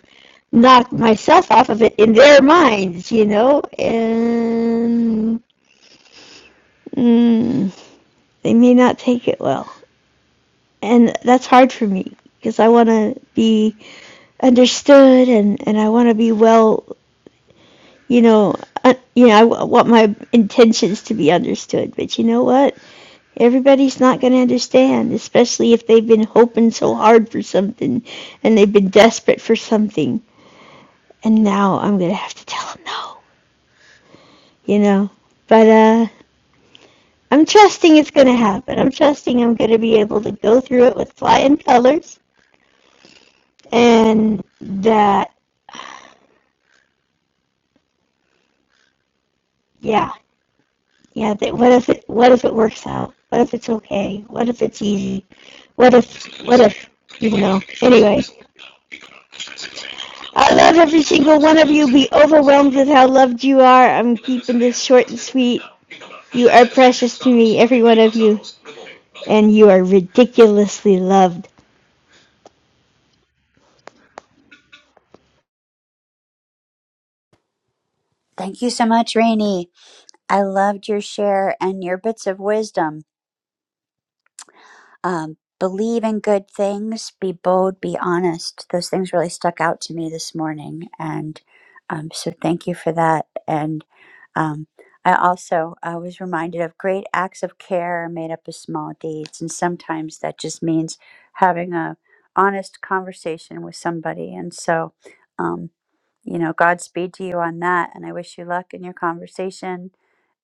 Speaker 13: knock myself off of it in their minds, you know, and mm, they may not take it well. And that's hard for me because I want to be understood and, and I want to be well, you know, uh, you know, I w- want my intentions to be understood. But you know what? Everybody's not going to understand, especially if they've been hoping so hard for something and they've been desperate for something. And now I'm going to have to tell them no, you know. But uh, I'm trusting it's going to happen. I'm trusting I'm going to be able to go through it with flying colors and that, yeah, yeah, that what if it, what if it works out? What if it's okay? What if it's easy? What if, what if, you know, anyway. I love every single one of you. Be overwhelmed with how loved you are. I'm keeping this short and sweet. You are precious to me, every one of you, and you are ridiculously loved.
Speaker 1: Thank you so much, Rainy. I loved your share and your bits of wisdom Um, believe in good things, be bold, be honest. Those things really stuck out to me this morning. And um, so thank you for that. And um, I also I was reminded of great acts of care are made up of small deeds. And sometimes that just means having a honest conversation with somebody. And so. um, you know, Godspeed to you on that. And I wish you luck in your conversation.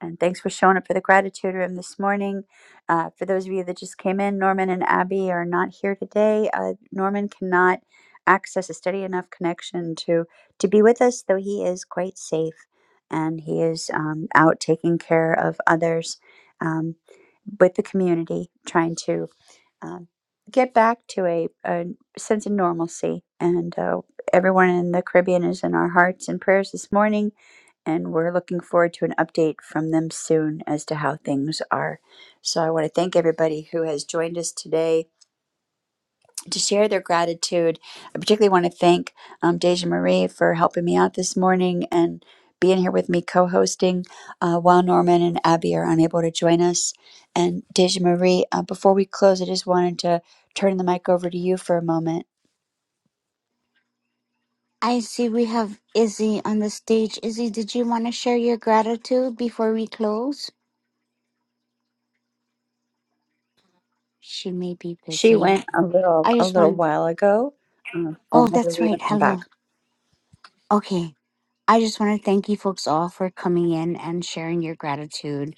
Speaker 1: And thanks for showing up for the gratitude room this morning. Uh, for those of you that just came in, Norman and Abby are not here today. Uh, Norman cannot access a steady enough connection to to be with us, though he is quite safe and he is um, out taking care of others um, with the community, trying to um, get back to a, a sense of normalcy. And uh, everyone in the Caribbean is in our hearts and prayers this morning. And we're looking forward to an update from them soon as to how things are. So I want to thank everybody who has joined us today to share their gratitude. I particularly want to thank um, Deja Marie for helping me out this morning and being here with me co hosting uh, while Norman and Abby are unable to join us. And Deja Marie, uh, before we close, I just wanted to turn the mic over to you for a moment.
Speaker 2: I see we have Izzy on the stage. Izzy, did you want to share your gratitude before we close? She may be
Speaker 1: She
Speaker 2: busy.
Speaker 1: went a little
Speaker 2: I
Speaker 1: a
Speaker 2: just
Speaker 1: little
Speaker 2: want.
Speaker 1: while ago, um,
Speaker 2: Oh,
Speaker 1: then had to
Speaker 2: that's
Speaker 1: leave
Speaker 2: right.
Speaker 1: and come back.
Speaker 2: Hello. Okay. I just want to thank you folks all for coming in and sharing your gratitude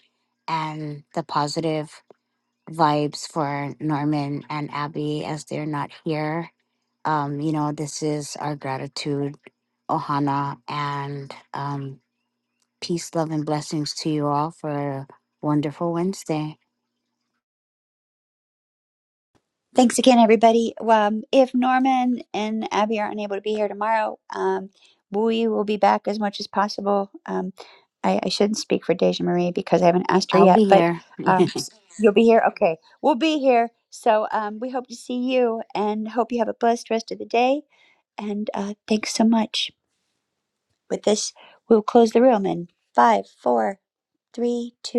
Speaker 2: and the positive vibes for Norman and Abby as they're not here. Um, you know, this is our gratitude, Ohana, and um, Peace, love, and blessings to you all for a wonderful Wednesday.
Speaker 1: Thanks again, everybody. Um, if Norman and Abby are unable to be here tomorrow, um, we will be back as much as possible. Um, I, I shouldn't speak for Deja Marie because I haven't asked her
Speaker 2: I'll be
Speaker 1: yet, but
Speaker 2: here.
Speaker 1: um, s- you'll be here. Okay, we'll be here. So um, we hope to see you and hope you have a blessed rest of the day. And uh, thanks so much. With this, we'll close the room in five, four, three, two.